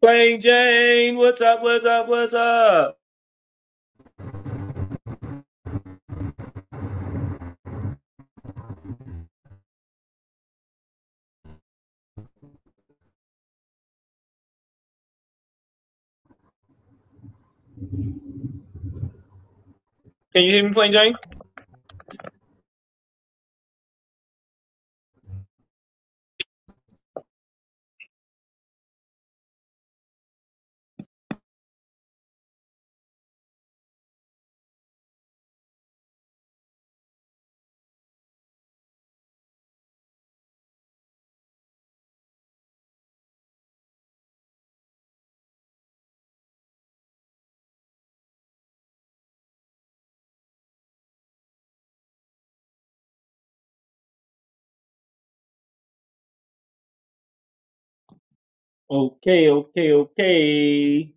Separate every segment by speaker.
Speaker 1: Plain Jane, what's up, what's up, what's up? Can you hear me, Plain Jane? Okay, okay, okay.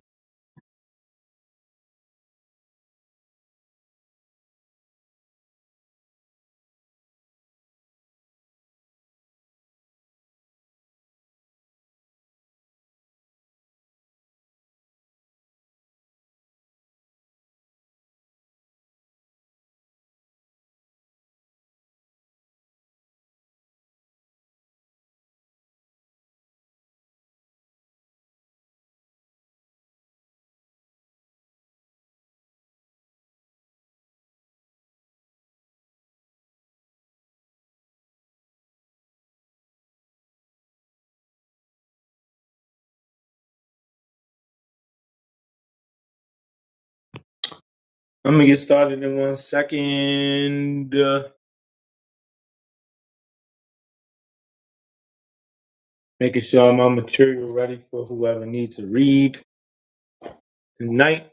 Speaker 1: I'm gonna get started in one second. Uh, making sure my material ready for whoever needs to read tonight.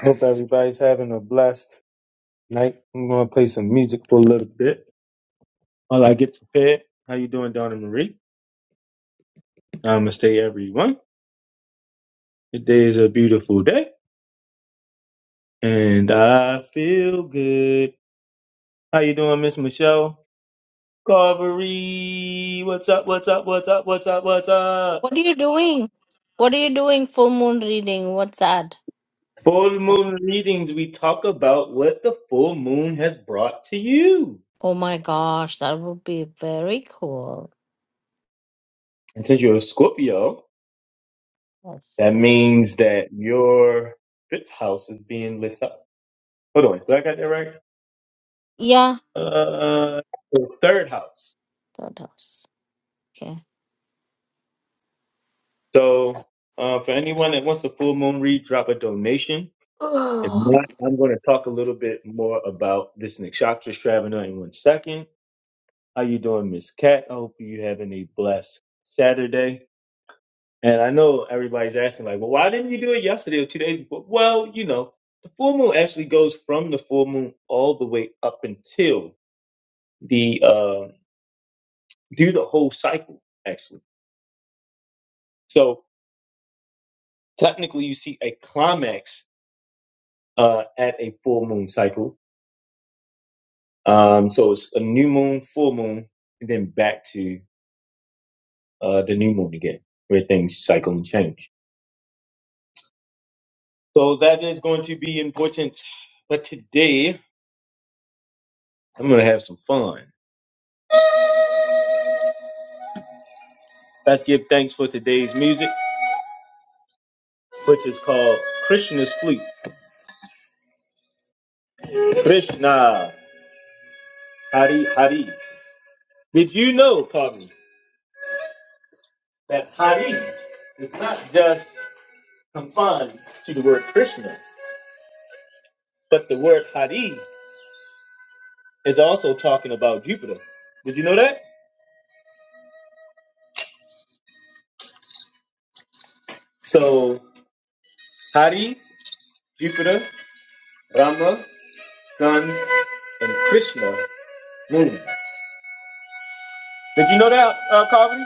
Speaker 1: Hope everybody's having a blessed night. I'm gonna play some music for a little bit while I get prepared. How you doing, Donna Marie? I'ma stay everyone. Today is a beautiful day, and I feel good. How you doing, Miss Michelle? Carvery, what's up, what's up, what's up, what's up, what's up?
Speaker 2: What are you doing? What are you doing? Full moon reading. What's that?
Speaker 1: Full moon readings, we talk about what the full moon has brought to you.
Speaker 2: Oh my gosh, that would be very cool.
Speaker 1: And since you're a Scorpio, that
Speaker 2: Yes.
Speaker 1: means that your fifth house is being lit up. Hold on, did I got that right?
Speaker 2: Yeah,
Speaker 1: Uh, the third house.
Speaker 2: third house. Okay.
Speaker 1: So, uh, for anyone that wants the full moon read, drop a donation. If not, I'm going to talk a little bit more about this nakshatra Shravana in one second. How you doing, Miss Cat? I hope you having a blessed Saturday. And I know everybody's asking, like, well, why didn't you do it yesterday or two days before? Well, you know, the full moon actually goes from the full moon all the way up until the uh, through the whole cycle, actually. So technically, you see a climax uh, at a full moon cycle. Um, so it's a new moon, full moon, and then back to uh, the new moon again, where things cycle and change. So that is going to be important. But today, I'm going to have some fun. Let's give thanks for today's music, which is called Krishna's Flute. Krishna, Hari Hari. Did you know, Pablo, that Hari is not just confined to the word Krishna, but the word Hari is also talking about Jupiter. Did you know that? So, Hari, Jupiter, Rama, Sun, and Krishna, Moon. Did you know that, uh, Kaveri?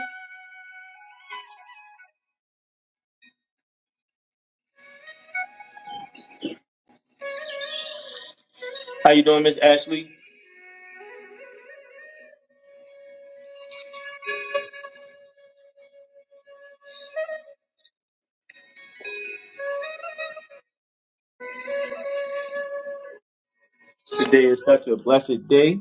Speaker 1: How you doing, Miss Ashley? Today is such a blessed day.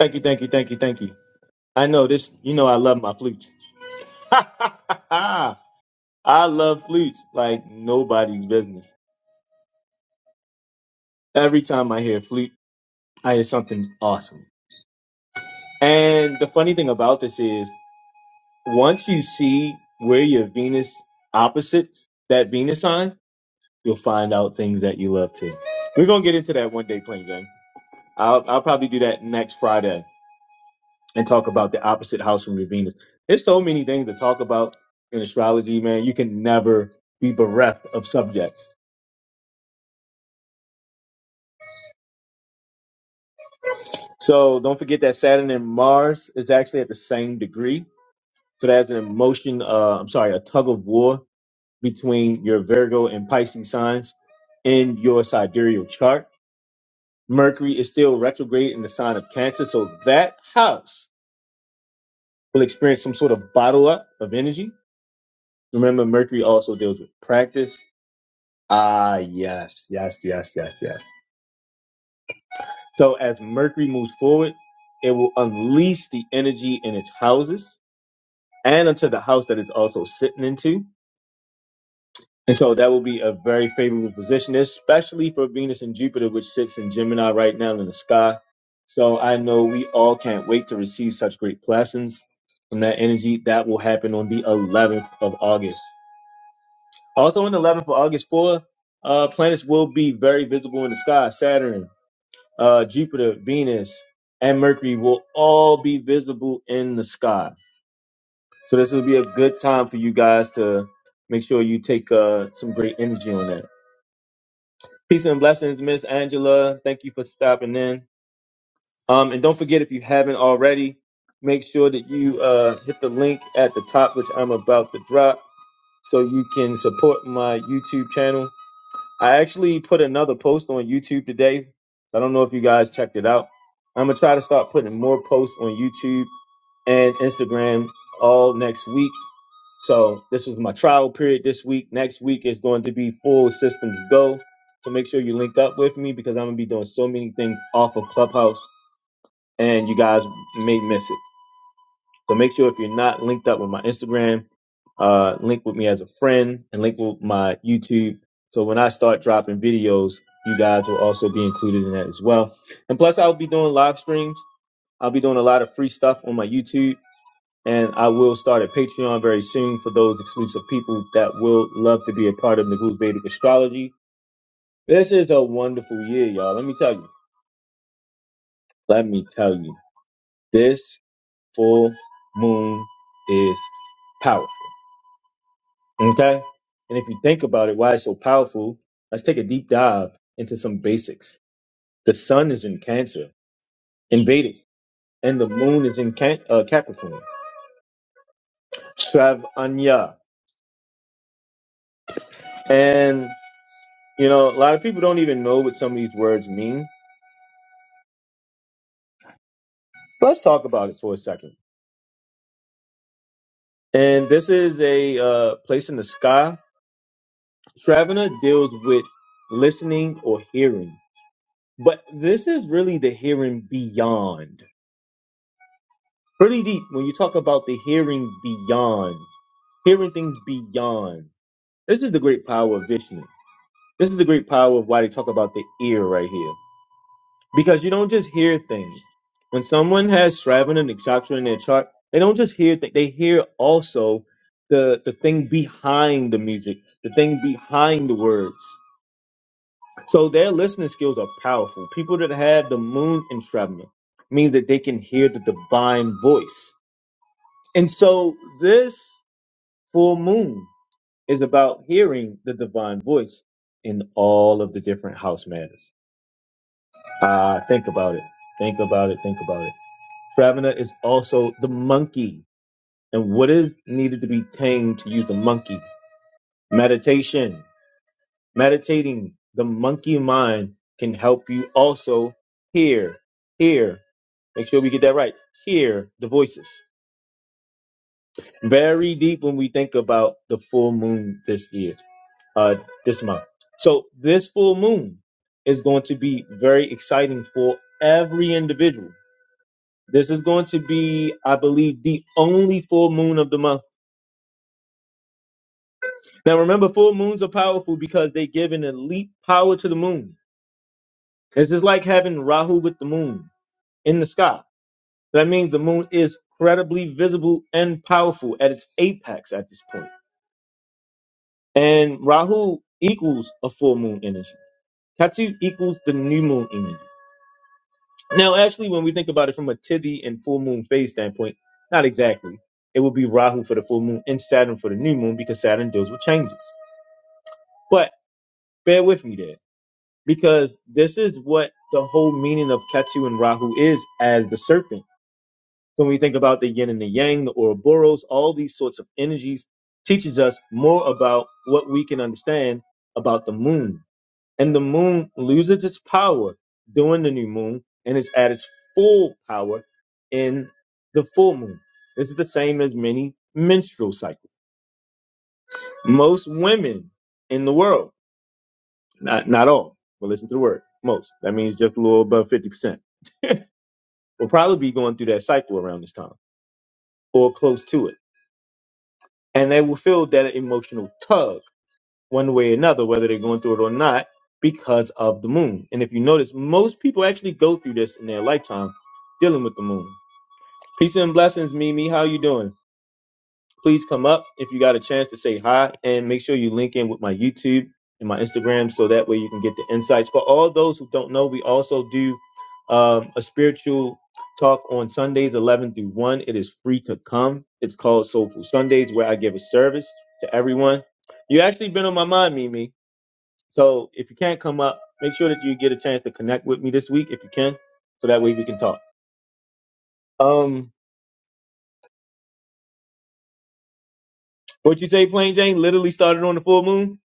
Speaker 1: Thank you, thank you, thank you, thank you. I know this. You know I love my flute. I love flutes like nobody's business. Every time I hear flute, I hear something awesome. And the funny thing about this is, once you see where your Venus opposites that Venus sign, you'll find out things that you love too. We're gonna get into that one day, plain Jane. I'll I'll probably do that next Friday and talk about the opposite house from your Venus. There's so many things to talk about in astrology, man. You can never be bereft of subjects. So don't forget that Saturn and Mars is actually at the same degree. So that's an emotion, uh, I'm sorry, a tug of war between your Virgo and Pisces signs in your sidereal chart. Mercury is still retrograde in the sign of Cancer. So that house will experience some sort of bottle up of energy. Remember, Mercury also deals with practice Ah, yes, yes, yes, yes, yes. So as Mercury moves forward, it will unleash the energy in its houses and into the house that it's also sitting into. And so that will be a very favorable position, especially for Venus and Jupiter, which sits in Gemini right now in the sky. So I know we all can't wait to receive such great blessings from that energy. That will happen on the 11th of August. Also on the 11th of August, four uh, planets will be very visible in the sky. Saturn, uh, Jupiter, Venus, and Mercury will all be visible in the sky. So this will be a good time for you guys to make sure you take uh, some great energy on that. Peace and blessings, Miss Angela. Thank you for stopping in. Um, and don't forget if you haven't already, make sure that you uh, hit the link at the top, which I'm about to drop, so you can support my YouTube channel I actually put another post on YouTube today. I don't know if you guys checked it out. I'm gonna try to start putting more posts on YouTube and Instagram all next week. So this is my trial period this week. Next week is going to be full systems go. So make sure you link up with me because I'm gonna be doing so many things off of Clubhouse and you guys may miss it. So make sure if you're not linked up with my Instagram, uh, link with me as a friend and link with my YouTube. So when I start dropping videos, you guys will also be included in that as well. And plus, I'll be doing live streams. I'll be doing a lot of free stuff on my YouTube, and I will start a Patreon very soon for those exclusive people that will love to be a part of Nagul Vedic Astrology. This is a wonderful year, y'all. Let me tell you. Let me tell you. This full moon is powerful. Okay. And if you think about it, why it's so powerful, let's take a deep dive into some basics. The sun is in Cancer, in Vedic, and the moon is in can- uh, Capricorn, Travanya. And, you know, a lot of people don't even know what some of these words mean. But let's talk about it for a second. And this is a uh, place in the sky. Travana deals with listening or hearing. But this is really the hearing beyond. Pretty deep when you talk about the hearing beyond, hearing things beyond. This is the great power of Vishnu. This is the great power of why they talk about the ear right here. Because you don't just hear things. When someone has Shravana and Nakshatra in their chart, they don't just hear things, they hear also the, the thing behind the music, the thing behind the words. So their listening skills are powerful. People that have the moon in Shravana means that they can hear the divine voice. And so this. Full moon is about hearing the divine voice in all of the different house matters. Ah, think about it. Think about it. Think about it. Fravana is also the monkey. And what is needed to be tamed to use the monkey? Meditation. Meditating. The monkey mind can help you also hear, hear. Make sure we get that right. Hear the voices. Very deep when we think about the full moon this year, uh, this month. So this full moon is going to be very exciting for every individual. This is going to be, I believe, the only full moon of the month. Now remember, full moons are powerful because they give an elite power to the moon. This is like having Rahu with the moon in the sky. That means the moon is incredibly visible and powerful at its apex at this point. And Rahu equals a full moon energy. Ketu equals the new moon energy. Now, actually, when we think about it from a Tithi and full moon phase standpoint, not exactly. It would be Rahu for the full moon and Saturn for the new moon because Saturn deals with changes. But bear with me there because this is what the whole meaning of Ketu and Rahu is as the serpent. So when we think about the yin and the yang, the Ouroboros, all these sorts of energies teaches us more about what we can understand about the moon and the moon loses its power during the new moon and is at its full power in the full moon. This is the same as many menstrual cycles. Most women in the world, not not all, but listen to the word, most. That means just a little above fifty percent will probably be going through that cycle around this time or close to it, and they will feel that emotional tug one way or another, whether they're going through it or not, because of the moon. And if you notice, most people actually go through this in their lifetime, dealing with the moon. Peace and blessings, Mimi. How you doing? Please come up if you got a chance to say hi, and make sure you link in with my YouTube and my Instagram, so that way you can get the insights. For all those who don't know, we also do um, a spiritual talk on Sundays, 11 through 1. It is free to come. It's called Soulful Sundays, where I give a service to everyone. You actually been on my mind, Mimi. So if you can't come up, make sure that you get a chance to connect with me this week if you can, so that way we can talk. Um, what you say, Plain Jane? Literally started on the full moon.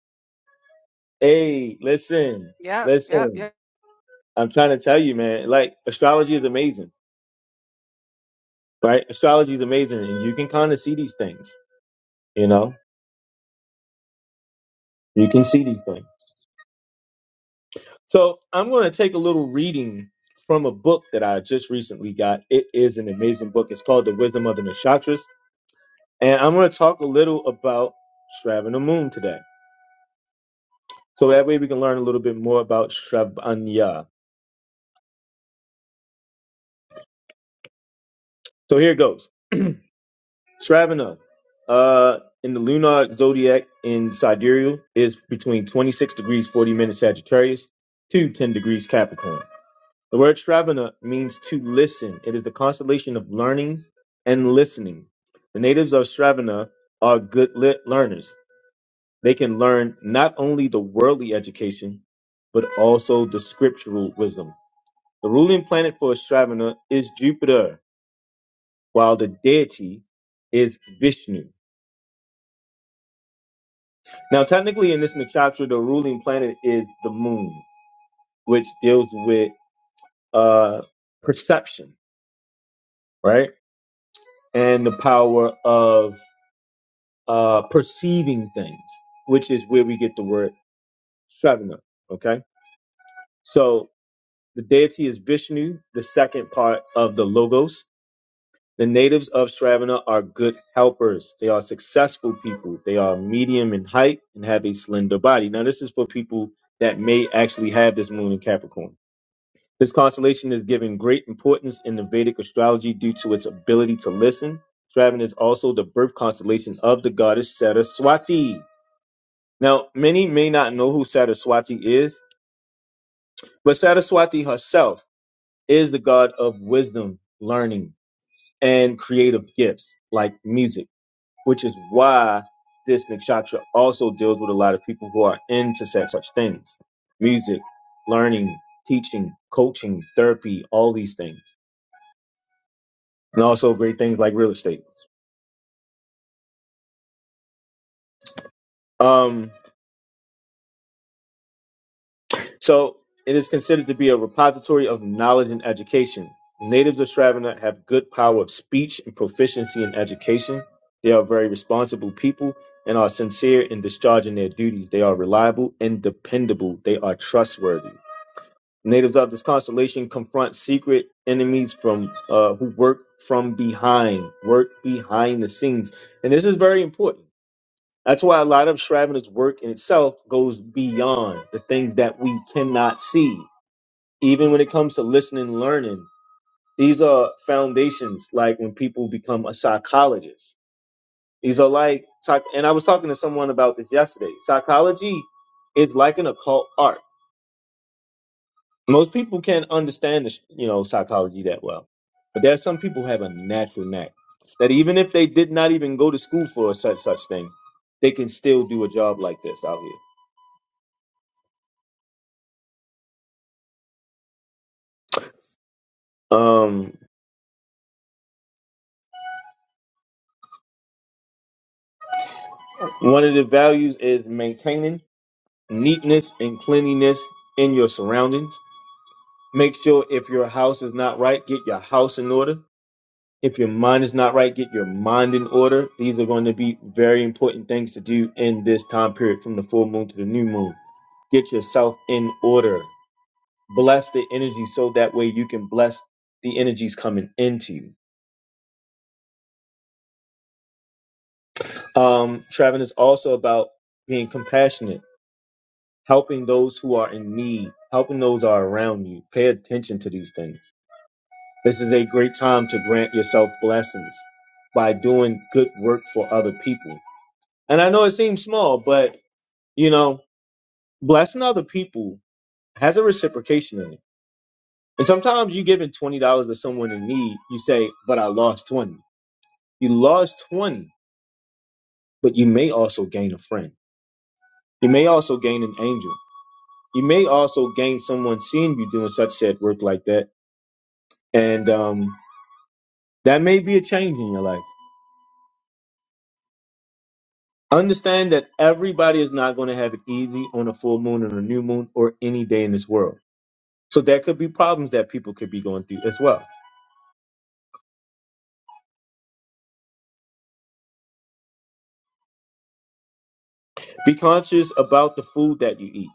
Speaker 1: Hey, listen,
Speaker 3: Yep, yep,
Speaker 1: listen.
Speaker 3: yep.
Speaker 1: I'm trying to tell you, man. Like astrology is amazing, right? Astrology is amazing, and you can kind of see these things. You know, you can see these things. So I'm going to take a little reading from a book that I just recently got. It is an amazing book. It's called The Wisdom of the Nakshatras And I'm going to talk a little about Shravana Moon today. So that way we can learn a little bit more about Shravanya. So here it goes. Shravana, uh, in the lunar zodiac in Sidereal, is between 26 degrees 40 minutes Sagittarius to 10 degrees Capricorn. The word Shravana means to listen. It is the constellation of learning and listening. The natives of Shravana are good lit learners They can learn not only the worldly education, but also the scriptural wisdom. The ruling planet for Shravana is Jupiter, while the deity is Vishnu. Now, technically, in this nakshatra, the ruling planet is the moon, which deals with uh, perception, right? And the power of uh, perceiving things, which is where we get the word Shravana, okay? So the deity is Vishnu, the second part of the Logos, The natives of Stravina are good helpers. They are successful people. They are medium in height and have a slender body. Now, this is for people that may actually have this moon in Capricorn. This constellation is given great importance in the Vedic astrology due to its ability to listen. Stravina is also the birth constellation of the goddess Saraswati. Now, many may not know who Saraswati is, but Saraswati herself is the god of wisdom, learning, and creative gifts like music. which is why this nakshatra also deals with a lot of people who are into such, such things music, learning, teaching, coaching, therapy, all these things, and also great things like real estate. Um, so it is considered to be a repository of knowledge and education. Natives of Shravana have good power of speech and proficiency in education. They are very responsible people and are sincere in discharging their duties. They are reliable and dependable. They are trustworthy. Natives of this constellation confront secret enemies from uh, who work from behind, work behind the scenes, and this is very important. That's why a lot of Shravana's work in itself goes beyond the things that we cannot see. Even when it comes to listening and learning, these are foundations. Like when people become a psychologist, these are like. psych- And I was talking to someone about this yesterday. Psychology is like an occult art Most people can't understand, the, you know, psychology that well, but there are some people who have a natural knack that even if they did not even go to school for a such such thing, they can still do a job like this out here. Um, one of the values is maintaining neatness and cleanliness in your surroundings. Make sure if your house is not right, get your house in order. If your mind is not right, get your mind in order. These are going to be very important things to do in this time period from the full moon to the new moon. Get yourself in order. Bless the energy so that way you can bless the energies coming into you. Um, Traveling is also about being compassionate, helping those who are in need, helping those who are around you. Pay attention to these things. This is a great time to grant yourself blessings by doing good work for other people. And I know it seems small, but You know, blessing other people has a reciprocation in it. And sometimes you giving twenty dollars to someone in need, you say, "But I lost 20. You lost twenty, but you may also gain a friend. You may also gain an angel. You may also gain someone seeing you doing such said work like that, and um, that may be a change in your life. Understand that everybody is not going to have it easy on a full moon and a new moon or any day in this world. So there could be problems that people could be going through as well. Be conscious about the food that you eat.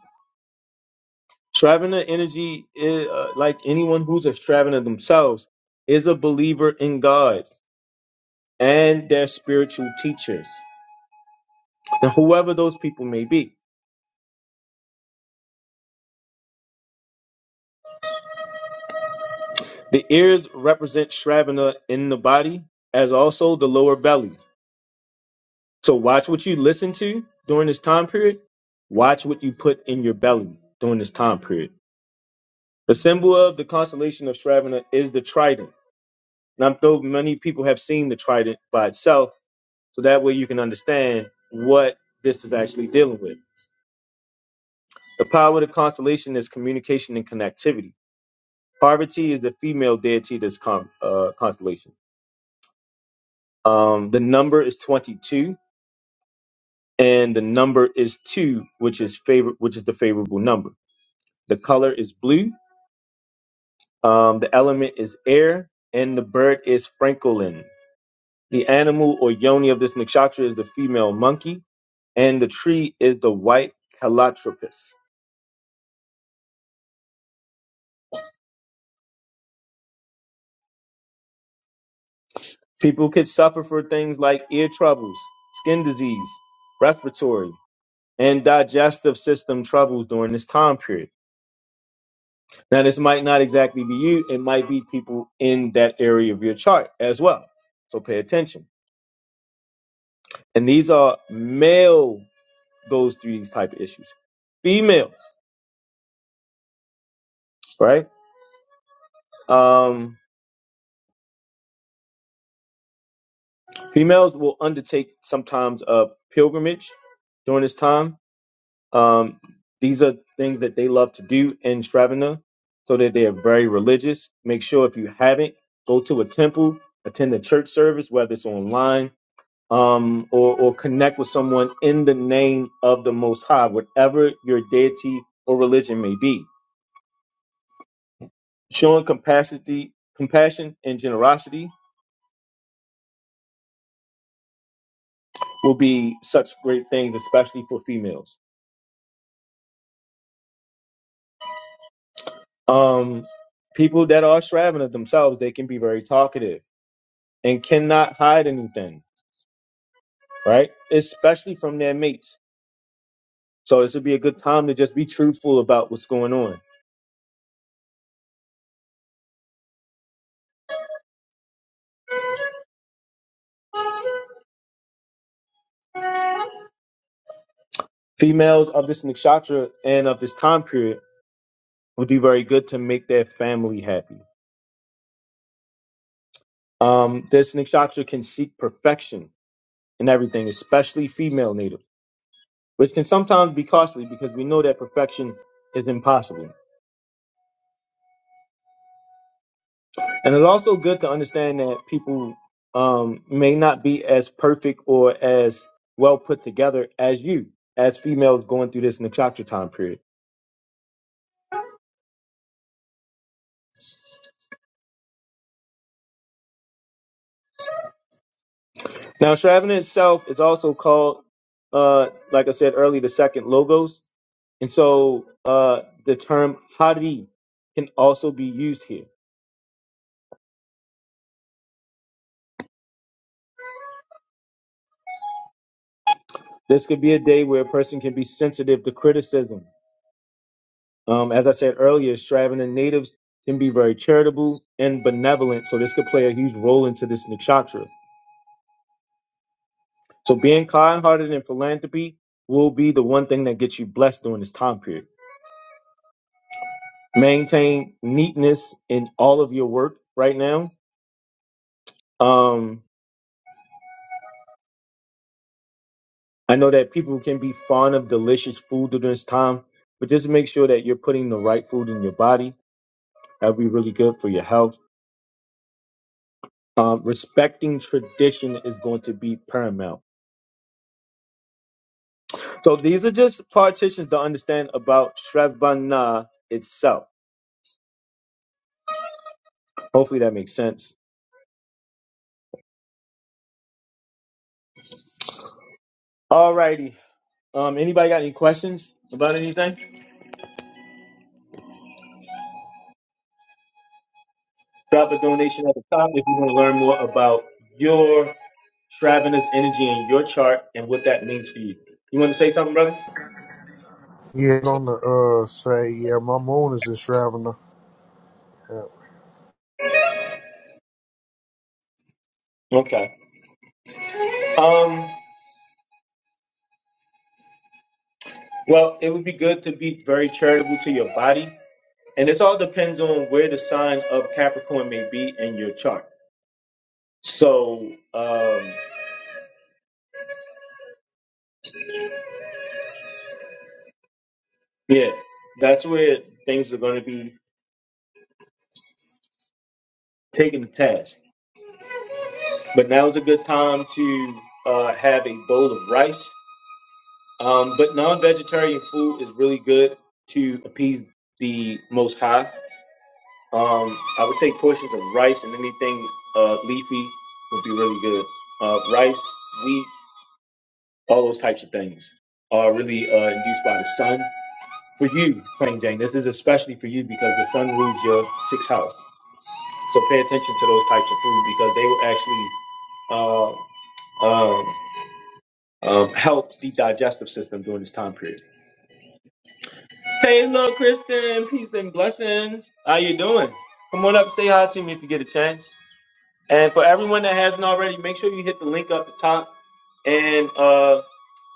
Speaker 1: Shravana energy, is, uh, like anyone who's a Shravana themselves, is a believer in God and their spiritual teachers, and whoever those people may be. The ears represent Shravana in the body, as also the lower belly. So watch what you listen to during this time period. Watch what you put in your belly during this time period. The symbol of the constellation of Shravana is the trident. And I'm sure many people have seen the trident by itself So that way you can understand what this is actually dealing with. The power of the constellation is communication and connectivity. Parvati is the female deity of this con- uh, constellation. Um, the number is 22, and the number is two, which is favor- which is the favorable number. The color is blue. Um, the element is air, and the bird is francolin. The animal or yoni of this nakshatra is the female monkey, and the tree is the white calotropis. People could suffer for things like ear troubles, skin disease, respiratory, and digestive system troubles during this time period. Now, this might not exactly be you, it might be people in that area of your chart as well. So pay attention. And these are male, those three type of issues. Females, right? Um, females will undertake sometimes a pilgrimage during this time Um, these are things that they love to do in Stravana, so that they are very religious. Make sure if you haven't, go to a temple, attend a church service, whether it's online um, or, or connect with someone in the name of the Most High, whatever your deity or religion may be. Showing capacity, compassion and generosity will be such great things, especially for females. Um, people that are Shravana themselves, they can be very talkative and cannot hide anything right? Especially from their mates. So this would be a good time to just be truthful about what's going on. Females of this nakshatra and of this time period would do very good to make their family happy. Um, this nakshatra can seek perfection in everything, especially female natives, which can sometimes be costly because we know that perfection is impossible. And it's also good to understand that people um, may not be as perfect or as well put together as you, as females going through this nakshatra time period Now, Shravan itself is also called, uh, like I said earlier, the second logos. And so uh, the term hari can also be used here. This could be a day where a person can be sensitive to criticism. Um, as I said earlier, Shravan natives can be very charitable and benevolent. So this could play a huge role into this nakshatra. So being kind hearted and philanthropy will be the one thing that gets you blessed during this time period. Maintain neatness in all of your work right now. Um, I know that people can be fond of delicious food during this time, but just make sure that you're putting the right food in your body. That'll be really good for your health. Um, respecting tradition is going to be paramount. So these are just partitions to understand about Shravana itself. Hopefully that makes sense. Alrighty. Um, anybody got any questions about anything? Drop a donation at the top if you want to learn more about your Shravana's energy in your chart and what that means for you. You want to say something, brother?
Speaker 4: Yeah, on the uh say, yeah, my moon is in Shravana. Yeah.
Speaker 1: Okay. Um, well, it would be good to be very charitable to your body. And this all depends on where the sign of Capricorn may be in your chart. So, um, yeah, that's where things are going to be taking the task. But now is a good time to uh, have a bowl of rice. Um, but non vegetarian food is really good to appease the Most High. Um, I would take portions of rice and anything uh, leafy would be really good. Uh, rice, wheat, all those types of things are really uh, induced by the sun. For you, Plain Jane, this is especially for you because the sun rules your sixth house. So pay attention to those types of food because they will actually uh, um, um, help the digestive system during this time period. Taylor, Kristen, peace and blessings. How you doing? Come on up, say hi to me if you get a chance. And for everyone that hasn't already, make sure you hit the link up the top and uh,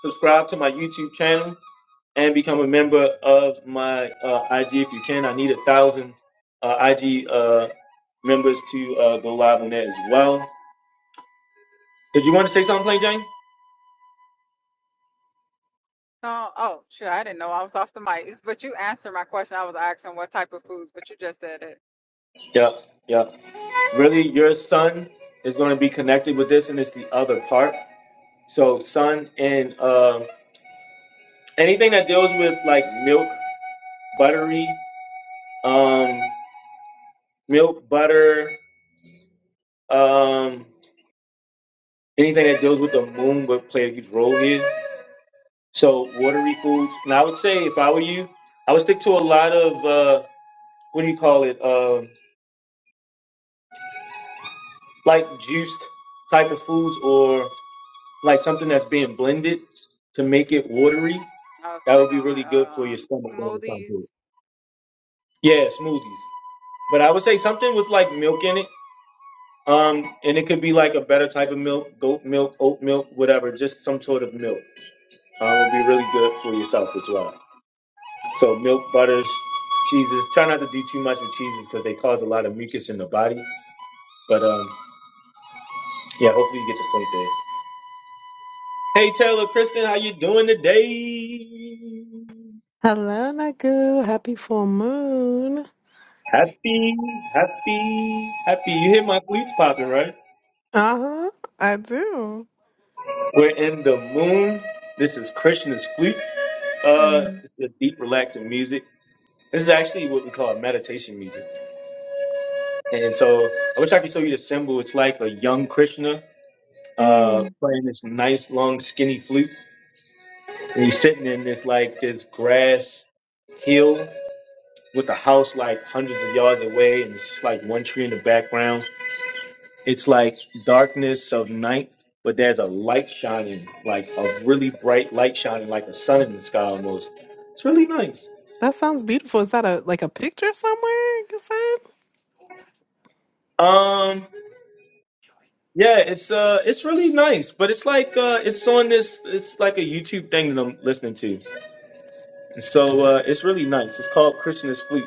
Speaker 1: subscribe to my YouTube channel and become a member of my uh, IG if you can. I need a thousand uh, IG uh, members to uh, go live on that as well. Did you want to say something, Plain Jane?
Speaker 3: No, oh, sure. I didn't know I was off the mic. But you answered my question. I was asking what type of foods, but you just said it.
Speaker 1: Yeah, yeah. Really, your son is going to be connected with this, and it's the other part. So, son, and um anything that deals with like milk, buttery, um, milk, butter. Um, anything that deals with the moon would play a huge role here. So watery foods. And I would say if I were you, I would stick to a lot of uh, what do you call it? Um, like juiced type of foods or like something that's being blended to make it watery.
Speaker 3: I was
Speaker 1: That would
Speaker 3: thinking,
Speaker 1: be really good for your
Speaker 3: um,
Speaker 1: stomach. during the time
Speaker 3: smoothies.
Speaker 1: period. Yeah, smoothies. But I would say something with like milk in it. Um, and it could be like a better type of milk, goat milk, oat milk, whatever. Just some sort of milk uh, would be really good for yourself as well. So milk, butters, cheeses. Try not to do too much with cheeses because they cause a lot of mucus in the body. But um, yeah, hopefully you get the point there. Hey Taylor, Kristen, how you doing today?
Speaker 5: Hello, Nagu. Happy full moon.
Speaker 1: Happy, happy, happy. You hear my flutes popping, right?
Speaker 5: Uh huh. I do.
Speaker 1: We're in the moon. This is Krishna's flute. Uh,
Speaker 5: Mm.
Speaker 1: it's a deep, relaxing music. This is actually what we call meditation music. And so I wish I could show you the symbol. It's like a young Krishna uh,
Speaker 5: Mm.
Speaker 1: playing this nice, long, skinny flute. And he's sitting in this like this grass hill with a house like hundreds of yards away, and it's just like one tree in the background. It's like darkness of night, but there's a light shining, like a really bright light shining, like a sun in the sky almost. It's really nice.
Speaker 5: That sounds beautiful. Is that a like a picture somewhere? You said.
Speaker 1: Um, yeah, it's uh, it's really nice, but it's like uh, it's on this, it's like a YouTube thing that I'm listening to, so uh, it's really nice. It's called Christian is Fleet.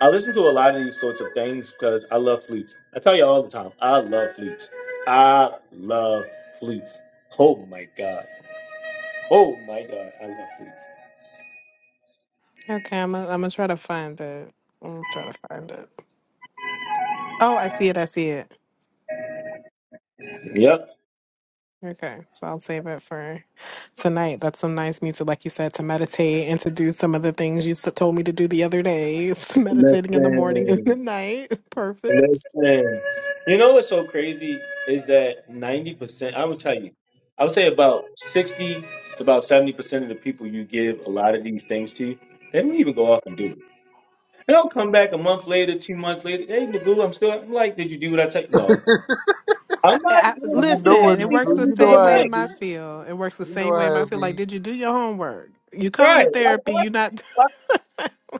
Speaker 1: I listen to a lot of these sorts of things because I love flutes. I tell you all the time, I love flutes. I love flutes. Oh my god. Oh my god, I love flutes.
Speaker 5: Okay, I'm gonna I'm gonna try to find it. I'm gonna try to find it. Oh, I see it. I see it.
Speaker 1: Yep.
Speaker 5: Okay, so I'll save it for tonight. That's some nice music, like you said, to meditate and to do some of the things you s- told me to do the other day. Meditating in the morning and the
Speaker 1: Listen.
Speaker 5: night. Perfect.
Speaker 1: Listen. You know what's so crazy is that 90%, I would tell you, I would say about 60 to about 70% of the people you give a lot of these things to, they don't even go off and do it. They'll come back a month later, two months later. Hey, Nagoo, I'm still. I'm like, did you do what I tell you? No,
Speaker 5: I,
Speaker 1: I'm not.
Speaker 5: I,
Speaker 1: Why
Speaker 4: You
Speaker 1: do you
Speaker 4: know
Speaker 1: think
Speaker 4: it,
Speaker 5: listen, it works the
Speaker 4: Nagu.
Speaker 1: anything's
Speaker 4: You know
Speaker 1: gonna
Speaker 5: same way
Speaker 4: I
Speaker 5: in
Speaker 1: change?
Speaker 4: be.
Speaker 5: my field. It works the
Speaker 4: You know
Speaker 5: same way in
Speaker 4: I
Speaker 5: my
Speaker 4: it
Speaker 5: field. Like,
Speaker 4: be.
Speaker 5: did you do your homework? You coming to
Speaker 1: Right? Like,
Speaker 5: therapy?
Speaker 1: why,
Speaker 5: You not?
Speaker 1: why,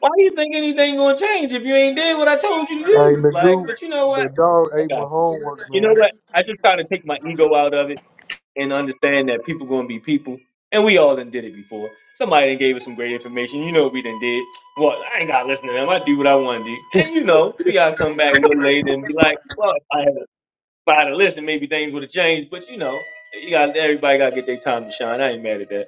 Speaker 1: why do you think anything gonna change if you ain't did what I told you to
Speaker 4: Hey,
Speaker 1: do? Like,
Speaker 4: Nagu,
Speaker 1: but you know what?
Speaker 4: the dog
Speaker 1: I
Speaker 4: ate
Speaker 1: got
Speaker 4: my
Speaker 1: you.
Speaker 4: homework,
Speaker 1: You know
Speaker 4: man.
Speaker 1: what? I just try to take my ego out of it and understand that people gonna be people, and we all done did it before. Somebody done gave us some great information. You know what we done did. Well, I ain't gotta listen to them. I do what I want to do, and you know we gotta come back a little later and be like, well, if I had, if I had listened, maybe things would have changed. But you know, you got everybody gotta get their time to shine. I ain't mad at that.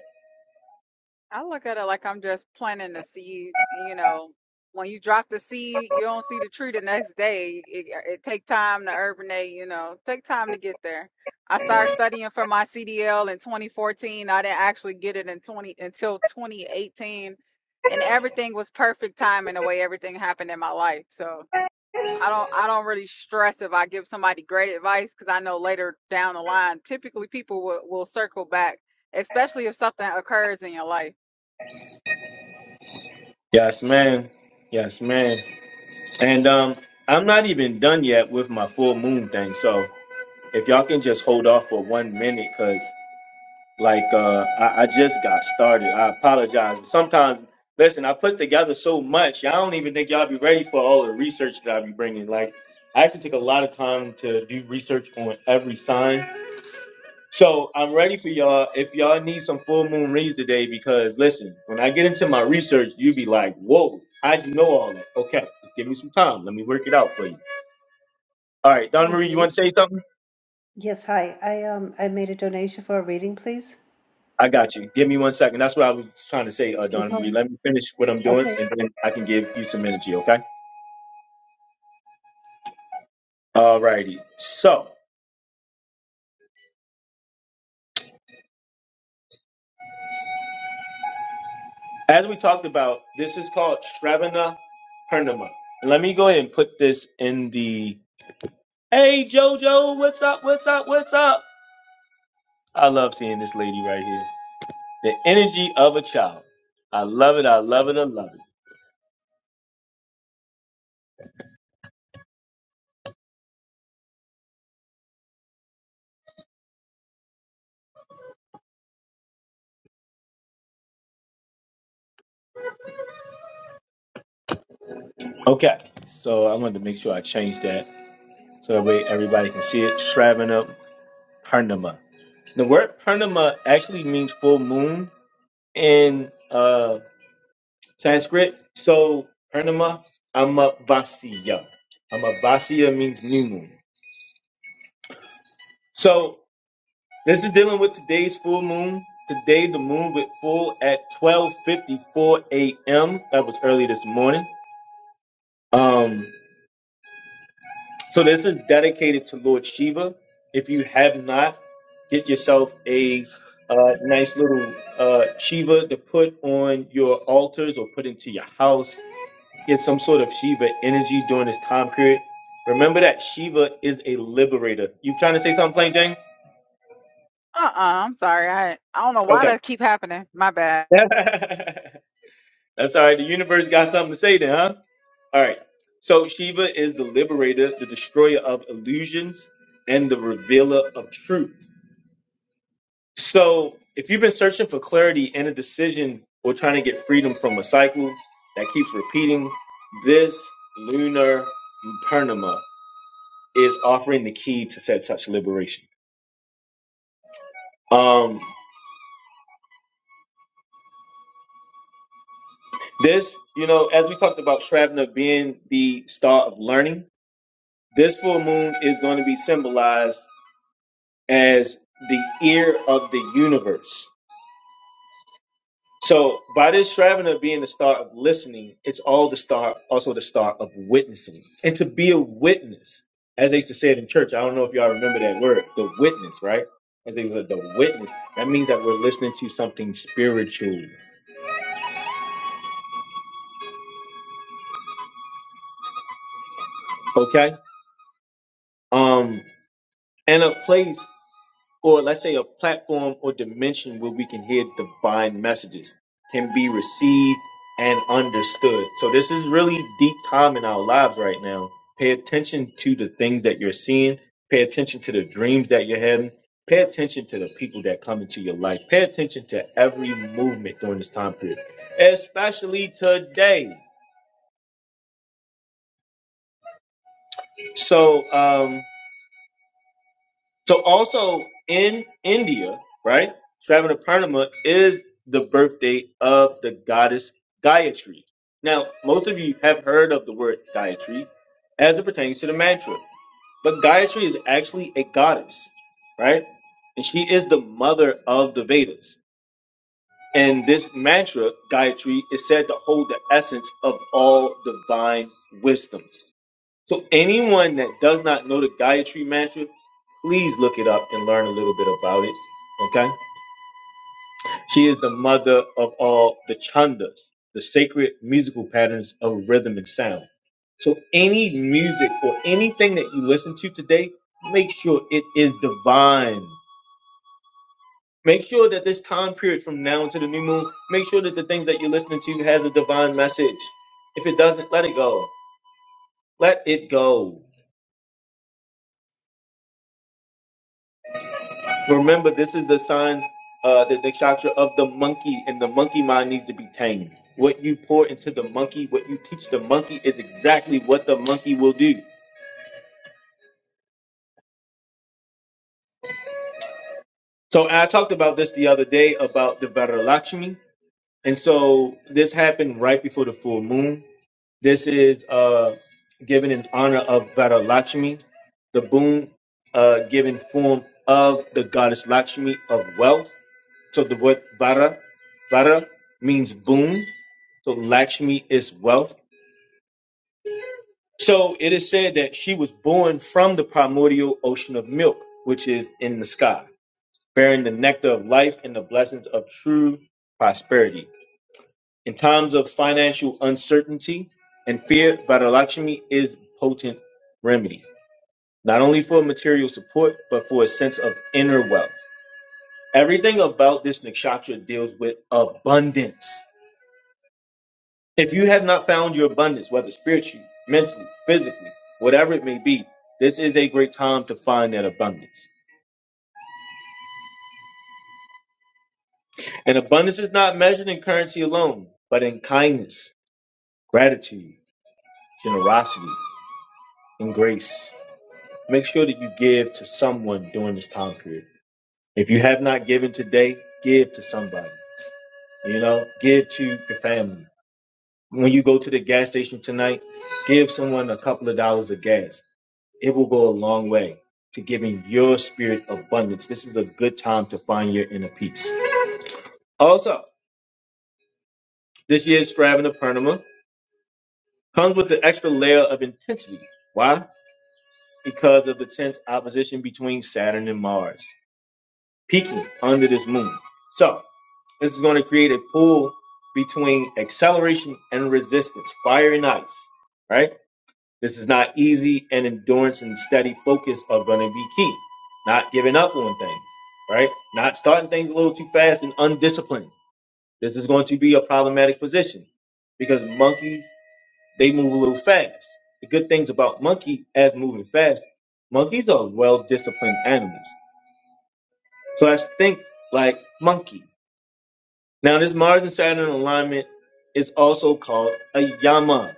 Speaker 3: I look at it like I'm just planting the seed. You know, when you drop the seed, you don't see the tree the next day. It, it take time to urbanate. You know, take time to get there. I started studying for my CDL in 2014. I didn't actually get it in 20 until 2018, and everything was perfect timing the way everything happened in my life. So I don't I don't really stress if I give somebody great advice because I know later down the line, typically people will, will circle back, especially if something occurs in your life.
Speaker 1: Yes, man. Yes, man. And um, I'm not even done yet with my full moon thing. So if y'all can just hold off for one minute, cause like uh, I, I just got started. I apologize. But sometimes, listen, I put together so much. I don't even think y'all be ready for all the research that I be bringing. Like I actually took a lot of time to do research on every sign so I'm ready for y'all. If y'all need some full moon reads today, because listen, when I get into my research, you be like, "Whoa, how'd you know all that?" Okay, just give me some time. Let me work it out for you. All right, Donna Marie, you
Speaker 6: Nicole?
Speaker 1: want to say something?
Speaker 6: Yes, hi. I um I made a donation for a reading, please.
Speaker 1: I got you. Give me one second. That's what I was trying to say, uh, Donna Marie.
Speaker 6: Nicole.
Speaker 1: Let me finish what I'm doing,
Speaker 6: Okay.
Speaker 1: and then I can give you some energy. Okay. All righty. So as we talked about, this is called Shravana Purnima. And Let me go ahead and put this in the. Hey Jojo, what's up? What's up? What's up? I love seeing this lady right here. The energy of a child. I love it. I love it. I love it. Okay. So I wanted to make sure I changed that so that way everybody can see it. Shravanam Purnima. The word Purnima actually means full moon in uh, Sanskrit. So Purnima Amavasya. Amavasya means new moon. So This is dealing with today's full moon. Today, the moon went full at 12:54 a.m. That was early this morning. Um, so this is dedicated to Lord Shiva. If you have not, get yourself a uh, nice little uh, Shiva to put on your altars or put into your house. Get some sort of Shiva energy during this time period. Remember that Shiva is a liberator. You trying to say something, Plain Jane?
Speaker 3: Uh uh i am sorry. I I don't know why
Speaker 1: Okay.
Speaker 3: that keep happening. My bad.
Speaker 1: That's all right. The universe got something to say then, huh? All right. So Shiva is the liberator, the destroyer of illusions, and the revealer of truth. So if you've been searching for clarity in a decision or trying to get freedom from a cycle that keeps repeating, this lunar Purnima is offering the key to set such liberation. Um, this, you know, as we talked about Shravana being the star of learning, this full moon is going to be symbolized as the ear of the universe. So by this Shravana being the star of listening, it's all the star, also the star of witnessing. And to be a witness, as they used to say it in church, I don't know if y'all remember that word, the witness, right? As they said, the witness. That means that we're listening to something spiritual. Okay? Um, and a place. or let's say a platform or dimension where we can hear divine messages can be received and understood. So this is really deep time in our lives right now. Pay attention to the things that you're seeing. Pay attention to the dreams that you're having. Pay attention to the people that come into your life. Pay attention to every movement during this time period, especially today. So, um, So also in India, right, Shravanapurnama is the birthday of the goddess Gayatri. Now, most of you have heard of the word Gayatri as it pertains to the mantra, but Gayatri is actually a goddess, right? And she is the mother of the Vedas. And this mantra, Gayatri, is said to hold the essence of all divine wisdom. So anyone that does not know the Gayatri Mantra, please look it up and learn a little bit about it. Okay? She is the mother of all the chandas, the sacred musical patterns of rhythm and sound. So any music or anything that you listen to today, make sure it is divine. Make sure that this time period from now to the new moon, make sure that the things that you're listening to has a divine message. If it doesn't, let it go. Let it go. Remember, this is the sign, uh, the nakshatra of the monkey, and the monkey mind needs to be tamed. What you pour into the monkey, what you teach the monkey, is exactly what the monkey will do. So, I talked about this the other day about the Varalakshmi, and so this happened right before the full moon. This is uh, given in honor of Varalakshmi, the boon uh, given form of the goddess Lakshmi of wealth. So the word Vara, Vara means boon. So Lakshmi is wealth. So it is said that she was born from the primordial ocean of milk, which is in the sky, bearing the nectar of life and the blessings of true prosperity. In times of financial uncertainty and fear, Varalakshmi is a potent remedy, not only for material support, but for a sense of inner wealth. Everything about this nakshatra deals with abundance. If you have not found your abundance, whether spiritually, mentally, physically, whatever it may be, this is a great time to find that abundance. And abundance is not measured in currency alone, but in kindness, gratitude, generosity, and grace. Make sure that you give to someone during this time period. If you have not given today, give to somebody. You know, give to your family. When you go to the gas station tonight, give someone a couple of dollars of gas. It will go a long way to giving your spirit abundance. This is a good time to find your inner peace. Also, this year's Shravanaparnama comes with an extra layer of intensity. Why? Because of the tense opposition between Saturn and Mars. peaking under this moon. So this is going to create a pull between acceleration and resistance, fire and ice, right? This is not easy, and endurance and steady focus are going to be key. Not giving up on things, right? Not starting things a little too fast and undisciplined. This is going to be a problematic position because monkeys, they move a little fast. The good things about monkey as moving fast, monkeys are well disciplined animals. So let's think like monkey. Now, this Mars and Saturn alignment is also called a Yama.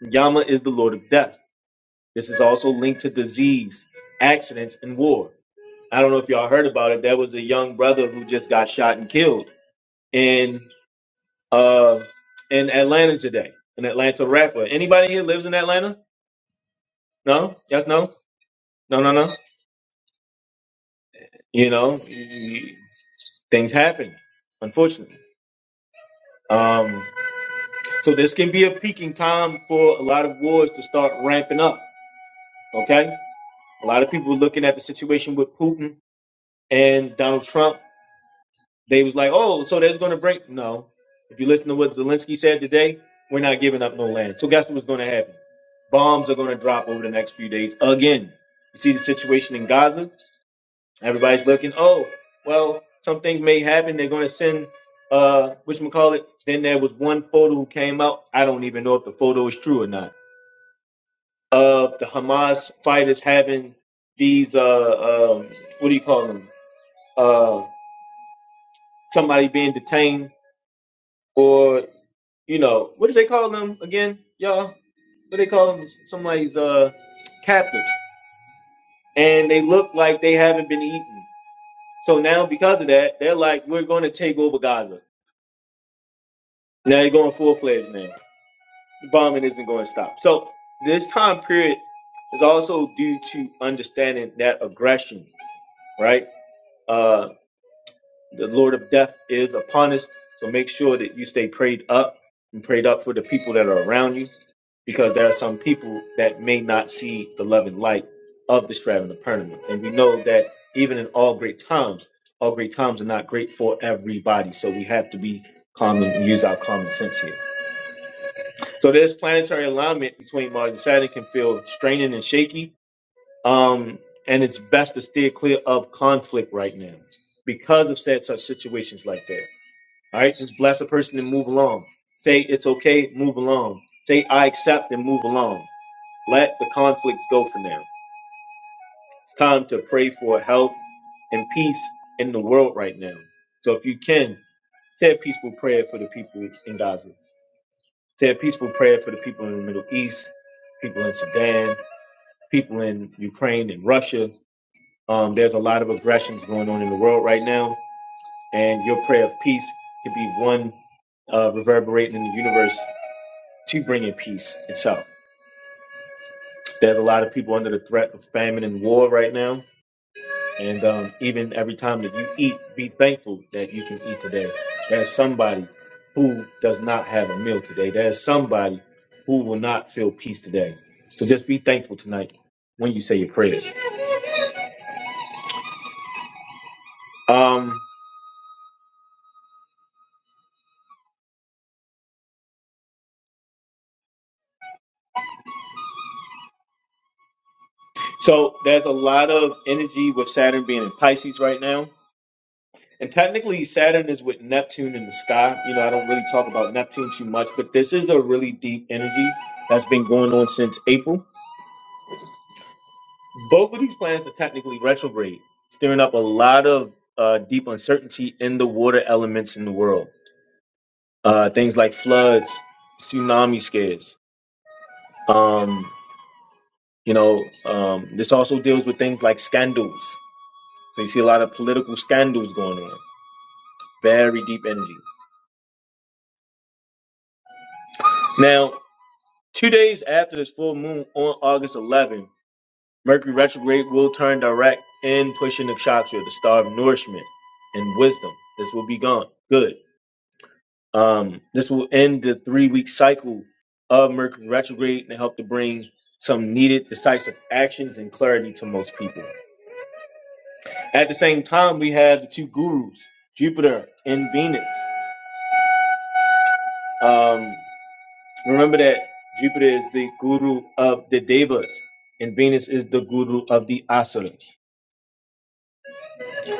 Speaker 1: Yama is the Lord of Death. This is also linked to disease, accidents, and war. I don't know if y'all heard about it. There was a young brother who just got shot and killed in uh in Atlanta today. An Atlanta rapper. Anybody here lives in Atlanta? No? Yes, no? No, no, no. You know, things happen, unfortunately. Um, so this can be a peaking time for a lot of wars to start ramping up. Okay. A lot of people looking at the situation with Putin and Donald Trump. They was like, oh, so there's going to break. No. If you listen to what Zelensky said today, we're not giving up no land. So guess what's going to happen? Bombs are going to drop over the next few days again. You see the situation in Gaza? Everybody's looking, oh, well, some things may happen. They're going to send, uh, which call it. Then there was one photo who came out. I don't even know if the photo is true or not of the Hamas fighters having these uh, uh what do you call them? Uh, somebody being detained or you know what do they call them again, y'all? What do they call them? Somebody's uh captives, and they look like they haven't been eaten. So now because of that, they're like, we're going to take over Gaza. Now they're going full fledged now. The bombing isn't going to stop. So this time period is also due to understanding that aggression, right? uh. The Lord of death is upon us. So make sure that you stay prayed up and prayed up for the people that are around you because there are some people that may not see the love and light of the Stratton of Pergamum. And we know that even in all great times, all great times are not great for everybody. So we have to be common and use our common sense here. So this planetary alignment between Mars and Saturn can feel straining and shaky. Um, and it's best to steer clear of conflict right now because of said such situations like that. All right, just bless a person and move along. Say it's okay, move along. Say I accept and move along. Let the conflicts go for now. It's time to pray for health and peace in the world right now. So if you can, say a peaceful prayer for the people in Gaza. Say a peaceful prayer for the people in the Middle East, people in Sudan, people in Ukraine and Russia. Um, there's a lot of aggressions going on in the world right now, and your prayer of peace could be one uh, reverberating in the universe to bring in peace itself. There's a lot of people under the threat of famine and war right now. And um, even every time that you eat, be thankful that you can eat today. There's somebody who does not have a meal today. There's somebody who will not feel peace today. So just be thankful tonight when you say your prayers. Um, so there's a lot of energy with Saturn being in Pisces right now And technically, Saturn is with Neptune in the sky. You know, I don't really talk about Neptune too much, but this is a really deep energy that's been going on since April. Both of these planets are technically retrograde, stirring up a lot of uh, deep uncertainty in the water elements in the world. Uh, things like floods, tsunami scares. Um, you know, um, this also deals with things like scandals. So you see a lot of political scandals going on. Very deep energy. Now, Two days after this full moon on August 11, Mercury retrograde will turn direct and pushing the Nakshatra, the star of nourishment and wisdom. This will be gone. Good. Um, this will end the three week cycle of Mercury retrograde and help to bring some needed decisive actions and clarity to most people. At the same time, we have the two gurus, Jupiter and Venus. Um, Remember that Jupiter is the guru of the devas, and Venus is the guru of the asuras.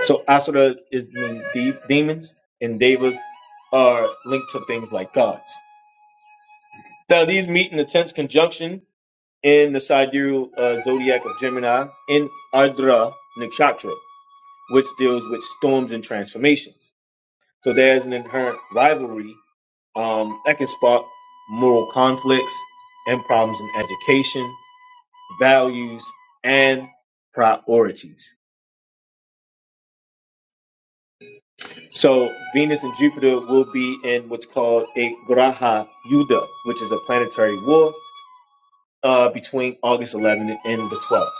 Speaker 1: So asura is mean de- demons, and devas are linked to things like gods. Now these meet in a tense conjunction in the sidereal uh, zodiac of Gemini in Ardra Nakshatra, which deals with storms and transformations. So there's an inherent rivalry um, that can spark moral conflicts and problems in education values, and priorities. So Venus and Jupiter will be in what's called a Graha Yuddha, which is a planetary war uh, between August 11th and the 12th.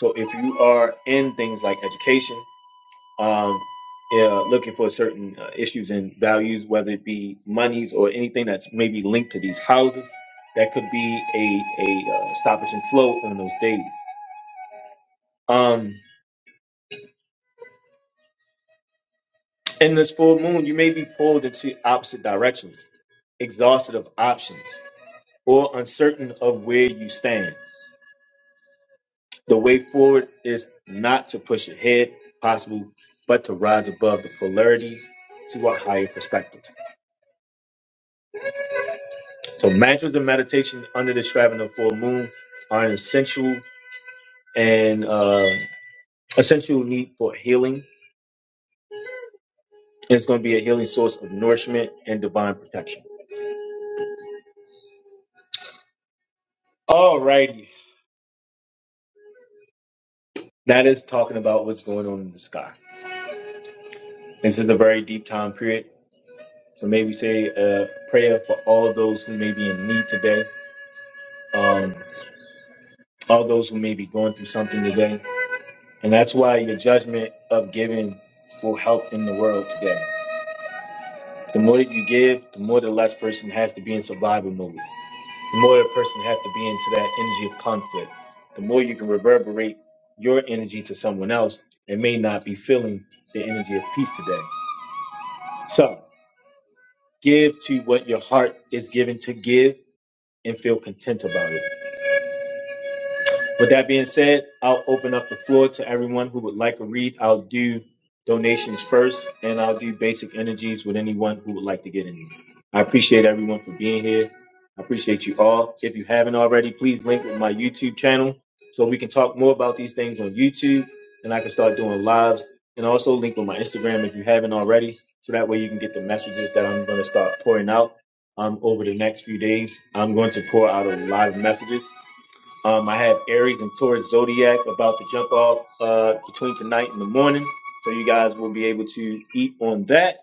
Speaker 1: So if you are in things like education, um, uh, looking for certain uh, issues and values, whether it be monies or anything that's maybe linked to these houses, that could be a, a uh, stoppage and flow on those days. Um, In this full moon, you may be pulled into opposite directions, exhausted of options, or uncertain of where you stand. The way forward is not to push ahead, possible, but to rise above the polarity to a higher perspective. So, mantras and meditation under the Shravan full moon are an essential and uh, essential need for healing. And it's going to be a healing source of nourishment and divine protection. Alrighty, that is talking about what's going on in the sky. This is a very deep time period. So maybe say a prayer for all those who may be in need today, um, all those who may be going through something today. And that's why your judgment of giving will help in the world today. The more that you give, the more the less person has to be in survival mode. The more the person has to be into that energy of conflict. The more you can reverberate your energy to someone else that may not be feeling the energy of peace today. So give to what your heart is given to give and feel content about it. With that being said, I'll open up the floor to everyone who would like to read. I'll do donations first, and I'll do basic energies with anyone who would like to get in. I appreciate everyone for being here. I appreciate you all. If you haven't already, please link with my YouTube channel so we can talk more about these things on YouTube, and I can start doing lives. And also link with my Instagram if you haven't already, so that way you can get the messages that I'm going to start pouring out um, over the next few days. I'm going to pour out a lot of messages um, I have Aries and Taurus zodiac about to jump off uh, between tonight and the morning, so you guys will be able to eat on that.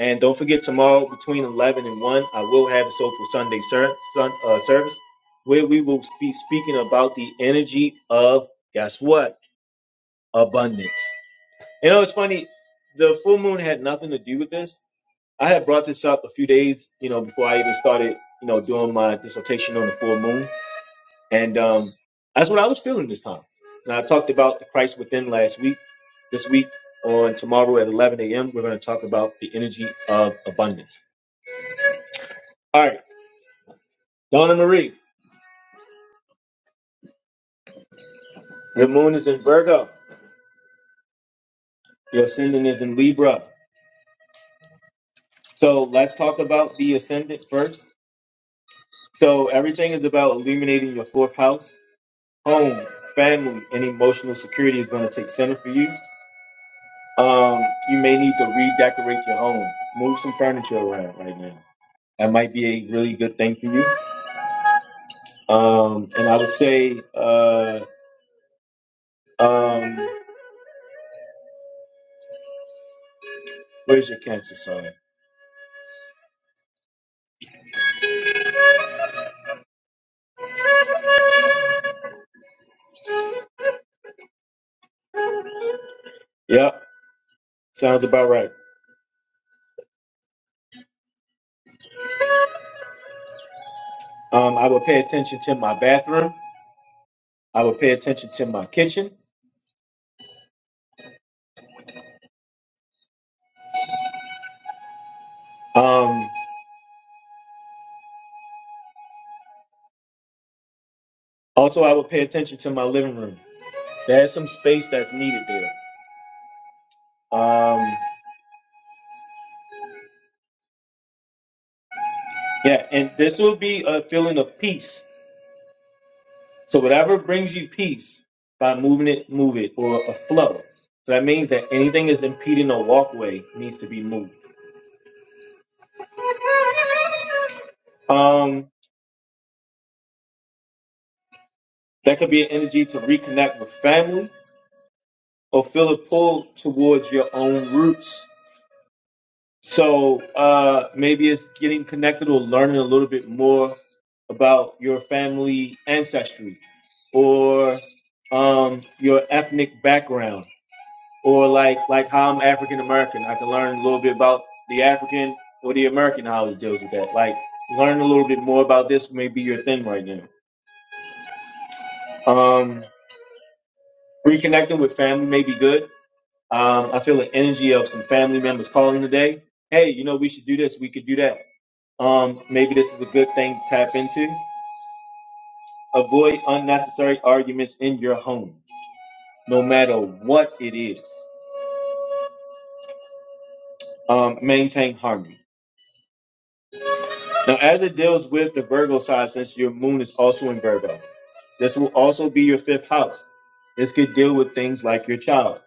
Speaker 1: And don't forget tomorrow between eleven and one, I will have a Soulful Sunday ser- sun, uh, service where we will be speaking about the energy of guess what abundance. You know, it's funny. The full moon had nothing to do with this. I had brought this up a few days, you know, before I even started, you know, doing my dissertation on the full moon and um, that's what I was feeling this time. And I talked about the Christ within last week. This week on tomorrow at 11 a.m., we're going to talk about the energy of abundance. All right, Donna Marie, your moon is in Virgo, your ascendant is in Libra. So let's talk about the ascendant first. So everything is about illuminating your fourth house, home, family, and emotional security is going to take center for you. Um, you may need to redecorate your home, move some furniture around right now that might be a really good thing for you. Um, and I would say, uh, um, where's your cancer sign? Yep, sounds about right. Um, I would pay attention to my bathroom. I would pay attention to my kitchen. Um, also, I would pay attention to my living room. There's some space that's needed there. Um, yeah, and this will be a feeling of peace. So whatever brings you peace by moving it, move it, or a flow. So that means that anything that's impeding a walkway needs to be moved. Um, that could be an energy to reconnect with family or feel a pull towards your own roots. So uh, maybe it's getting connected or learning a little bit more about your family ancestry or um, your ethnic background or like like how I'm African American. I can learn a little bit about the African or the American how it deals with that. Like learn a little bit more about this may be your thing right now. Um, reconnecting with family may be good Um, I feel the energy of some family members calling today. Hey, you know, we should do this. We could do that. Um, maybe this is a good thing to tap into. Avoid unnecessary arguments in your home, no matter what it is. Um, maintain harmony. Now, as it deals with the Virgo side, since your moon is also in Virgo, this will also be your fifth house. This could deal with things like your child.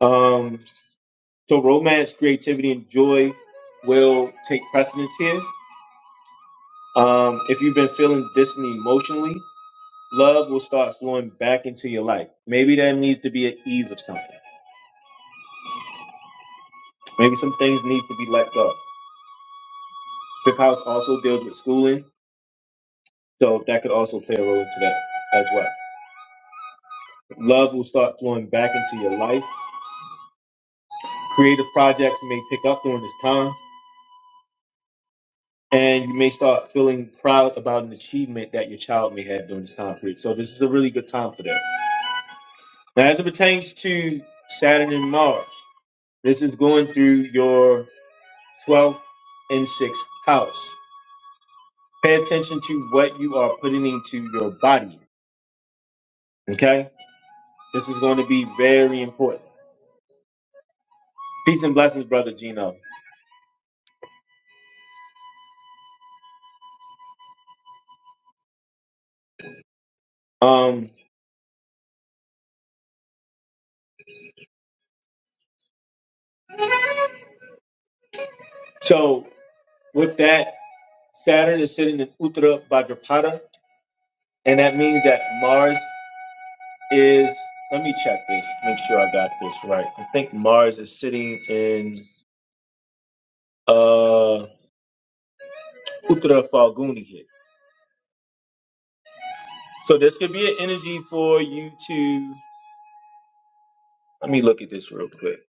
Speaker 1: Um, so, romance, creativity, and joy will take precedence here Um, if you've been feeling distant emotionally, love will start flowing back into your life. Maybe there needs to be an ease of something. Maybe some things need to be let go. Fifth house also deals with schooling, so that could also play a role into that as well. Love will start flowing back into your life. Creative projects may pick up during this time, and you may start feeling proud about an achievement that your child may have during this time period. So this is a really good time for that. Now, as it pertains to Saturn and Mars, this is going through your 12th and 6th house. Pay attention to what you are putting into your body. Okay? This is going to be very important. Peace and blessings, brother Gino. Um, so with that, Saturn is sitting in Uttara Bhadrapada, and that means that Mars is let me check this, make sure I got this right. I think Mars is sitting in uh Uttara Falguni here. So this could be an energy for you to let me look at this real quick.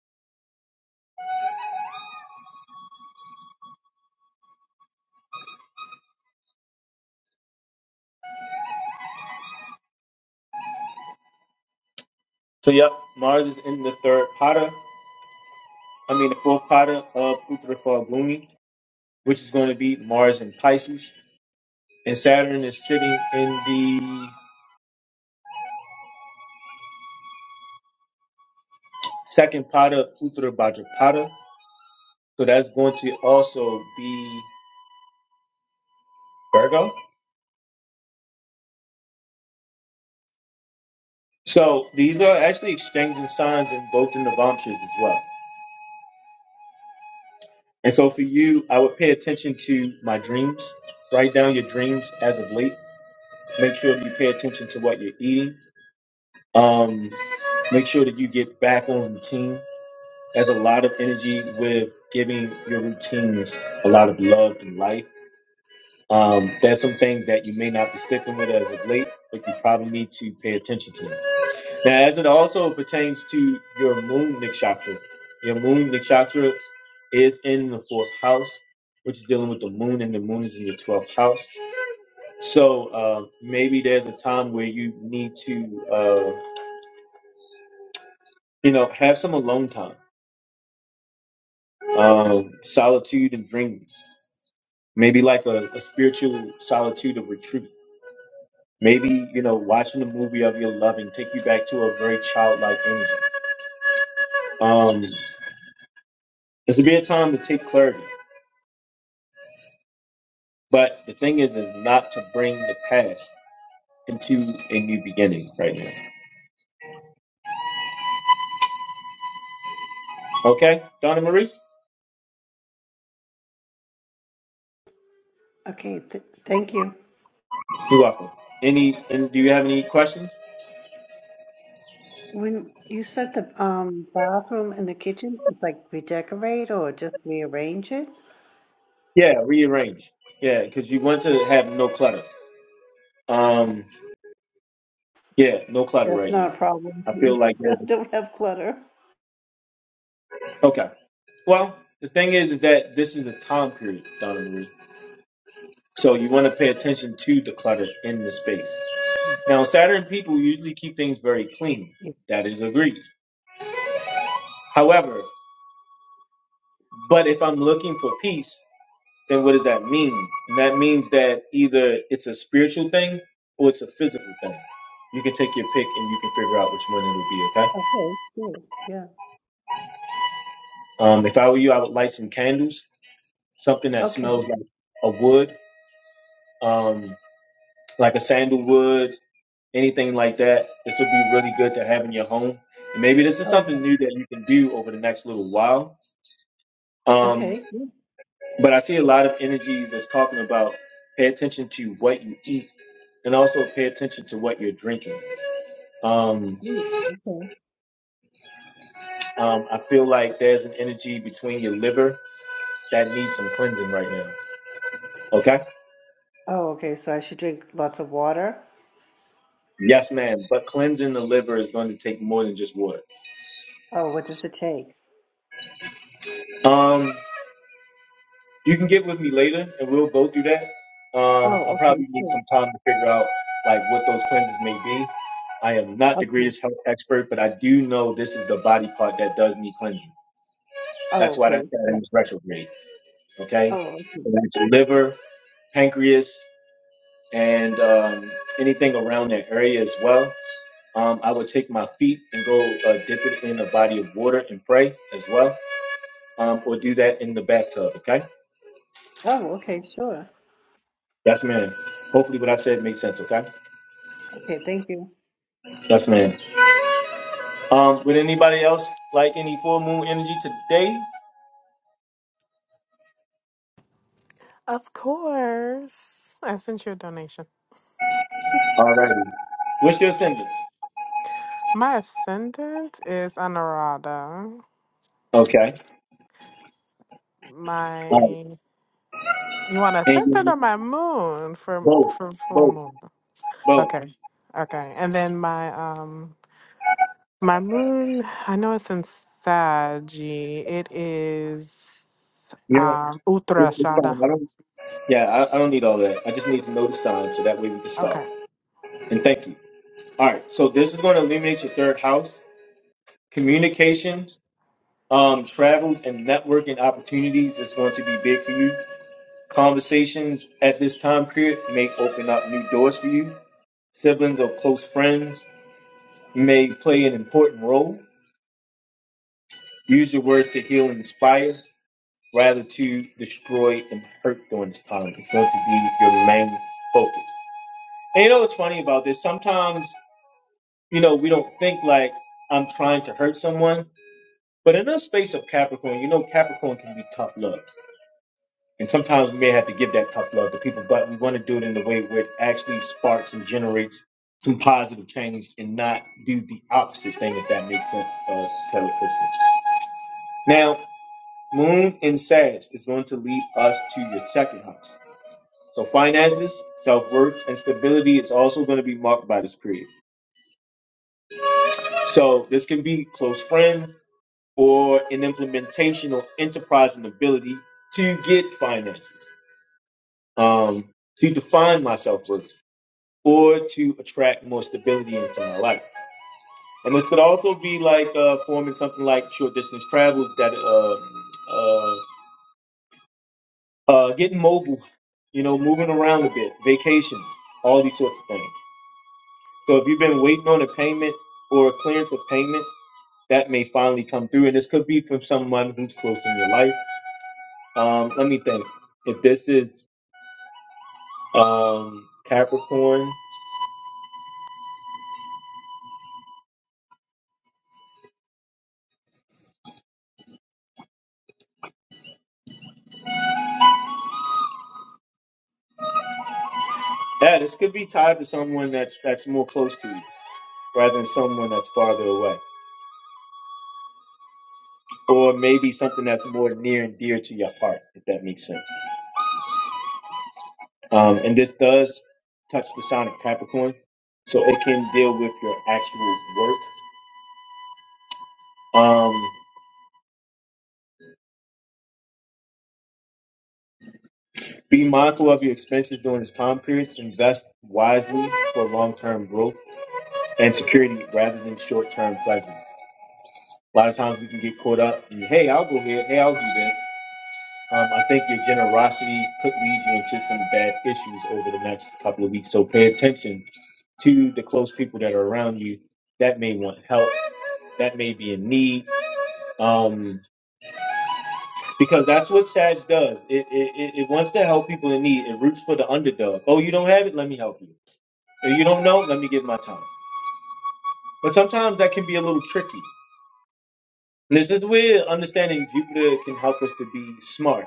Speaker 1: So yep, Mars is in the third pada. I mean the fourth pada of Uttara Falguni, which is going to be Mars in Pisces. And Saturn is sitting in the second pada of Uttara Bhadrapada. So that's going to also be Virgo. So these are actually exchanging signs in both in the Vamshas as well. And so for you, I would pay attention to my dreams. Write down your dreams as of late. Make sure you pay attention to what you're eating Um, make sure that you get back on routine. There's a lot of energy with giving your routines a lot of love and life. Um, there's some things that you may not be sticking with as of late, but you probably need to pay attention to. Now, as it also pertains to your moon nakshatra, your moon nakshatra is in the fourth house, which is dealing with the moon, and the moon is in your 12th house. So uh, maybe there's a time where you need to, uh, you know, have some alone time um, solitude and dreams. Maybe like a, a spiritual solitude of retreat. Maybe, you know, watching a movie of your loving take you back to a very childlike energy. Um, this would be a time to take clarity. But the thing is, is not to bring the past into a new beginning right now. Okay, Donna Marie,
Speaker 6: Okay, th- thank you.
Speaker 1: you're welcome. Any, and do you have any questions?
Speaker 6: When you said the um bathroom and the kitchen, it's like redecorate or just rearrange it?
Speaker 1: Yeah, rearrange. Yeah, because you want to have no clutter. Um, yeah, no clutter
Speaker 6: That's
Speaker 1: right
Speaker 6: not
Speaker 1: now.
Speaker 6: a problem.
Speaker 1: I feel like there's.
Speaker 6: I don't have clutter.
Speaker 1: Okay. Well, the thing is, is that this is a time period, Donna Marie. So you want to pay attention to the clutter in the space. Now, Saturn people usually keep things very clean.
Speaker 6: Yeah.
Speaker 1: That is agreed. However, but if I'm looking for peace, then what does that mean? And that means that either it's a spiritual thing or it's a physical thing. You can take your pick and you can figure out which one it would be, okay?
Speaker 6: Okay, good. Yeah.
Speaker 1: Um, if I were you, I would light some candles, something that
Speaker 6: Okay.
Speaker 1: smells like a wood, um, like a sandalwood, anything like that. This would be really good to have in your home. And maybe this is
Speaker 6: Oh,
Speaker 1: something new that you can do over the next little while.
Speaker 6: yeah.
Speaker 1: Um,
Speaker 6: Okay. Yeah,
Speaker 1: but I see a lot of energy that's talking about pay attention to what you eat and also pay attention to what you're drinking. Um,
Speaker 6: good. Okay.
Speaker 1: um, I feel like there's an energy between your liver that needs some cleansing right now. Okay?
Speaker 6: Oh, okay. So I should drink lots of water.
Speaker 1: Yes, ma'am. But cleansing the liver is going to take more than just water.
Speaker 6: Oh, what does it take?
Speaker 1: Um, You can get with me later, and we'll go through that. Um, I'll
Speaker 6: Oh, okay.
Speaker 1: probably need
Speaker 6: Good.
Speaker 1: some time to figure out like what those cleanses may be. I am not the
Speaker 6: Okay.
Speaker 1: greatest health expert, but I do know this is the body part that does need cleansing. That's
Speaker 6: Oh,
Speaker 1: why that's
Speaker 6: okay.
Speaker 1: got
Speaker 6: Yeah.
Speaker 1: in this retrograde. Okay,
Speaker 6: Oh, okay.
Speaker 1: so that's your liver, pancreas, and um, anything around that area as well. Um, I would take my feet and go uh, dip it in a body of water and pray as well, um, or do that in the bathtub. Okay.
Speaker 6: Oh, okay, sure.
Speaker 1: Yes, ma'am. Hopefully, what I said makes sense. Okay.
Speaker 6: Okay, thank you.
Speaker 1: Yes, ma'am. Um, would anybody else like any full moon energy today?
Speaker 5: of course. I sent you a donation.
Speaker 1: Alrighty. What's your ascendant?
Speaker 5: My ascendant is Anurada.
Speaker 1: Okay. All right.
Speaker 5: My you want
Speaker 1: And
Speaker 5: ascendant
Speaker 1: you,
Speaker 5: or my moon for
Speaker 1: both,
Speaker 5: for full
Speaker 1: both,
Speaker 5: moon?
Speaker 1: both.
Speaker 5: Okay, okay. And then my um my moon. I know it's in Sag. It is
Speaker 1: You know,
Speaker 5: um
Speaker 1: it's it's
Speaker 5: Uttarashada.
Speaker 1: fine. I don't. Yeah, I, I don't need all that. I just need to know the signs so that way we can start.
Speaker 5: Okay.
Speaker 1: And thank you. All right. So this is going to eliminate your third house, communication, um, travels, and networking opportunities is going to be big for you. Conversations at this time period may open up new doors for you. Siblings or close friends may play an important role. Use your words to heal and inspire rather to destroy and hurt during this time. It's going to be your main focus. And you know what's funny about this? Sometimes, you know, we don't think like I'm trying to hurt someone. But in the space of Capricorn, you know Capricorn can be tough love. And sometimes we may have to give that tough love to people, but we want to do it in a way where it actually sparks and generates some positive change and not do the opposite thing, if that makes sense, of Kelly Christmas. Now, Moon in Sag is going to lead us to your second house. So finances, self-worth, and stability is also going to be marked by this period. So this can be close friends or an implementation or enterprise and ability to get finances, um, to define my self-worth or to attract more stability into my life. And this could also be like uh, forming something like short distance travel that um uh, uh, getting mobile, you know, moving around a bit, vacations, all these sorts of things. So if you've been waiting on a payment or a clearance of payment, that may finally come through. And this could be from someone who's close in your life. Um, let me think. If this is um, Capricorn, yeah, this could be tied to someone that's that's more close to you rather than someone that's farther away, or maybe something that's more near and dear to your heart, if that makes sense. Um, and this does touch the sign of Capricorn, so it can deal with your actual work. Um, be mindful of your expenses during this time period. Invest wisely for long-term growth and security rather than short-term pleasures. A lot of times we can get caught up in, hey, I'll go here, hey, I'll do this. Um, I think your generosity could lead you into some bad issues over the next couple of weeks. So pay attention to the close people that are around you that may want help, that may be in need, um, because that's what Sag does. It, it, it, it wants to help people in need. It roots for the underdog. Oh, you don't have it? Let me help you. If you don't know, let me give my time. But sometimes that can be a little tricky. And this is where understanding Jupiter can help us to be smart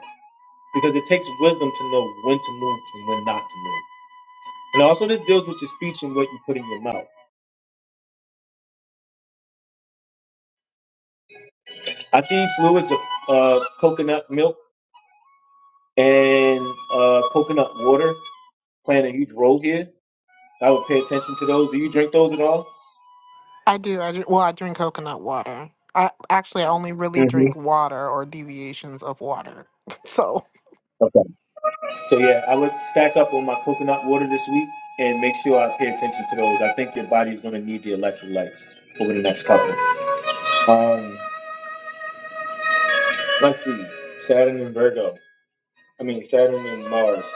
Speaker 1: because it takes wisdom to know when to move and when not to move. And also, this deals with your speech and what you put in your mouth. I see fluids of uh, coconut milk and uh, coconut water playing a huge role here. I would pay attention to those. Do you drink those at all?
Speaker 5: I do. I do. Well, I drink coconut water. I actually I only really
Speaker 1: hmm
Speaker 5: drink water or deviations of water. So
Speaker 1: Okay. So, yeah, I would stack up on my coconut water this week and make sure I pay attention to those. I think your body's going to need the electrolytes over the next couple. Um, let's see. Saturn and Virgo. I mean, Saturn and Mars.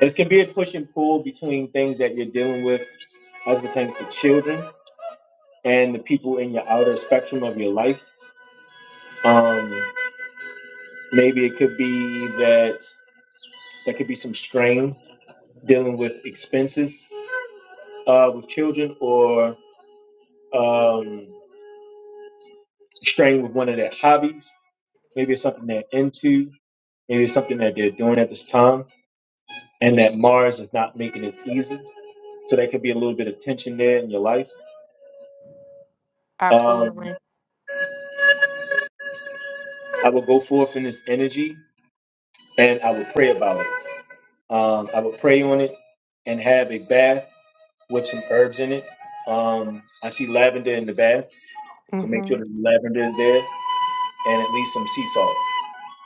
Speaker 1: This can be a push and pull between things that you're dealing with as pertains to children and the people in your outer spectrum of your life. Um, maybe it could be that there could be some strain dealing with expenses uh, with children or um, strain with one of their hobbies. Maybe it's something they're into. Maybe it's something that they're doing at this time and that Mars is not making it easy. So there could be a little bit of tension there in your life. Um,
Speaker 5: absolutely.
Speaker 1: I will go forth in this energy and I would pray about it. Um, I would pray on it and have a bath with some herbs in it. Um, I see lavender in the bath, so make sure
Speaker 5: Mhm.
Speaker 1: the lavender is there and at least some sea salt.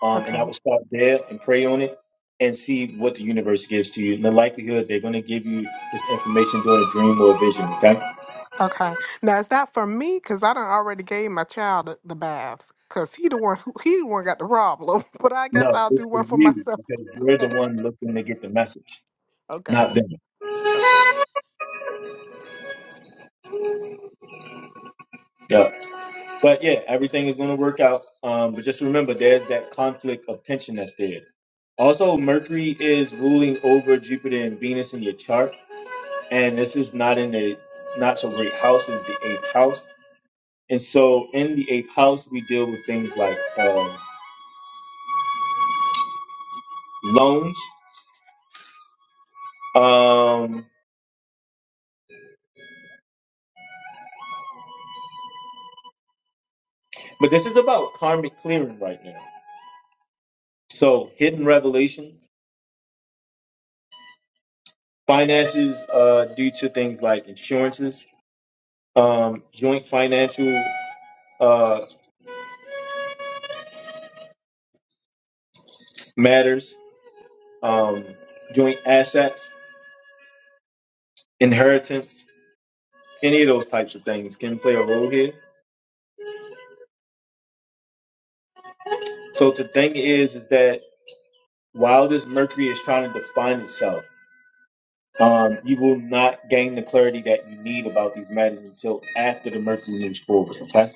Speaker 1: Um, and
Speaker 5: Okay.
Speaker 1: I would start there and pray on it and see what the universe gives to you. And the likelihood they're going to give you this information during a dream or a vision, okay?
Speaker 5: Okay. Now is that for me? Cause I done already gave my child the the bath. Cause he the one who he the one got the problem. But I guess
Speaker 1: No,
Speaker 5: I'll
Speaker 1: it's
Speaker 5: do
Speaker 1: for
Speaker 5: one for
Speaker 1: you
Speaker 5: myself.
Speaker 1: because you're
Speaker 5: Okay.
Speaker 1: the one looking to get the message,
Speaker 5: Okay.
Speaker 1: not them.
Speaker 5: Okay.
Speaker 1: Yeah. But yeah, everything is going to work out. Um, but just remember, there's that conflict of tension that's there. Also, Mercury is ruling over Jupiter and Venus in your chart, and this is not in a not so great house. It's the eighth house, and so in the eighth house, we deal with things like um, loans. Um, but this is about karmic clearing right now. So hidden revelations, finances uh, due to things like insurances, um, joint financial. uh, matters, um, joint assets, inheritance, any of those types of things can play a role here. So the thing is, is that while this Mercury is trying to define itself, um, you will not gain the clarity that you need about these matters until after the Mercury moves forward. Okay.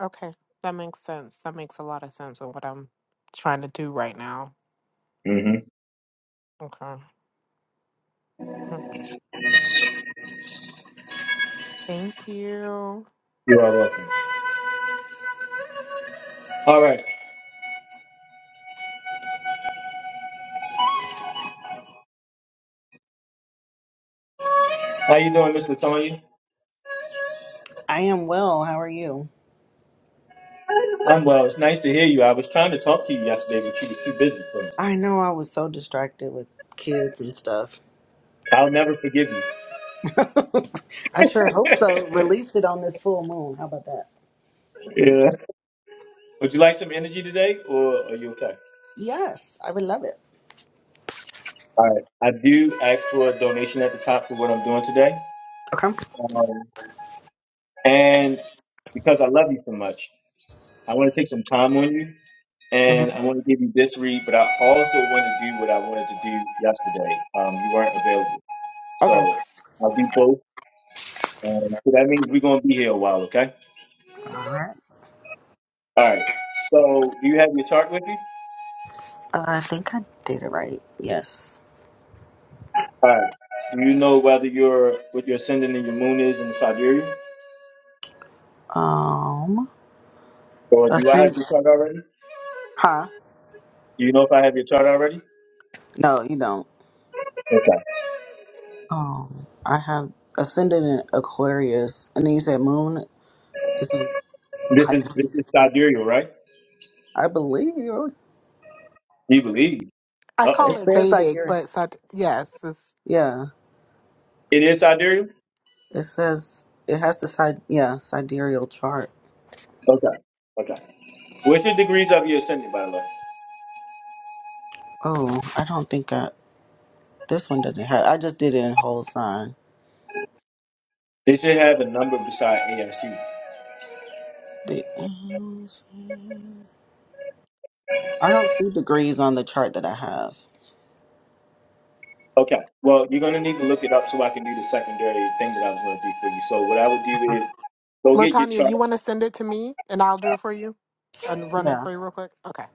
Speaker 5: Okay. That makes sense. That makes a lot of sense with what I'm trying to do right now.
Speaker 1: hmm
Speaker 5: Okay. Hmm. Thank you.
Speaker 1: You are welcome. All right. How you doing, Mr. Latonya?
Speaker 7: I am well. How are you?
Speaker 1: I'm well. It's nice to hear you. I was trying to talk to you yesterday, but you were too busy for me.
Speaker 7: I know I was so distracted with kids and stuff.
Speaker 1: I'll never forgive you.
Speaker 7: I sure hope so. Release it on this full moon. How about that?
Speaker 1: yeah. Would you like some energy today, or are you okay?
Speaker 7: Yes, I would love it.
Speaker 1: All right. I do ask for a donation at the top for what I'm doing today.
Speaker 7: Okay.
Speaker 1: Um, and because I love you so much, I want to take some time on you
Speaker 7: hmm
Speaker 1: and I want to give you this read, but I also want to do what I wanted to do yesterday. Um, you weren't available.
Speaker 7: Okay.
Speaker 1: So I'll do both. Um, so that means we're going to be here a while, okay?
Speaker 7: All right.
Speaker 1: All right. So do you have your chart with you?
Speaker 7: Uh, I think I did it right. Yes.
Speaker 1: All right. Do you know whether you're what your ascendant and your moon is in Siberia?
Speaker 7: Um.
Speaker 1: Or do I have
Speaker 7: Ascend.
Speaker 1: your chart already?
Speaker 7: Huh?
Speaker 1: Do you know if I have your chart already?
Speaker 7: No, you don't.
Speaker 1: Okay.
Speaker 7: Um. I have ascended in Aquarius, and then you said moon is in
Speaker 1: This is this
Speaker 7: Pisces.
Speaker 1: is sidereal, right?
Speaker 7: I believe
Speaker 1: You believe.
Speaker 5: I
Speaker 1: Uh oh.
Speaker 5: call
Speaker 7: it
Speaker 5: it
Speaker 7: says
Speaker 5: Vedic,
Speaker 7: Siberia.
Speaker 5: but Sat- yes, it's
Speaker 7: Yeah.
Speaker 1: It is sidereal?
Speaker 7: It says it has the side, yeah, sidereal chart.
Speaker 1: Okay. Okay. What's your degrees of your ascendant, by the way?
Speaker 7: Oh, I don't think I. This one doesn't have. I just did it in whole sign.
Speaker 1: They should have a number beside AIC.
Speaker 7: The, I don't see degrees on the chart that I have.
Speaker 1: Okay. Well, you're gonna need to look it up so I can do the secondary thing that I was gonna do for you. So what I would do
Speaker 7: Uh,
Speaker 1: is go get your
Speaker 5: Latanya.
Speaker 1: chart.
Speaker 5: You want to send it to me, and I'll do it for you, and run it
Speaker 7: Yeah.
Speaker 5: for you real quick. Okay.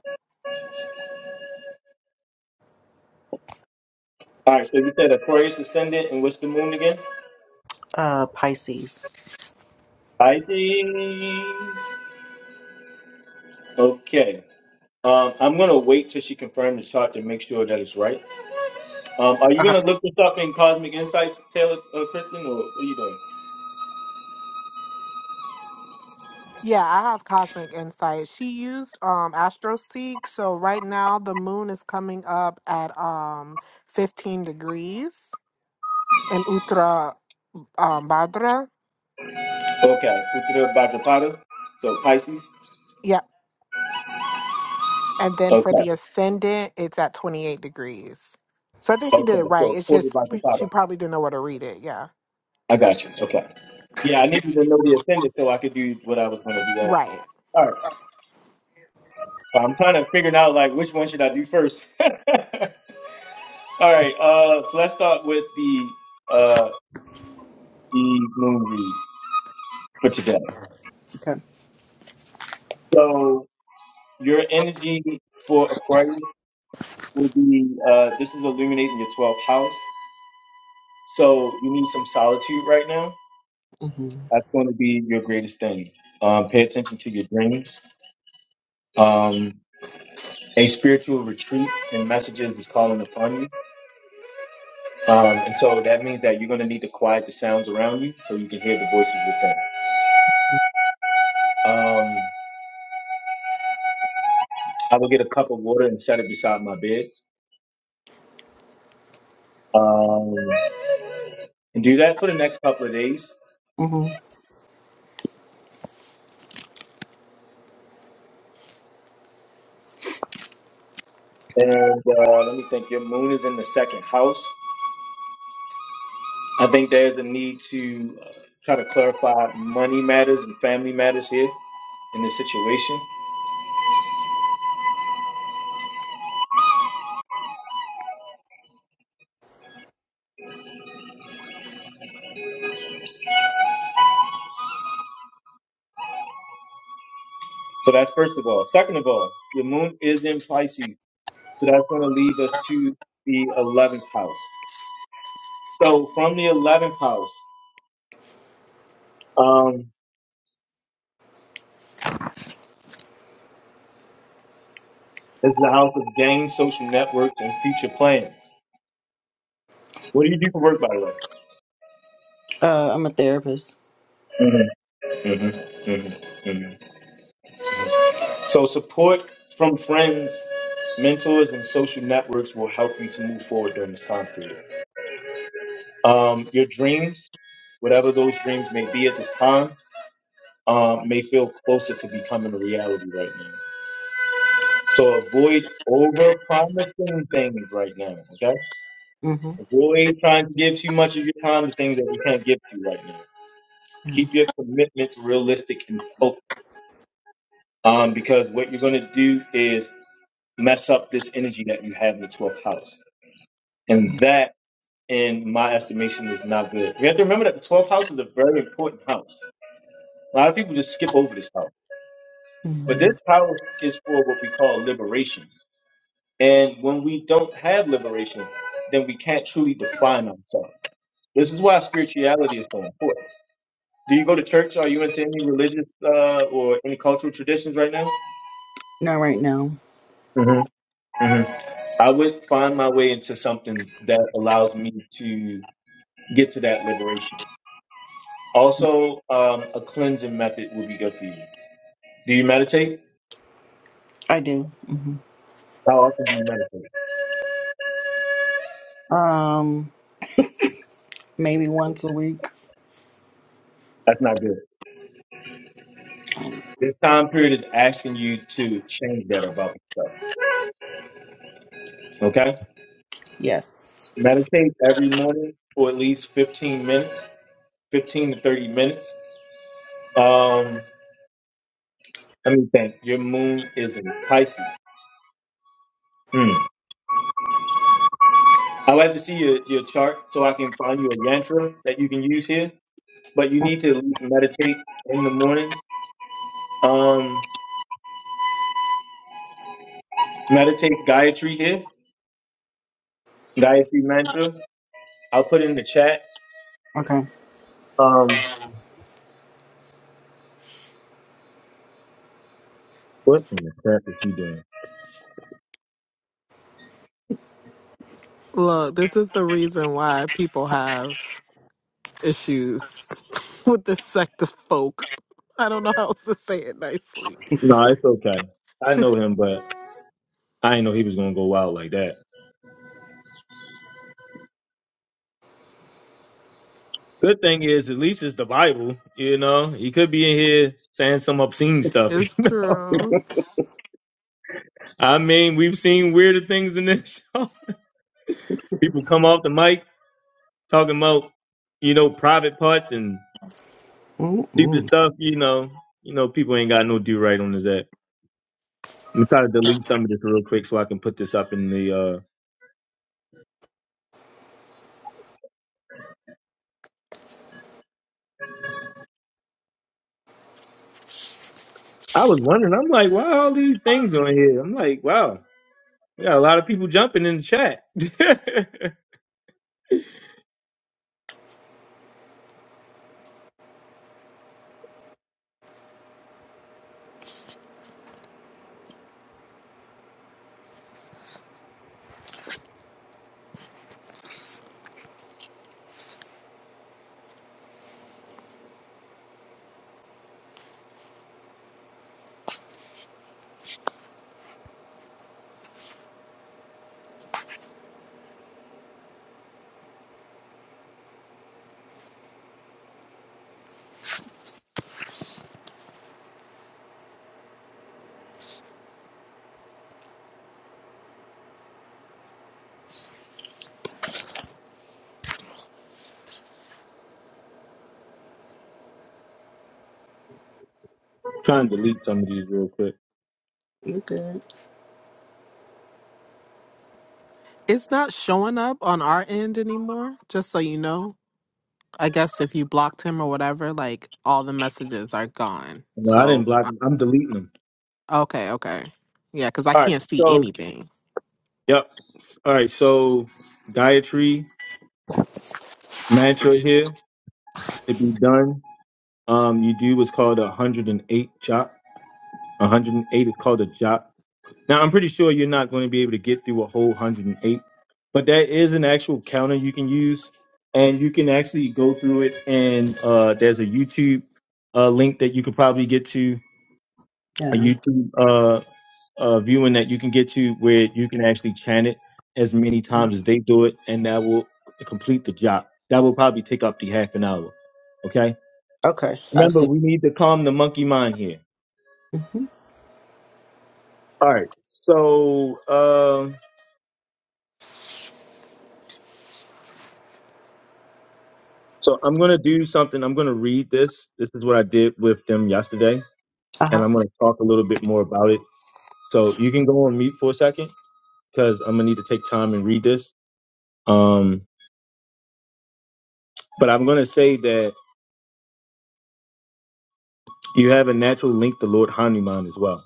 Speaker 1: All right, so you said Aquarius ascendant and what's the moon again?
Speaker 7: Uh, Pisces.
Speaker 1: Pisces. Okay. Um, I'm gonna wait till she confirms the chart to make sure that it's right. Um, are you
Speaker 7: Okay.
Speaker 1: gonna look this up in Cosmic Insights, Taylor uh, Kristen, or what are you doing?
Speaker 5: Yeah, I have cosmic insight. She used um AstroSeek, so right now the moon is coming up at um 15 degrees in Uttar um, Bhadra.
Speaker 1: Okay, Uttara Bhagavata. So Pisces.
Speaker 5: Yeah, and then for
Speaker 1: Okay,
Speaker 5: the ascendant, it's at 28 degrees. So I think she did
Speaker 1: okay.
Speaker 5: it right.
Speaker 1: So
Speaker 5: It's
Speaker 1: Uttara
Speaker 5: just she
Speaker 1: Bhagavata.
Speaker 5: probably didn't know where to read it. Yeah.
Speaker 1: I got you. Okay. Yeah, I needed to know the ascendant so I could do what I was going to do. After.
Speaker 5: Right.
Speaker 1: All right. So I'm kind of figuring out like which one should I do first. All right. Uh, so let's start with the uh the moon read for today.
Speaker 7: Okay.
Speaker 1: So your energy for Aquarius will be uh this is illuminating your 12th house. So you need some solitude right now
Speaker 7: Mhm.
Speaker 1: That's going to be your greatest thing. Um, pay attention to your dreams. Um, a spiritual retreat and messages is calling upon you. Um, and so that means that you're going to need to quiet the sounds around you so you can hear the voices within. Um, I will get a cup of water and set it beside my bed. Um, and do that for the next couple of days.
Speaker 7: Mhm.
Speaker 1: And uh, let me think. Your moon is in the second house. I think there's a need to uh, try to clarify money matters and family matters here in this situation. So that's first of all. Second of all, the moon is in Pisces. So that's going to lead us to the 11th house. So from the 11th house um, is the house of gain, social networks, and future plans. What do you do for work, by the way?
Speaker 7: Uh, I'm a therapist.
Speaker 1: hmm hmm hmm hmm So support from friends, mentors, and social networks will help you to move forward during this time period. Um, your dreams, whatever those dreams may be at this time, um, may feel closer to becoming a reality right now. So avoid over promising things right now, okay?
Speaker 7: Mhm.
Speaker 1: Avoid trying to give too much of your time to things that you can't give to right now.
Speaker 7: Yeah.
Speaker 1: Keep your commitments realistic and focused um, because what you're going to do is mess up this energy that you have in the 12th house. And that, in my estimation, is not good. We have to remember that the 12th house is a very important house. A lot of people just skip over this house. But this
Speaker 7: Mhm.
Speaker 1: house is for what we call liberation. And when we don't have liberation, then we can't truly define ourselves. This is why spirituality is so important. Do you go to church? Are you into any religious uh, or any cultural traditions right now?
Speaker 7: Not right now.
Speaker 1: hmm hmm I would find my way into something that allows me to get to that liberation. Also, um, a cleansing method would be good for you. Do you meditate?
Speaker 7: I do. hmm
Speaker 1: How often do you meditate?
Speaker 7: Um, maybe once a week.
Speaker 1: That's not good. This time period is asking you to change that about yourself. Okay?
Speaker 7: Yes.
Speaker 1: Meditate every morning for at least 15 minutes, 15 to 30 minutes. Um, let me think. Your moon is in Pisces. Hmm. I'd like to see your, your chart so I can find you a yantra that you can use here. But you
Speaker 7: Mm,
Speaker 1: need to at least meditate in the mornings. Um, meditate Gayatri here, Gayatri mantra. I'll put in the chat.
Speaker 7: Okay.
Speaker 1: Um, what in the crap is he doing?
Speaker 5: Look, this is the reason why people have issues with this sect of folk. I don't know how else to say it nicely.
Speaker 1: No, it's okay. I know him, but I didn't know he was gonna go wild like that. Good thing is, at least it's the Bible. You know, he could be in here saying some obscene stuff.
Speaker 5: It's true.
Speaker 1: I mean, we've seen weirder things in this. show. People come off the mic talking about, you know, private parts and stupid
Speaker 7: Mm-mm.
Speaker 1: stuff. You know, you know, people ain't got no do right on this app. I'm gonna try to delete some of this real quick so I can put this up in the. uh I was wondering. I'm like, why all these things on here? I'm like, wow, we got a lot of people jumping in the chat. trying to delete some of these real quick.
Speaker 7: You good?
Speaker 5: It's not showing up on our end anymore, just so you know. I guess if you blocked him or whatever, like all the messages are gone.
Speaker 1: No, I didn't
Speaker 5: So,
Speaker 1: block
Speaker 5: uh,
Speaker 1: them. I'm deleting them.
Speaker 5: okay, okay. Yeah, because I
Speaker 1: All right.
Speaker 5: can't see
Speaker 1: So,
Speaker 5: anything.
Speaker 1: yep. All right. So, dietary mantra here to be done. Um, you do what's called a 108 chop. 108 is called a chop. Now, I'm pretty sure you're not going to be able to get through a whole 108, but that is an actual counter you can use, and you can actually go through it. And uh, there's a YouTube uh, link that you could probably get to a
Speaker 7: Yeah.
Speaker 1: YouTube. uh. uh, viewing that you can get to where you can actually chant it as many times as they do it, and that will complete the job. That will probably take up the half an hour. Okay.
Speaker 7: Okay, I've
Speaker 1: Remember,
Speaker 7: seen.
Speaker 1: we need to calm the monkey mind here.
Speaker 7: hmm
Speaker 1: All right. So, um, so I'm gonna do something. I'm gonna read this. This is what I did with them yesterday, and
Speaker 7: Uh-huh.
Speaker 1: I'm gonna talk a little bit more about it. So you can go on mute for a second because I'm gonna need to take time and read this. Um, but I'm gonna say that you have a natural link to Lord Hanuman as well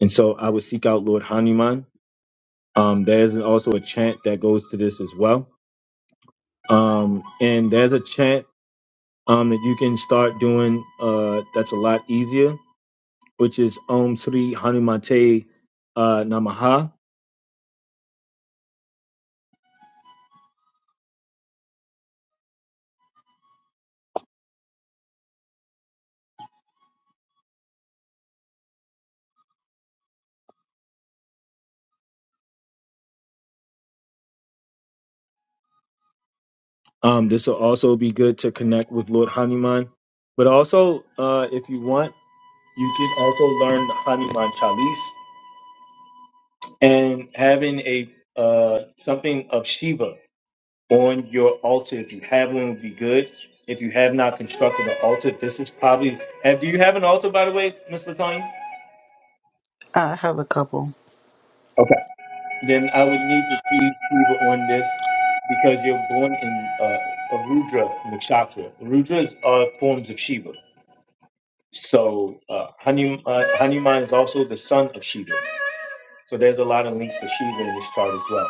Speaker 1: And so I would seek out Lord Hanuman. Um, there's also a chant that goes to this as well. Um, and there's a chant um, that you can start doing uh, that's a lot easier, which is Om Sri Hanumate uh, Namaha. Um, this will also be good to connect with Lord Hanuman. But also, uh, if you want, you can also learn the Hanuman Chalice and having a uh, something of Shiva. on your altar. If you have one, it would be good. If you have not constructed an altar, this is probably. And do you have an altar, by the way, Miss Tony?
Speaker 7: I have a couple.
Speaker 1: Okay. Then I would need to see Shiva on this because you're born in uh, a Rudra nakshatra. Rudras are forms of Shiva. So uh, Hanuman, uh, Hanuman is also the son of Shiva. So there's a lot of links to Shiva in this chart as well.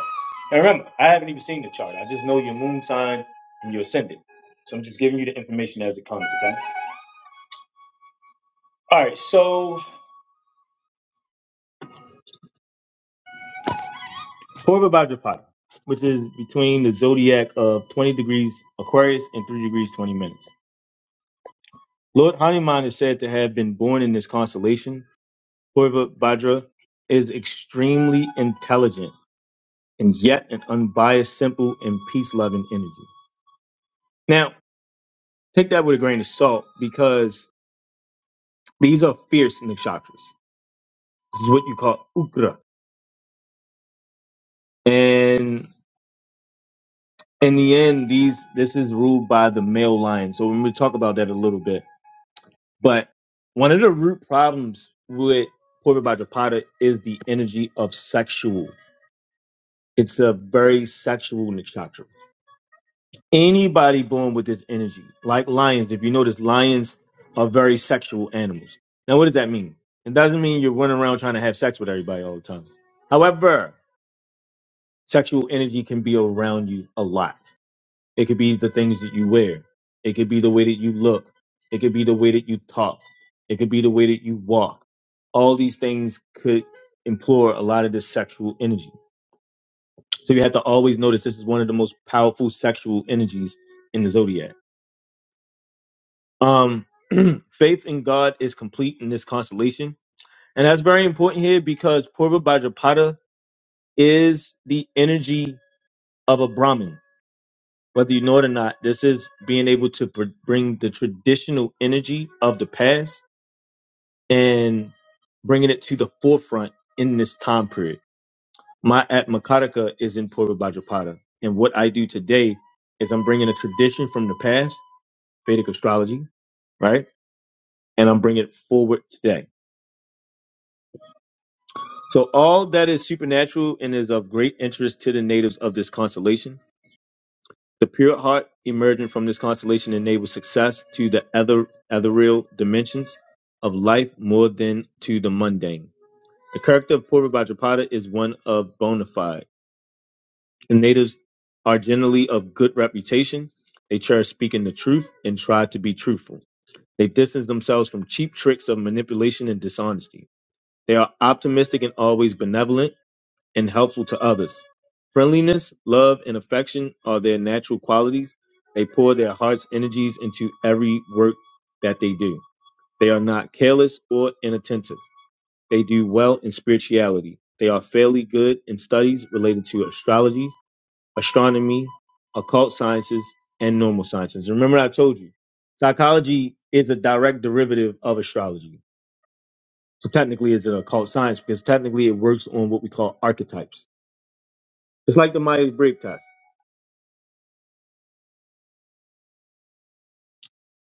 Speaker 1: And remember, I haven't even seen the chart. I just know your moon sign and your ascendant. So I'm just giving you the information as it comes. Okay. All right, so Purva Bhadrapada, which is between the zodiac of 20 degrees Aquarius and 3 degrees 20 minutes. Lord Hanuman is said to have been born in this constellation. Purva Bhadra is extremely intelligent and yet an unbiased, simple, and peace loving energy. Now, take that with a grain of salt because these are fierce nakshatras. This is what you call Ukra. And in the end, these this is ruled by the male lion. So we're going to talk about that a little bit. But one of the root problems with Purva Bhajapata is the energy of sexual. It's a very sexual nakshatra. Anybody born with this energy, like lions, if you notice, lions are very sexual animals. Now, what does that mean? It doesn't mean you're running around trying to have sex with everybody all the time. However, sexual energy can be around you a lot. It could be the things that you wear. It could be the way that you look. It could be the way that you talk. It could be the way that you walk. All these things could implore a lot of this sexual energy. So you have to always notice this is one of the most powerful sexual energies in the zodiac. Um, faith in God is complete in this constellation. And that's very important here because Purva Bhadrapada is the energy of a Brahmin. whether you know it or not, this is being able to br- bring the traditional energy of the past and bringing it to the forefront in this time period. My Atmakataka is in Purva Bajapata. And what I do today is I'm bringing a tradition from the past, Vedic astrology, right? And I'm bringing it forward today. So all that is supernatural and is of great interest to the natives of this constellation The pure heart emerging from this constellation enables success to the ether, ethereal dimensions of life more than to the mundane. The character of Purva Bhajapada is one of bona fide. The natives are generally of good reputation. They cherish speaking the truth and try to be truthful. They distance themselves from cheap tricks of manipulation and dishonesty. They are optimistic and always benevolent and helpful to others. Friendliness, love, and affection are their natural qualities. They pour their heart's energies into every work that they do. They are not careless or inattentive. They do well in spirituality. They are fairly good in studies related to astrology, astronomy, occult sciences, and normal sciences. Remember, I told you, psychology is a direct derivative of astrology. So technically, it's an occult science because technically it works on what we call archetypes. It's like the Myers Briggs test.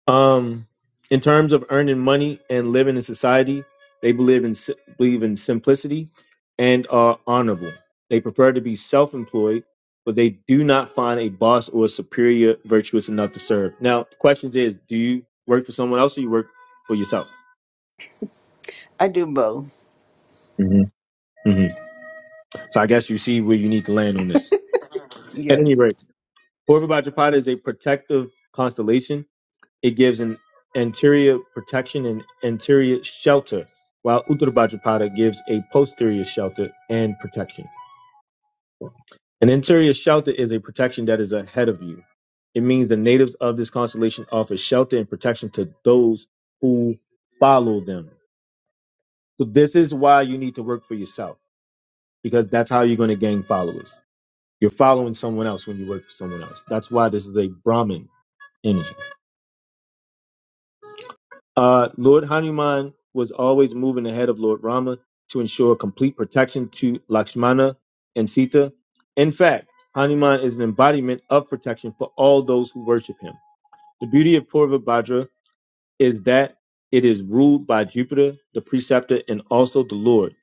Speaker 1: Um, in terms of earning money and living in society, they believe in si- believe in simplicity and are honorable. They prefer to be self-employed, but they do not find a boss or superior virtuous enough to serve. Now, the question is, do you work for someone else or you work for yourself?
Speaker 7: I do both.
Speaker 1: hmm hmm So I guess you see where you need to land on this. At
Speaker 7: Yes.
Speaker 1: any rate, Orville by is a protective constellation It gives an anterior protection and anterior shelter, while Uttarabhadrapada gives a posterior shelter and protection. An anterior shelter is a protection that is ahead of you. It means the natives of this constellation offer shelter and protection to those who follow them. So this is why you need to work for yourself, because that's how you're going to gain followers. You're following someone else when you work for someone else. That's why this is a Brahmin energy. Uh, Lord Hanuman was always moving ahead of Lord Rama to ensure complete protection to Lakshmana and Sita. In fact, Hanuman is an embodiment of protection for all those who worship him. The beauty of Purva Bhadra is that it is ruled by Jupiter, the preceptor, and also the Lord.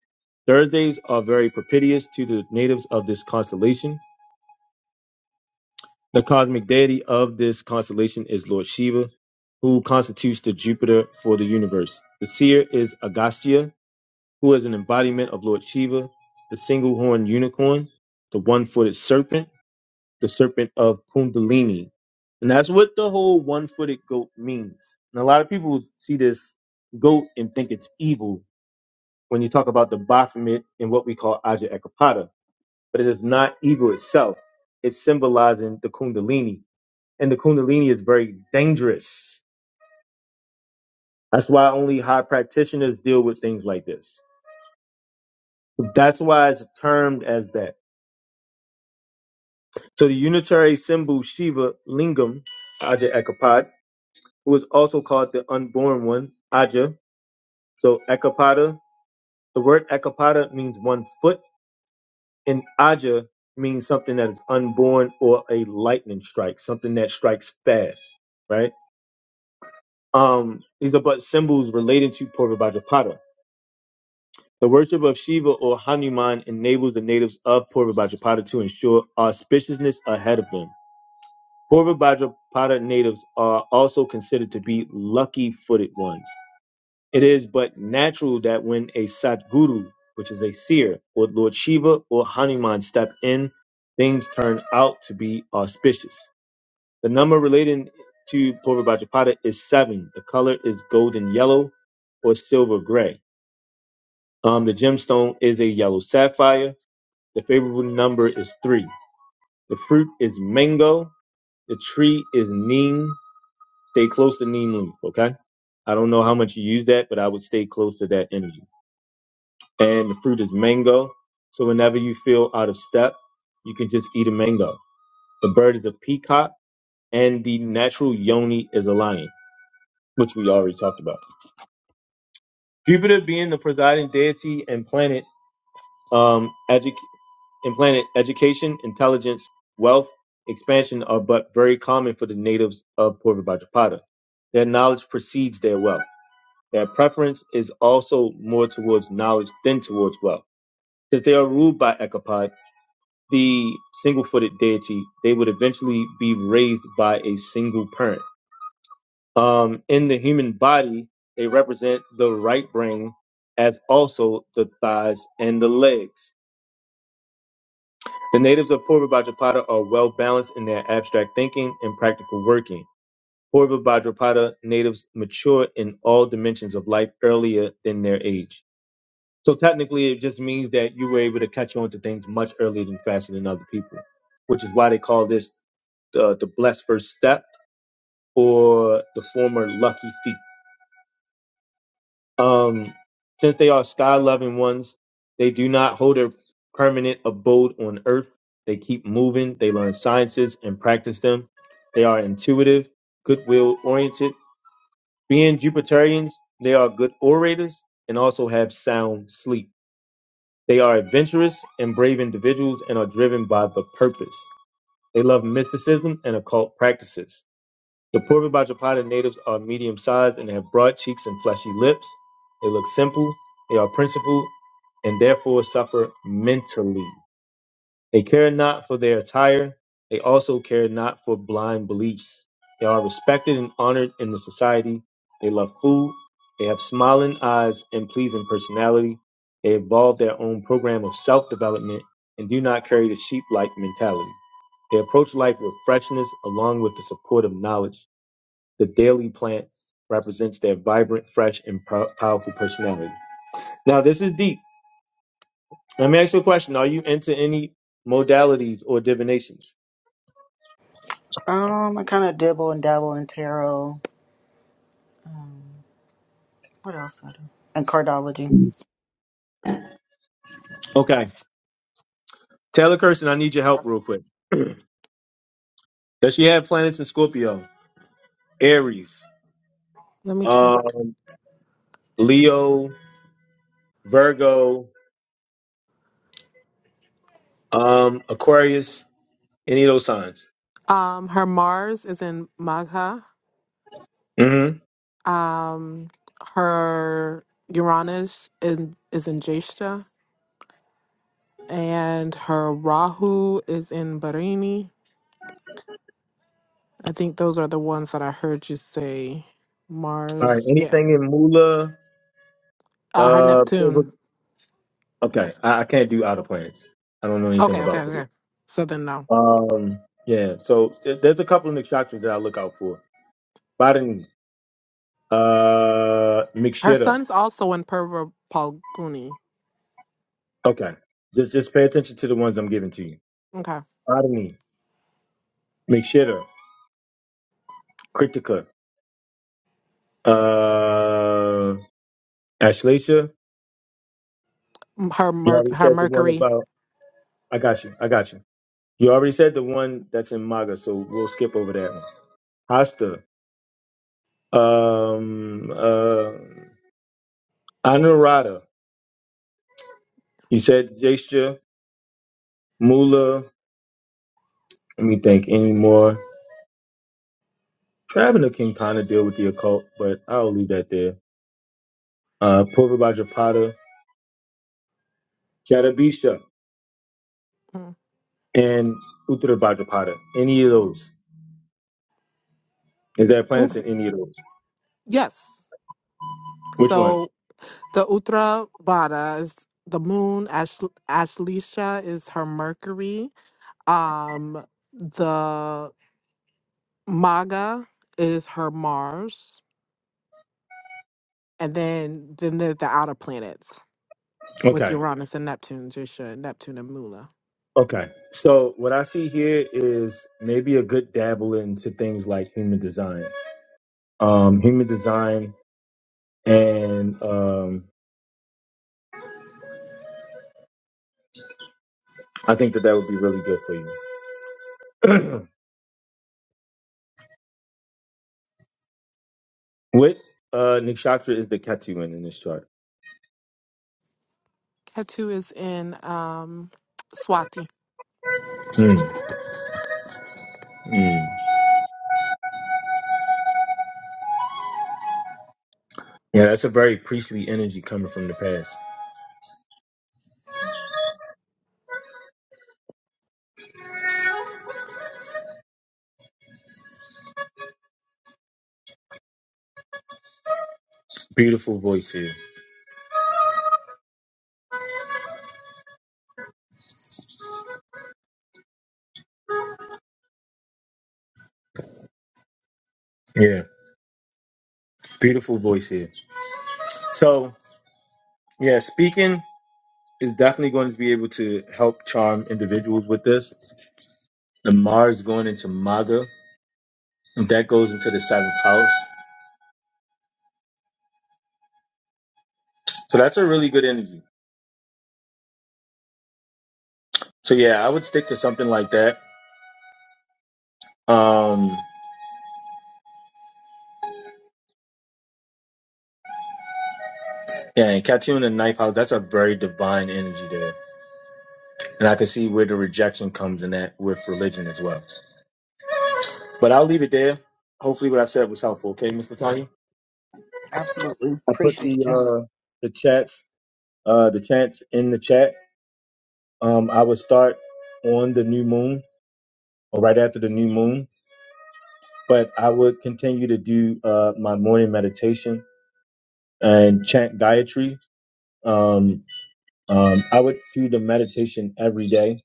Speaker 1: Thursdays are very propitious to the natives of this constellation. The cosmic deity of this constellation is Lord Shiva, who constitutes the Jupiter for the universe. The seer is Agastya, who is an embodiment of Lord Shiva, the single horned unicorn, the one footed serpent, the serpent of Kundalini. And that's what the whole one footed goat means. And a lot of people see this goat and think it's evil when you talk about the Baphomet and what we call Aja Ekapata. But it is not evil itself, it's symbolizing the Kundalini and the kundalini is very dangerous. That's why only high practitioners deal with things like this. That's why it's termed as that. So the unitary symbol Shiva Lingam, Aja Ekapad, who is also called the unborn one, Aja. So Ekapada, the word Ekapada means one foot, and Aja means something that is unborn or a lightning strike, something that strikes fast, right? Um, these are but symbols related to Purvabhajapada. The worship of Shiva or Hanuman enables the natives of Purva Bhajapada to ensure auspiciousness ahead of them. Purva Bhajapada natives are also considered to be lucky footed ones. It is but natural that when a Satguru, which is a seer, or Lord Shiva or Hanuman step in, things turn out to be auspicious. The number relating to Purva Bhajapada is seven. The color is golden yellow or silver gray. Um, the gemstone is a yellow sapphire The favorable number is three. The fruit is mango. The tree is neem. Stay close to neem leaf, okay? I don't know how much you use that, but I would stay close to that energy. And the fruit is mango. So whenever you feel out of step, you can just eat a mango. The bird is a peacock, and the natural yoni is a lion, which we already talked about. Jupiter being the presiding deity and planet Um, edu- implanted education, intelligence, wealth, expansion are but very common for the natives of Puerto Vajapata. Their knowledge precedes their wealth. Their preference is also more towards knowledge than towards wealth. Since they are ruled by Ekapad, the single footed deity, they would eventually be raised by a single parent. Um, in the human body, they represent the right brain as also the thighs and the legs. The natives of Purva Bhajapada are well balanced in their abstract thinking and practical working. Purva Bhajapada natives mature in all dimensions of life earlier than their age. So technically, it just means that you were able to catch on to things much earlier and faster than other people, which is why they call this the, the blessed first step or the former lucky feet. Um, since they are sky loving ones, they do not hold a permanent abode on earth. They keep moving, they learn sciences and practice them. They are intuitive, goodwill oriented. Being Jupiterians, they are good orators and also have sound sleep. They are adventurous and brave individuals and are driven by the purpose. They love mysticism and occult practices. The Puerto Bajapata natives are medium sized and have broad cheeks and fleshy lips. They look simple, they are principled, and therefore suffer mentally. They care not for their attire, they also care not for blind beliefs. They are respected and honored in the society. They love food, they have smiling eyes and pleasing personality. They evolve their own program of self development and do not carry the sheep like mentality. They approach life with freshness along with the support of knowledge. The daily plant represents their vibrant, fresh, and pow- powerful personality. Now, this is deep. Let me ask you a question. Are you into any modalities or divinations?
Speaker 7: Um, I kind of dibble and dabble in tarot. Um, what else do I do? And cardology.
Speaker 1: Okay. Taylor Kirsten, I need your help real quick. Does she have planets in Scorpio, Aries,
Speaker 5: Let me check.
Speaker 1: um, Leo, Virgo, um, Aquarius, any of those signs?
Speaker 5: Um, her Mars is in Magha.
Speaker 1: Mm-hmm.
Speaker 5: Um, her Uranus in, is in Jeshta, and her Rahu is in Barini. I think those are the ones that I heard you say.
Speaker 1: All right.
Speaker 5: Mars, yeah.
Speaker 1: Anything in Mula?
Speaker 5: Uh, her
Speaker 1: Uh,
Speaker 5: Neptune.
Speaker 1: okay. I, I can't do outer planets. I don't know anything
Speaker 5: Okay, okay,
Speaker 1: about those.
Speaker 5: okay. So then no.
Speaker 1: Um, yeah. So th- there's a couple of Nick that I look out for. Biden, uh,
Speaker 5: Her
Speaker 1: McShitter.
Speaker 5: son's also in Purva Palguni.
Speaker 1: Okay. Just just pay attention to the ones I'm giving to you.
Speaker 5: Okay.
Speaker 1: Biden, McShitter, Kritika, uh, Ashleisha.
Speaker 5: Mm, Her
Speaker 1: You
Speaker 5: mer-
Speaker 1: already
Speaker 5: her
Speaker 1: said the one
Speaker 5: Mercury.
Speaker 1: about. I got you. I got you. You already said the one that's in MAGA, so we'll skip over that one. Hasta, um, uh, Anurada. You said Jasha, Mula. Let me think. Any more? Traveler can kind of deal with the occult, but I'll leave that there. Uh, Purvabhajapada, Jatabisha,
Speaker 5: Mm.
Speaker 1: and Uttarabhajapada. Any of those? Is there planets
Speaker 5: Mm,
Speaker 1: in any of those?
Speaker 5: Yes.
Speaker 1: Which ones?
Speaker 5: So the Uttra Vada is the moon. Ash- Ashleisha is her Mercury. Um, the Maga is her Mars. And then then there's the outer planets with
Speaker 1: Okay.
Speaker 5: Uranus and Neptune, Jisha, Neptune and Mula.
Speaker 1: Okay. So what I see here is maybe a good dabble into things like human design. Um, human design, and um, I think that that would be really good for you. what uh, nakshatra is the Ketu in in this chart?
Speaker 5: Ketu is in um, Swati.
Speaker 1: Hmm. hmm. Yeah, that's a very priestly energy coming from the past. Beautiful voice here. Yeah, beautiful voice here. So, yeah, speaking is definitely going to be able to help charm individuals with this. The Mars going into Maga, and that goes into the seventh house. So that's a really good energy. So yeah, I would stick to something like that. Um, yeah, and Catu in the ninth house, that's a very divine energy there. And I can see where the rejection comes in that with religion as well. But I'll leave it there. Hopefully what I said was helpful. Okay, Mr. Tanya?
Speaker 7: Absolutely.
Speaker 1: I put
Speaker 7: Appreciate
Speaker 1: the
Speaker 7: you.
Speaker 1: uh, the chats uh, the chants in the chat. Um, I would start on the new moon or right after the new moon, but I would continue to do uh, my morning meditation and chant Gayatri. Um, um, I would do the meditation every day.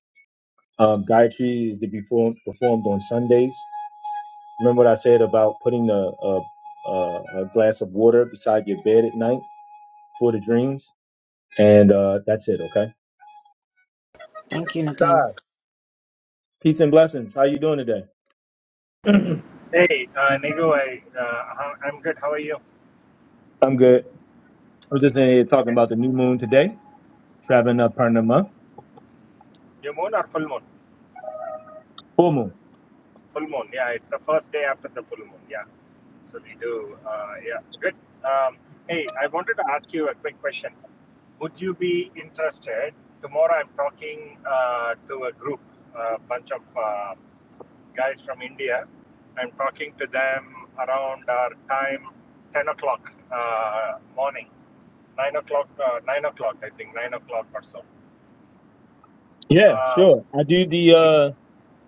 Speaker 1: Um, Gayatri is to be perform- performed on Sundays. Remember what I said about putting a, a, a, a glass of water beside your bed at night for the dreams, and uh, that's it. Okay.
Speaker 7: Thank you, Nicole.
Speaker 1: Peace and blessings. How you doing today?
Speaker 8: Hey, uh, Nigo, I, uh, how- I'm good. How are you?
Speaker 1: I'm good. I'm just in here talking about the new moon today, Shravana Purnima,
Speaker 8: New moon or full moon?
Speaker 1: full moon.
Speaker 8: Full moon, yeah. It's the first day after the full moon, yeah. So we do, uh, yeah, good. Um, hey, I wanted to ask you a quick question. Would you be interested? Tomorrow I'm talking uh, to a group, a bunch of uh, guys from India. I'm talking to them around our time, 10 o'clock uh, morning, 9 o'clock, uh, 9 o'clock, I think, 9 o'clock or so.
Speaker 1: Yeah,
Speaker 8: Uh,
Speaker 1: sure. I do the uh,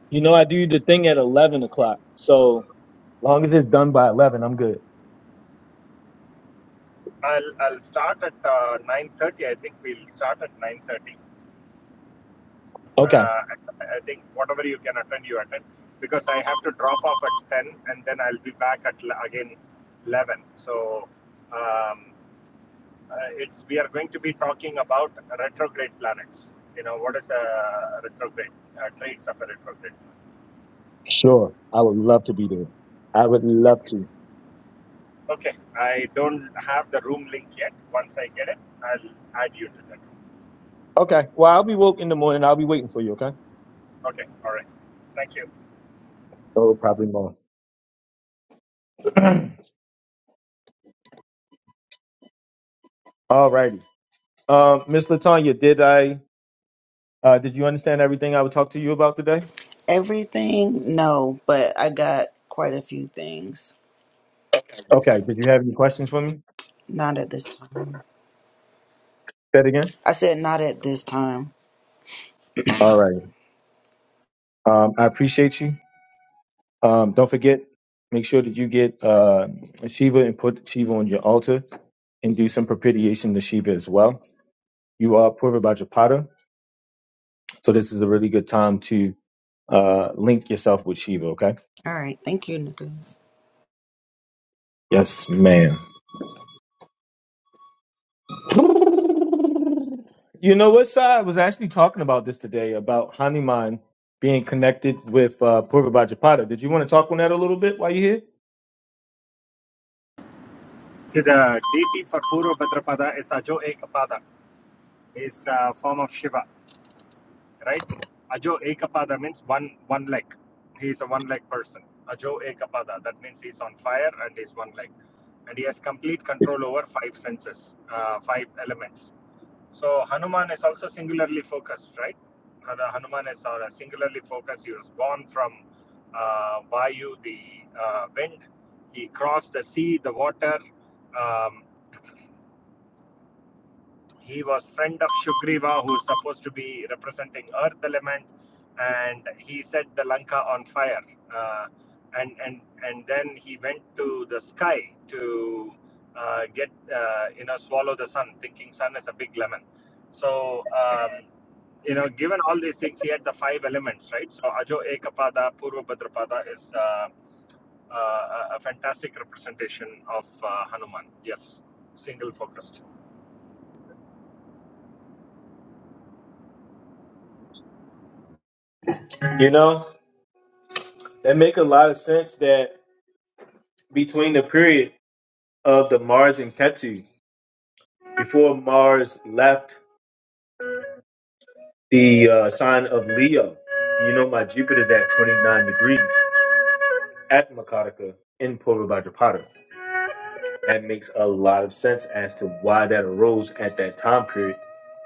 Speaker 1: you know, I do the thing at eleven o'clock. So long as it's done by eleven, I'm good.
Speaker 8: I'll I'll start at uh, 9:30. I think we'll start at 9:30. Uh,
Speaker 1: Okay,
Speaker 8: I think whatever you can attend, you attend because I have to drop off at 10 and then I'll be back at again 11. So um, uh, it's we are going to be talking about retrograde planets. You know what is a retrograde uh, traits of a retrograde.
Speaker 1: sure. I would love to be there. I would love
Speaker 8: Okay,
Speaker 1: to.
Speaker 8: okay. I don't have the room link yet. Once I get it, I'll add you to that.
Speaker 1: Okay. Well, I'll be woke in the morning. I'll be waiting for you. Okay.
Speaker 8: Okay, all right. Thank you.
Speaker 1: Oh, probably more. All righty. Um, Miss Latanya, did I uh, did you understand everything I would talk to you about today?
Speaker 7: Everything? No, but I got quite a few things.
Speaker 1: Okay. Did you have any questions for me?
Speaker 7: Not at this time.
Speaker 1: Say it again.
Speaker 7: I said not at this time.
Speaker 1: All right. Um, I appreciate you. Um, don't forget, make sure that you get uh, Shiva and put Shiva on your altar and do some propitiation to Shiva as well. You are Purva Bhajapata, so this is a really good time to uh, link yourself with Shiva, okay?
Speaker 7: All right. Thank you, Nicole.
Speaker 1: Yes, ma'am. You know what, Sai? I was actually talking about this today about Hanuman being connected with uh, Purva Bhajapata. Did you want to talk on that a little bit while you're
Speaker 8: See, the deity for Purva Bhadrapada is Ajo Ekapada, is a form of Shiva, right? Ajo Ekapada means one one leg. He is a one leg person. Ajo Ekapada, that means he is on fire and he is one leg. And he has complete control over five senses, uh, five elements. So Hanuman is also singularly focused, right? Hanuman is uh, singularly focused. He was born from uh, Vayu, the uh, wind. He crossed the sea, the water, um, He was friend of Shugriva, who's supposed to be representing Earth element, and he set the Lanka on fire. Uh, and and and then he went to the sky to uh, get uh, you know swallow the sun, thinking sun is a big lemon. So um, you know, given all these things, he had the five elements, right? So Ajo Ekapada, Purva Bhadrapada is. Uh, uh, a fantastic representation of uh, Hanuman. Yes, single focused.
Speaker 1: here? You know, that make a lot of sense that between the period of the Mars in Ketu before Mars left the uh, sign of Leo. You know, my Jupiter's at 29 degrees at Makataka in Purvabhadrapada. That makes a lot of sense as to why that arose at that time period,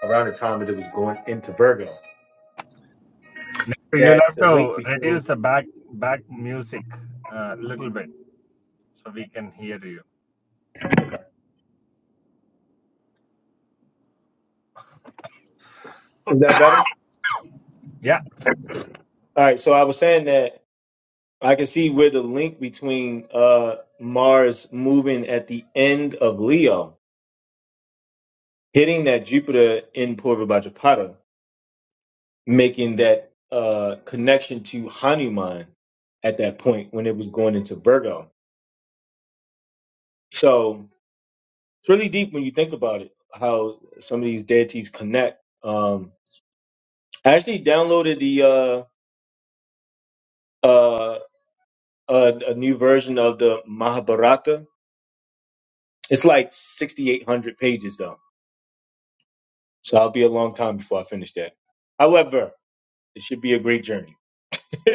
Speaker 1: around the time that it was going into Virgo.
Speaker 8: Next, You'll
Speaker 1: That
Speaker 8: have
Speaker 1: the link
Speaker 8: to reduce
Speaker 1: between
Speaker 8: the back back music uh, a little bit so we can hear you.
Speaker 1: is that better?
Speaker 8: Yeah,
Speaker 1: All right, so I was saying that I can see where the link between uh, Mars moving at the end of Leo hitting that Jupiter in Purvabhadrapada. making that uh, connection to Hanuman at that point when it was going into Virgo. So it's really deep when you think about it, how some of these deities connect. Um, I actually downloaded the uh, uh, uh, a new version of the Mahabharata. It's like 6,800 pages though, so I'll be a long time before I finish that. However, it should be a great journey.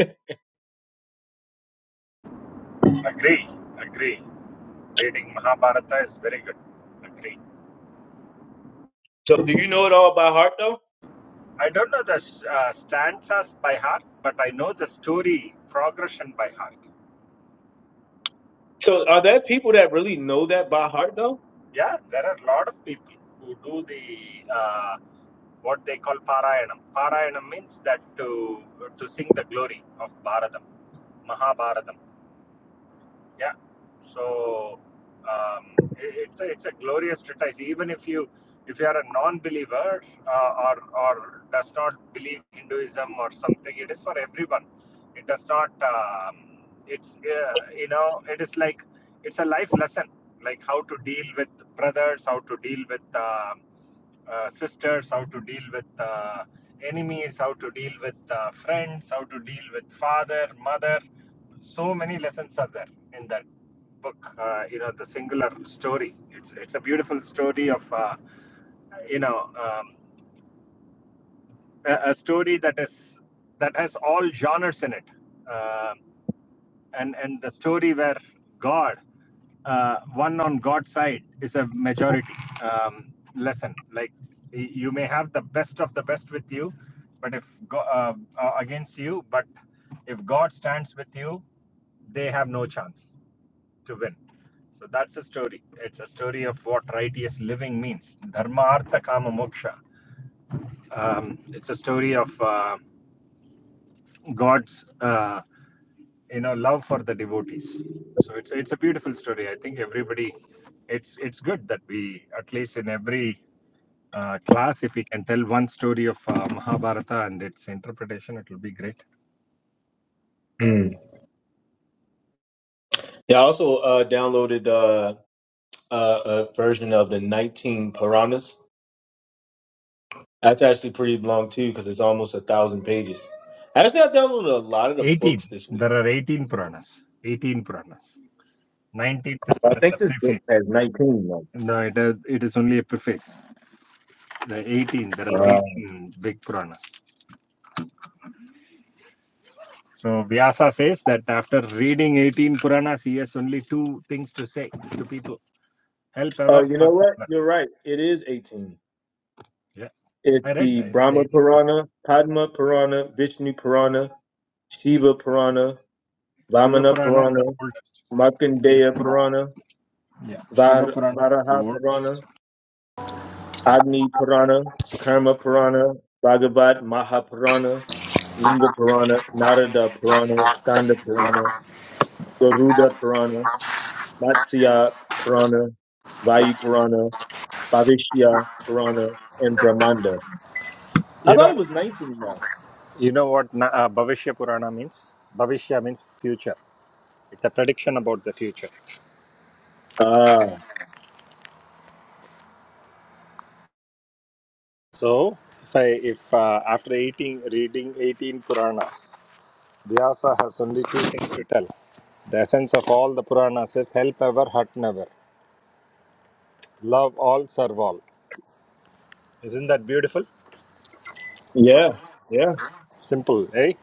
Speaker 8: agree, agree. Reading Mahabharata is very good. Agree.
Speaker 1: so, do you know it all by heart though?
Speaker 8: I don't know the uh, stanzas by heart, but I know the story progression by heart.
Speaker 1: So, are there people that really know that by heart though?
Speaker 8: Yeah, there are a lot of people who do the uh, what they call Parayanam. Parayanam means that to to sing the glory of Bharatam, Mahabharatam. Yeah. So um, it, it's a, it's a glorious treatise. Even if you if you are a non-believer uh, or or does not believe Hinduism or something, it is for everyone. It does not. Um, it's uh, you know it is like it's a life lesson, like how to deal with brothers, how to deal with. um uh, sisters, how to deal with uh, enemies, how to deal with uh, friends, how to deal with father, mother so many lessons are there in that book uh, you know the singular story it's it's a beautiful story of uh, you know um, a, a story that is that has all genres in it Um and and the story where god uh, one on God's side is a majority um, lesson. Like y- you may have the best of the best with you, but if go, uh, uh, against you, but if God stands with you, they have no chance to win. So that's a story. It's a story of what righteous living means. Dharma, artha, kama, moksha. Um, it's a story of uh, God's, uh, you know, love for the devotees. So it's it's a beautiful story. I think everybody, it's it's good that we at least in every uh, class, if we can tell one story of uh, Mahabharata and its interpretation, it will be great.
Speaker 1: Yeah, I also uh, downloaded uh, uh, a version of the 19 Piranhas. That's actually pretty long too, because it's almost a thousand pages. Actually, I downloaded a lot of the
Speaker 8: Eighteen.
Speaker 1: books this week.
Speaker 8: There are eighteen Puranas. Eighteen Puranas. Nineteenth is
Speaker 1: I
Speaker 8: just the
Speaker 1: think this book
Speaker 8: preface.
Speaker 1: has 19. Like,
Speaker 8: No, it, it is only a preface. the 18, there are
Speaker 1: uh,
Speaker 8: 18 big Puranas. So Vyasa says that after reading 18 Puranas, he has only two things to say to people help
Speaker 1: oh,
Speaker 8: ever,
Speaker 1: you know
Speaker 8: hurt
Speaker 1: what?
Speaker 8: never.
Speaker 1: You're right. It is 18.
Speaker 8: Yeah.
Speaker 1: It's
Speaker 8: I read,
Speaker 1: the
Speaker 8: I read
Speaker 1: Brahma
Speaker 8: 18 Puranas.
Speaker 1: Purana, Padma Purana, Vishnu Purana, Shiva Purana,
Speaker 8: Shiva
Speaker 1: Vamana
Speaker 8: Purana is the
Speaker 1: Purana,
Speaker 8: oldest. Shiva
Speaker 1: Markandeya
Speaker 8: Purana,
Speaker 1: Purana,
Speaker 8: yeah. Shiva
Speaker 1: Var-
Speaker 8: Purana is the
Speaker 1: Varaha Purana.
Speaker 8: oldest.
Speaker 1: Agni Purana, Karma Purana, Bhagavat Mahapurana, Linga Purana, Narada Purana, Skanda Purana, Garuda Purana, Matsya Purana, Vayu Purana, Bhavishya Purana, and Brahmanda. I
Speaker 8: You
Speaker 1: thought
Speaker 8: know,
Speaker 1: it was 19 though.
Speaker 8: you know what na- uh, Bhavishya Purana means? Bhavishya means future. It's a prediction about the future.
Speaker 1: Uh,
Speaker 8: So, if I, if uh, after 18, reading 18 Puranas, Vyasa has only two things to tell. The essence of all the Puranas says: help ever, hurt never. Love all, serve all. Isn't that beautiful?
Speaker 1: yeah, yeah,
Speaker 8: Simple, eh?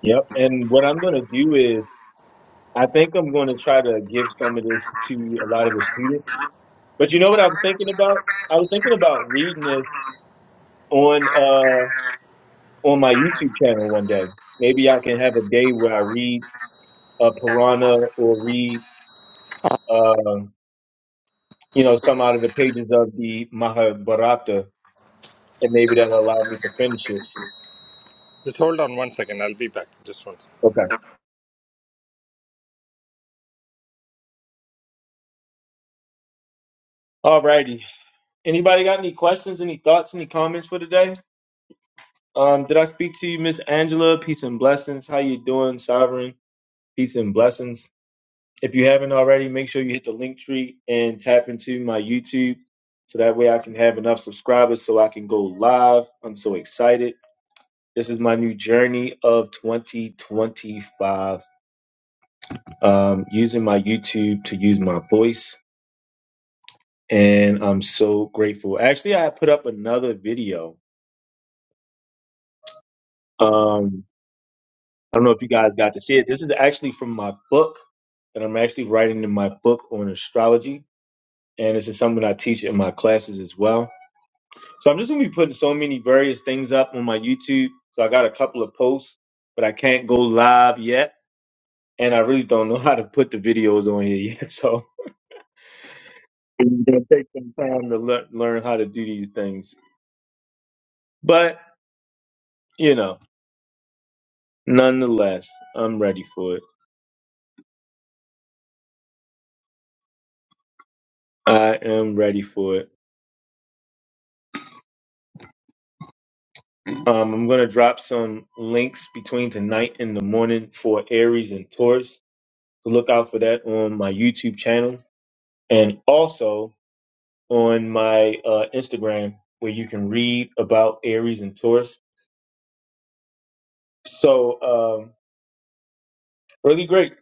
Speaker 1: yep. And what I'm going to do is, I think I'm going to try to give some of this to a lot of the students. But you know what I'm thinking about? I was thinking about reading this on. uh, on my YouTube channel one day. Maybe I can have a day where I read a Purana or read, um, you know, some out of the pages of the Mahabharata, and maybe that'll allow me to finish it.
Speaker 8: Just hold on one second. I'll be back. Just one
Speaker 1: Okay.
Speaker 8: second.
Speaker 1: Alrighty. Anybody got any questions, any thoughts, any comments for today? Um, did I speak to you, Miss Angela? Peace and blessings. How you doing, Sovereign? Peace and blessings. If you haven't already, make sure you hit the link tree and tap into my YouTube so that way I can have enough subscribers so I can go live. I'm so excited. This is my new journey of 2025 um, using my YouTube to use my voice. And I'm so grateful. Actually, I put up another video. Um, I don't know if you guys got to see it. This is actually from my book that I'm actually writing in my book on astrology. And this is something I teach in my classes as well So I'm just gonna be putting so many various things up on my YouTube. So I got a couple of posts, but I can't go live yet, and I really don't know how to put the videos on here yet. So it's gonna take some time to lear- learn how to do these things. But you know, nonetheless, I'm ready for it. I am ready for it. Um, I'm gonna drop some links between tonight and the morning for Aries and Taurus. Look out for that on my YouTube channel, and also on my uh, Instagram where you can read about Aries and Taurus. So, um, really great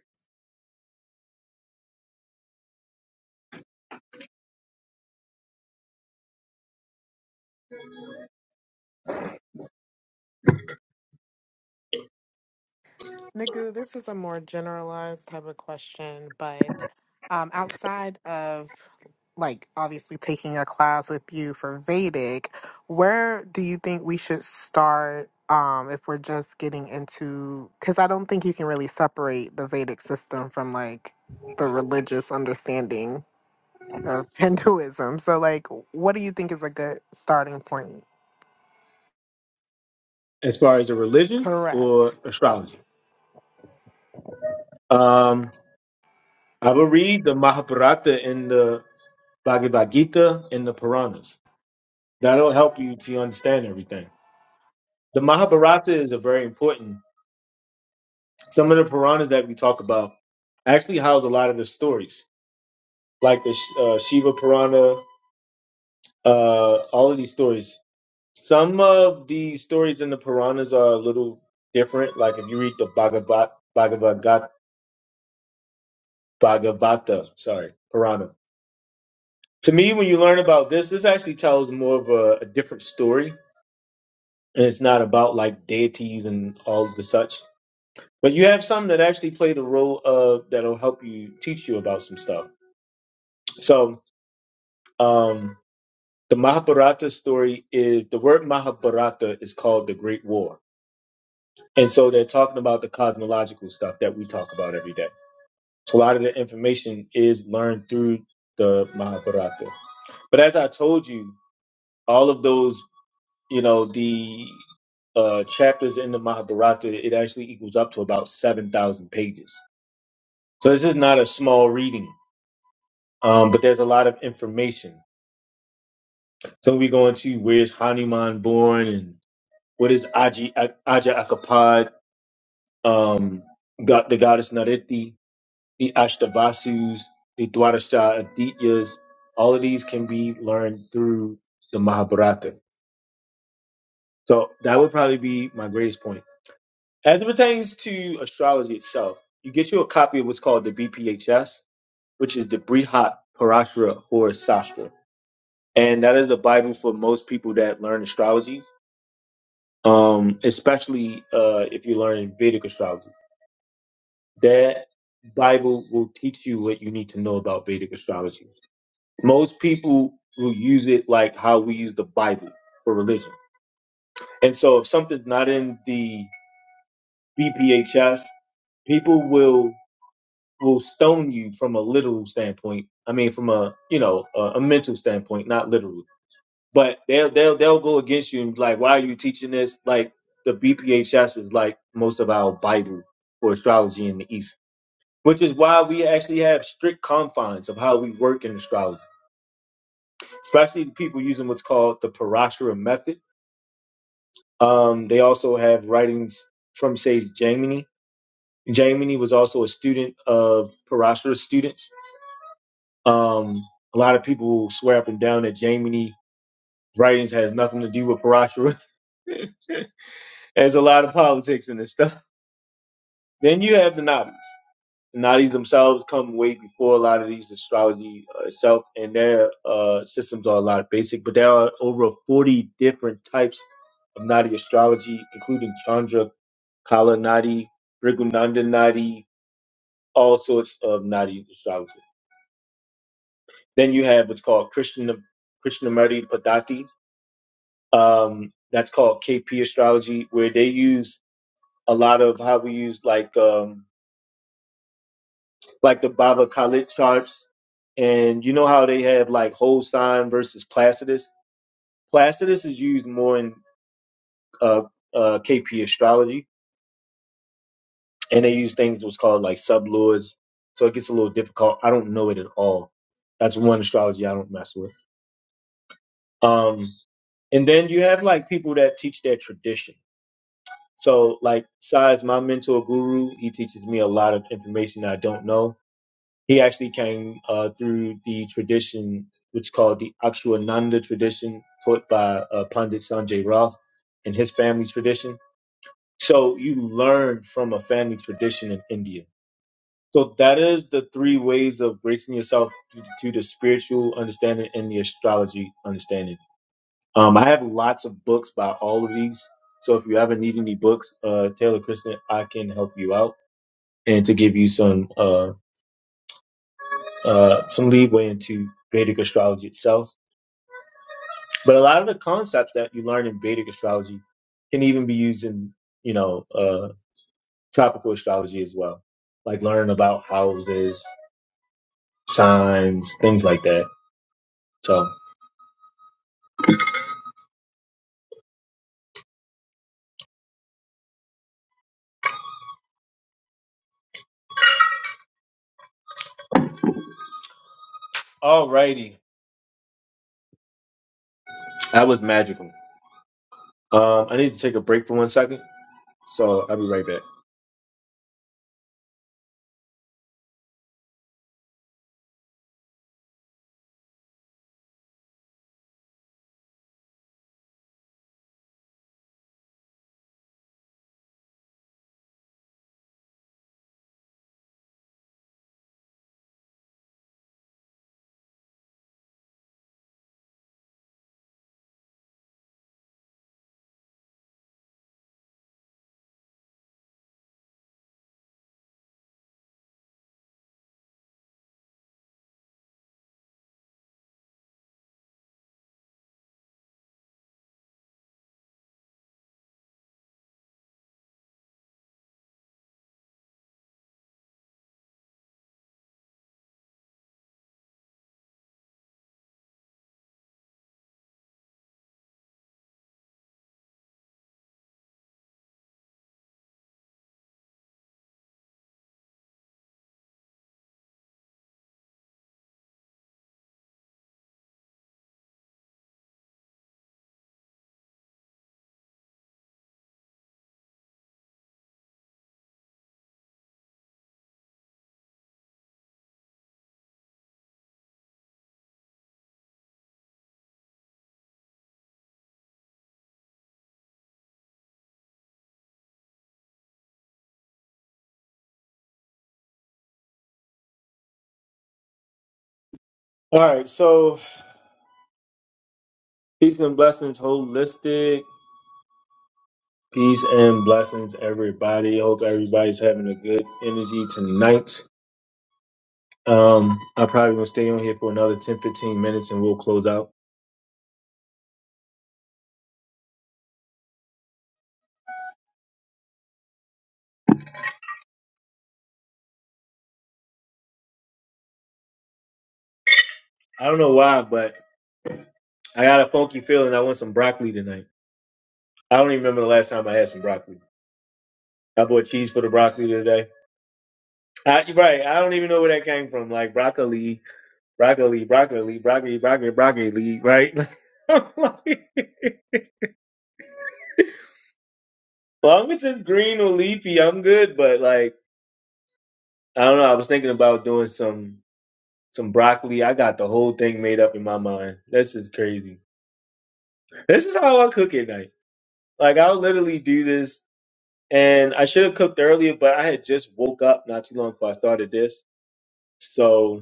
Speaker 5: Nagu, this is a more generalized type of question, but um, outside of like obviously taking a class with you for Vedic, where do you think we should start um, if we're just getting into? Because I don't think you can really separate the Vedic system from like the religious understanding of Hinduism. So, like, what do you think is a good starting point?
Speaker 1: as far as a religion or
Speaker 5: Correct.
Speaker 1: astrology. Um, I will read the Mahabharata and the Bhagavad Gita and the Puranas. That'll help you to understand everything. The Mahabharata is a very important. Some of the Puranas that we talk about actually house a lot of the stories, like the uh, Shiva Purana, uh, all of these stories Some of the stories in the Puranas are a little different. Like if you read the Bhagavat, Bhagavad Bhagavata, sorry, Purana. To me, when you learn about this, this actually tells more of a, a different story, and it's not about like deities and all of the such. But you have some that actually play the role of that'll help you teach you about some stuff. So um, the Mahabharata story is the word Mahabharata is called the Great War, and so they're talking about the cosmological stuff that we talk about every day. So a lot of the information is learned through the Mahabharata. But as I told you, all of those, you know, the uh, chapters in the Mahabharata, it actually equals up to about 7,000 pages. So this is not a small reading, um, but there's a lot of information. So we go into where's Hanuman born and what is Aji, Aja Akapad, um, got the goddess Nariti the Ashtavasus, the Dwadasha Adityas, all of these can be learned through the Mahabharata. So that would probably be my greatest point. As it pertains to astrology itself, you get you a copy of what's called the BPHS, which is the Brihat Parashara or Sastra. And that is the Bible for most people that learn astrology, um, especially uh, if you learn Vedic astrology. That Bible will teach you what you need to know about Vedic astrology most people will use it like how we use the Bible for religion. And so if something's not in the BPHS, people will will stone you from a literal standpoint. I mean, from a you know a, a mental standpoint, not literal. But they'll they'll they'll go against you and be like, why are you teaching this? Like the BPHS is like most of our Bible for astrology in the East, which is why we actually have strict confines of how we work in astrology especially the people using what's called the Parashara method. Um, they also have writings from, say, Jaimini. Jaimini was also a student of Parashara students. Um, a lot of people swear up and down that Jaimini writings has nothing to do with Parashara. There's a lot of politics in this stuff. Then you have the Nabis. Nadis themselves come way before a lot of these astrology uh, itself, and their uh, systems are a lot basic. But there are over 40 different types of Nadi astrology, including Chandra, Kala Nadi, Brigunanda Nadi, all sorts of Nadi astrology. Then you have what's called Krishna Krishnamurti Padati. Um, that's called KP astrology, where they use a lot of how we use like um, like the Baba Khalid charts. And you know how they have like Holstein versus Placidus? Placidus is used more in uh, uh, KP astrology, and they use things that was called like sublords. So it gets a little difficult. I don't know it at all. That's one astrology I don't mess with. Um, and then you have like people that teach their tradition. So, like, besides my mentor guru, he teaches me a lot of information I don't know He actually came uh, through the tradition, which is called the Akshwananda tradition, taught by uh, Pandit Sanjay Roth and his family tradition. So you learn from a family tradition in India. So that is the three ways of bracing yourself to, to the spiritual understanding and the astrology understanding. Um, I have lots of books by all of these. So if you ever need any books, uh, Taylor Kristen, I can help you out and to give you some. uh, uh, some leeway into Vedic astrology itself. But a lot of the concepts that you learn in Vedic astrology can even be used in, you know, uh, tropical astrology as well, like learning about houses, signs, things like that. So, Alrighty. that was magical. Um, I need to take a break for one second, so I'll be right back. All right, so peace and blessings, holistic. Peace and blessings, everybody. Hope everybody's having a good energy tonight. Um, I'm probably gonna stay on here for another 10, 15 minutes and we'll close out. I don't know why, but I got a funky feeling I want some broccoli tonight. I don't even remember the last time I had some broccoli. I bought cheese for the broccoli today. I, you're right. I don't even know where that came from. Like broccoli, broccoli, broccoli, broccoli, broccoli, broccoli, right? As long as it's green or leafy, I'm good. But like, I don't know. I was thinking about doing some some broccoli. I got the whole thing made up in my mind. This is crazy. This is how I cook at night. Like I'll literally do this, and I should have cooked earlier, but I had just woke up not too long before I started this, so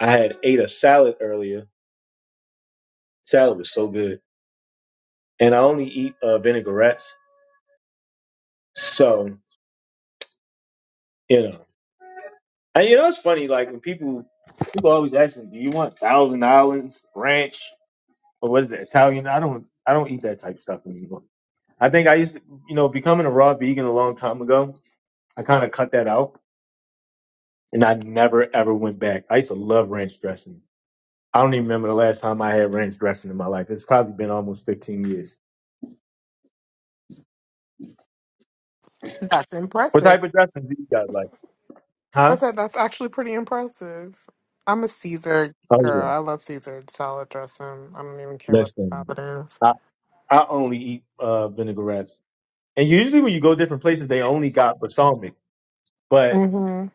Speaker 1: I had ate a salad earlier. Salad was so good, and I only eat uh, vinaigrettes, so you know. And you know it's funny, like when people people always ask me, "Do you want Thousand Islands Ranch or what is it Italian?" I don't I don't eat that type of stuff anymore. I think I used to, you know, becoming a raw vegan a long time ago. I kind of cut that out and I never ever went back. I used to love ranch dressing. I don't even remember the last time I had ranch dressing in my life. It's probably been almost 15 years.
Speaker 5: That's
Speaker 1: What
Speaker 5: impressive.
Speaker 1: type of dressing do you guys like?
Speaker 5: I
Speaker 1: Huh?
Speaker 5: said that's actually pretty impressive. I'm a Caesar
Speaker 1: Oh
Speaker 5: girl.
Speaker 1: yeah,
Speaker 5: I love Caesar salad dressing. I don't even care what the
Speaker 1: listen.
Speaker 5: salad is.
Speaker 1: I I only eat uh, vinaigrettes, and usually when you go different places, they only got balsamic. But
Speaker 5: Mm-hmm.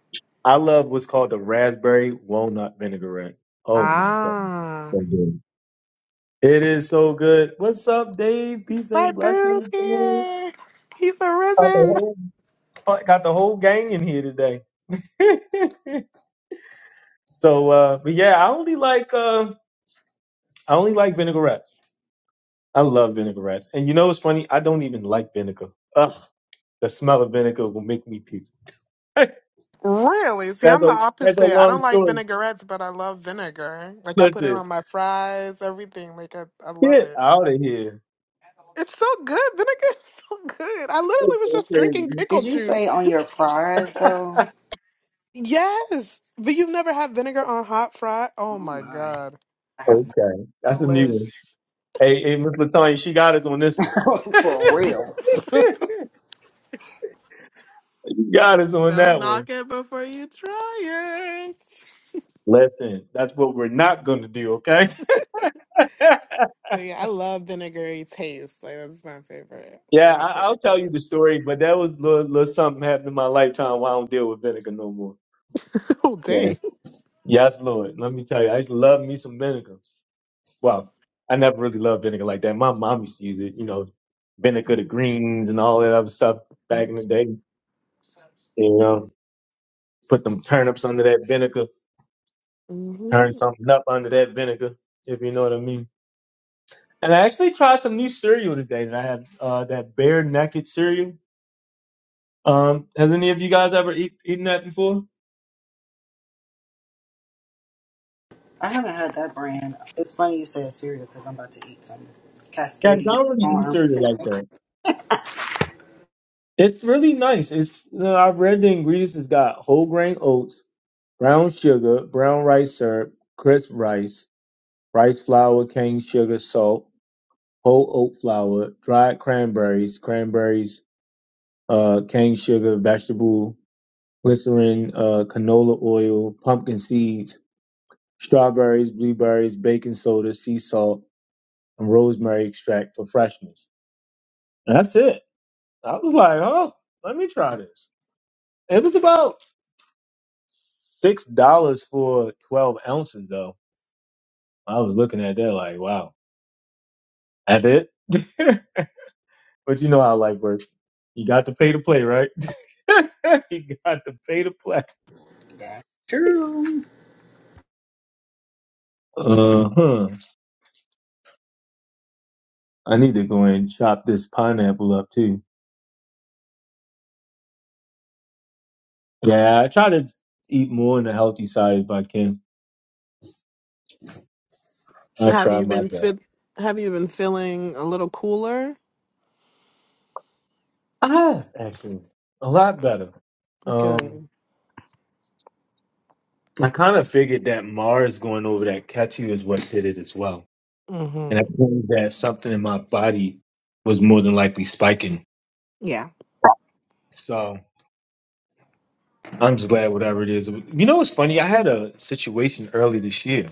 Speaker 1: I love what's called the raspberry walnut vinaigrette. Oh my god,
Speaker 5: Ah,
Speaker 1: so good. It is so good. What's up, Dave? Peace
Speaker 5: my
Speaker 1: and
Speaker 5: boo's
Speaker 1: blessings. man.
Speaker 5: here. He's
Speaker 1: Got the
Speaker 5: arisen.
Speaker 1: whole got the whole gang in here today. so uh but yeah, I only like uh I only like vinaigrettes. I love vinaigrettes. And you know what's funny? I don't even like vinegar. Ugh, the smell of vinegar will make me puke. that's
Speaker 5: Really? See, I'm
Speaker 1: a
Speaker 5: the
Speaker 1: that's a
Speaker 5: opposite. I
Speaker 1: long
Speaker 5: don't like
Speaker 1: story.
Speaker 5: vinaigrettes, but I love vinegar. Like I put it
Speaker 1: Listen,
Speaker 5: on my fries, everything. Like I, I love
Speaker 1: get
Speaker 5: it.
Speaker 1: out of here.
Speaker 5: It's so good. Vinegar is so good. I literally
Speaker 1: That's
Speaker 5: was
Speaker 1: so
Speaker 5: just drinking
Speaker 1: crazy.
Speaker 5: pickle
Speaker 7: Did you
Speaker 5: juice.
Speaker 7: say on your fries, though?
Speaker 5: Yes, but you've never had vinegar on hot fry? Oh
Speaker 7: Oh,
Speaker 5: my
Speaker 7: my.
Speaker 5: god.
Speaker 7: I have
Speaker 1: okay.
Speaker 5: the
Speaker 1: That's a new one.
Speaker 5: list.
Speaker 1: Hey, hey, Miss Latonya, she got us on this
Speaker 7: no
Speaker 1: one.
Speaker 7: for real.
Speaker 1: you got us on
Speaker 5: Don't
Speaker 1: that one.
Speaker 5: knock it before you try it.
Speaker 1: Listen, that's what we're not gonna do, okay?
Speaker 5: But yeah, I love vinegary taste. Like that's my favorite. One
Speaker 1: Yeah,
Speaker 5: of my
Speaker 1: I, I'll
Speaker 5: favorite
Speaker 1: tell you
Speaker 5: flavors.
Speaker 1: the story, but that was little, little something happened in my lifetime why I don't deal with vinegar no more.
Speaker 5: Oh
Speaker 1: Yeah.
Speaker 5: dang.
Speaker 1: Yes, Lord. Let me tell you, I used to love me some vinegar. Well, I never really loved vinegar like that. My mom used to use it, you know, vinegar to greens and all that other stuff back in the day. You know, put them turnips under that vinegar,
Speaker 5: hmm
Speaker 1: turn something up under that vinegar, if you know what I mean. And I actually tried some new cereal today that I had, uh, that bare naked cereal. Um, has any of you guys ever eat, eaten that before?
Speaker 7: I haven't had that brand. It's funny you say a cereal because I'm about to eat some
Speaker 1: Yeah, I
Speaker 7: Cascadian
Speaker 1: don't really eat
Speaker 7: Farm
Speaker 1: cereal like
Speaker 7: cinnamon.
Speaker 1: that. It's really nice. It's you know, I've read the ingredients. It's got whole grain oats, brown sugar, brown rice syrup, crisp rice, rice flour, cane sugar, salt, whole oat flour, dried cranberries, cranberries, uh, cane sugar, vegetable glycerin, uh, canola oil, pumpkin seeds, strawberries, blueberries, baking soda, sea salt, and rosemary extract for freshness. And that's it. I was like, oh, let me try this. It was about six dollars for twelve ounces, though. I was looking at that like, wow, that's it. but you know how life works. You got to pay to play, right? you got to pay to play.
Speaker 7: That's True.
Speaker 1: Uh huh. I need to go and chop this pineapple up too. Yeah, I try to eat more on the healthy side if I can. I
Speaker 5: Have
Speaker 1: try
Speaker 5: you
Speaker 1: my
Speaker 5: been
Speaker 1: best.
Speaker 5: fit? Have you been feeling a little cooler?
Speaker 1: I have actually a lot better. Um,
Speaker 5: Good.
Speaker 1: I kind of figured that Mars going over that catchy is what did it as well and I
Speaker 5: mm
Speaker 1: think that something in my body was more than likely spiking.
Speaker 5: Yeah.
Speaker 1: So I'm just glad whatever it is. You know what's funny? I had a situation early this year.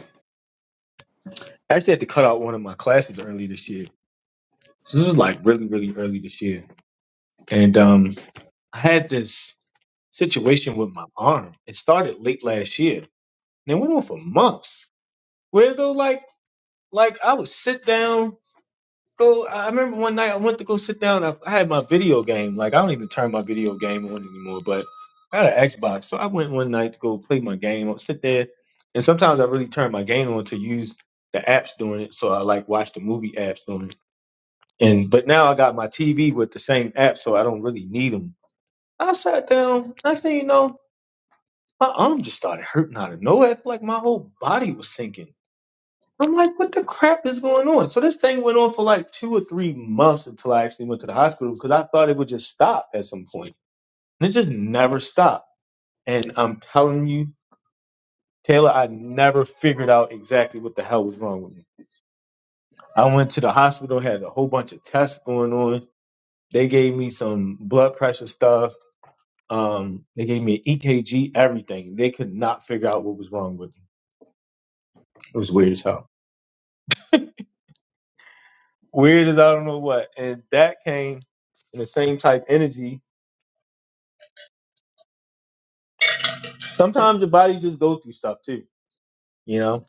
Speaker 1: I actually had to cut out one of my classes early this year. So this was like really, really early this year. And um I had this situation with my arm. It started late last year. And it went on for months. Where though like like I would sit down go. I I remember one night I went to go sit down. I, I had my video game. Like I don't even turn my video game on anymore. But I had an Xbox, so I went one night to go play my game. I'll sit there, and sometimes I really turn my game on to use the apps during it. So I like watch the movie apps during it. And but now I got my TV with the same app, so I don't really need them. I sat down. Next thing you know, my arm just started hurting out of nowhere. I feel like my whole body was sinking. I'm like, what the crap is going on? So this thing went on for like two or three months until I actually went to the hospital because I thought it would just stop at some point. And it just never stopped. And I'm telling you, Taylor, I never figured out exactly what the hell was wrong with me. I went to the hospital, had a whole bunch of tests going on. They gave me some blood pressure stuff. Um, they gave me an EKG, everything. They could not figure out what was wrong with me. It was weird as hell. Weird as I don't know what. And that came in the same type energy sometimes your body just go through stuff too, you know,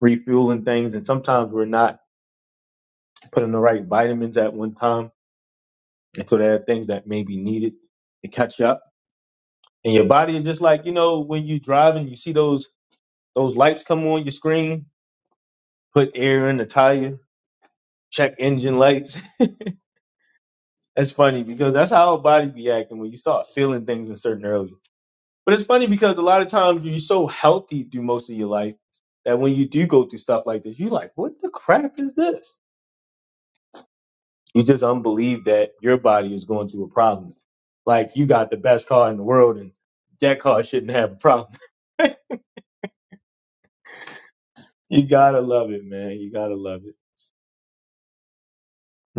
Speaker 1: refueling things. And sometimes we're not putting the right vitamins at one time. And so there are things that may be needed to catch up. And your body is just like, you know, when you drive and you see those those lights come on your screen, put air in the tire, check engine lights. That's funny because that's how our body be acting when you start feeling things in certain early. But it's funny because a lot of times you're so healthy through most of your life that when you do go through stuff like this, you're like, what the crap is this? You just unbelieve that your body is going through a problem. Like you got the best car in the world and that car shouldn't have a problem. You gotta love it, man. You gotta love it.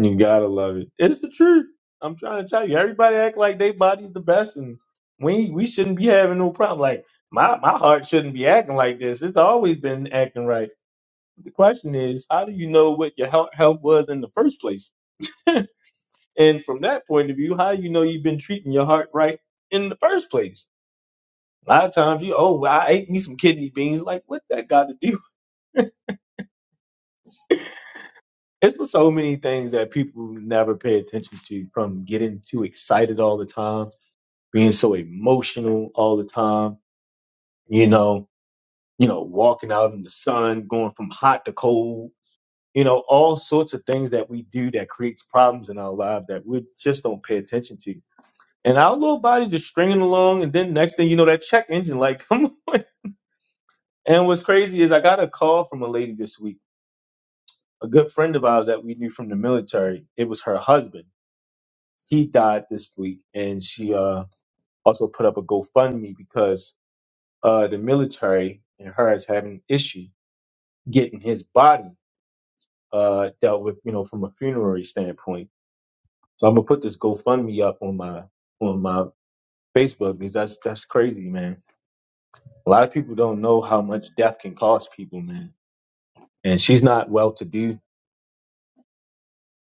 Speaker 1: You gotta love it. It's the truth. I'm trying to tell you. Everybody act like their body's the best and we we shouldn't be having no problem. Like my, my heart shouldn't be acting like this. It's always been acting right. The question is, how do you know what your health, health was in the first place? And from that point of view, how do you know you've been treating your heart right in the first place? A lot of times you, oh, well, I ate me some kidney beans. Like, what that got to do? It's just so many things that people never pay attention to from getting too excited all the time, being so emotional all the time, you know, you know, walking out in the sun, going from hot to cold, you know, all sorts of things that we do that creates problems in our lives that we just don't pay attention to. And our little body's just stringing along, and then next thing you know, that check engine light come. on. And what's crazy is I got a call from a lady this week a good friend of ours that we knew from the military, it was her husband. He died this week, and she uh, also put up a GoFundMe because uh, the military and her is having an issue getting his body uh, dealt with, you know, from a funerary standpoint. So I'm gonna put this GoFundMe up on my on my Facebook because that's that's crazy, man. A lot of people don't know how much death can cost people, man. And she's not well to do.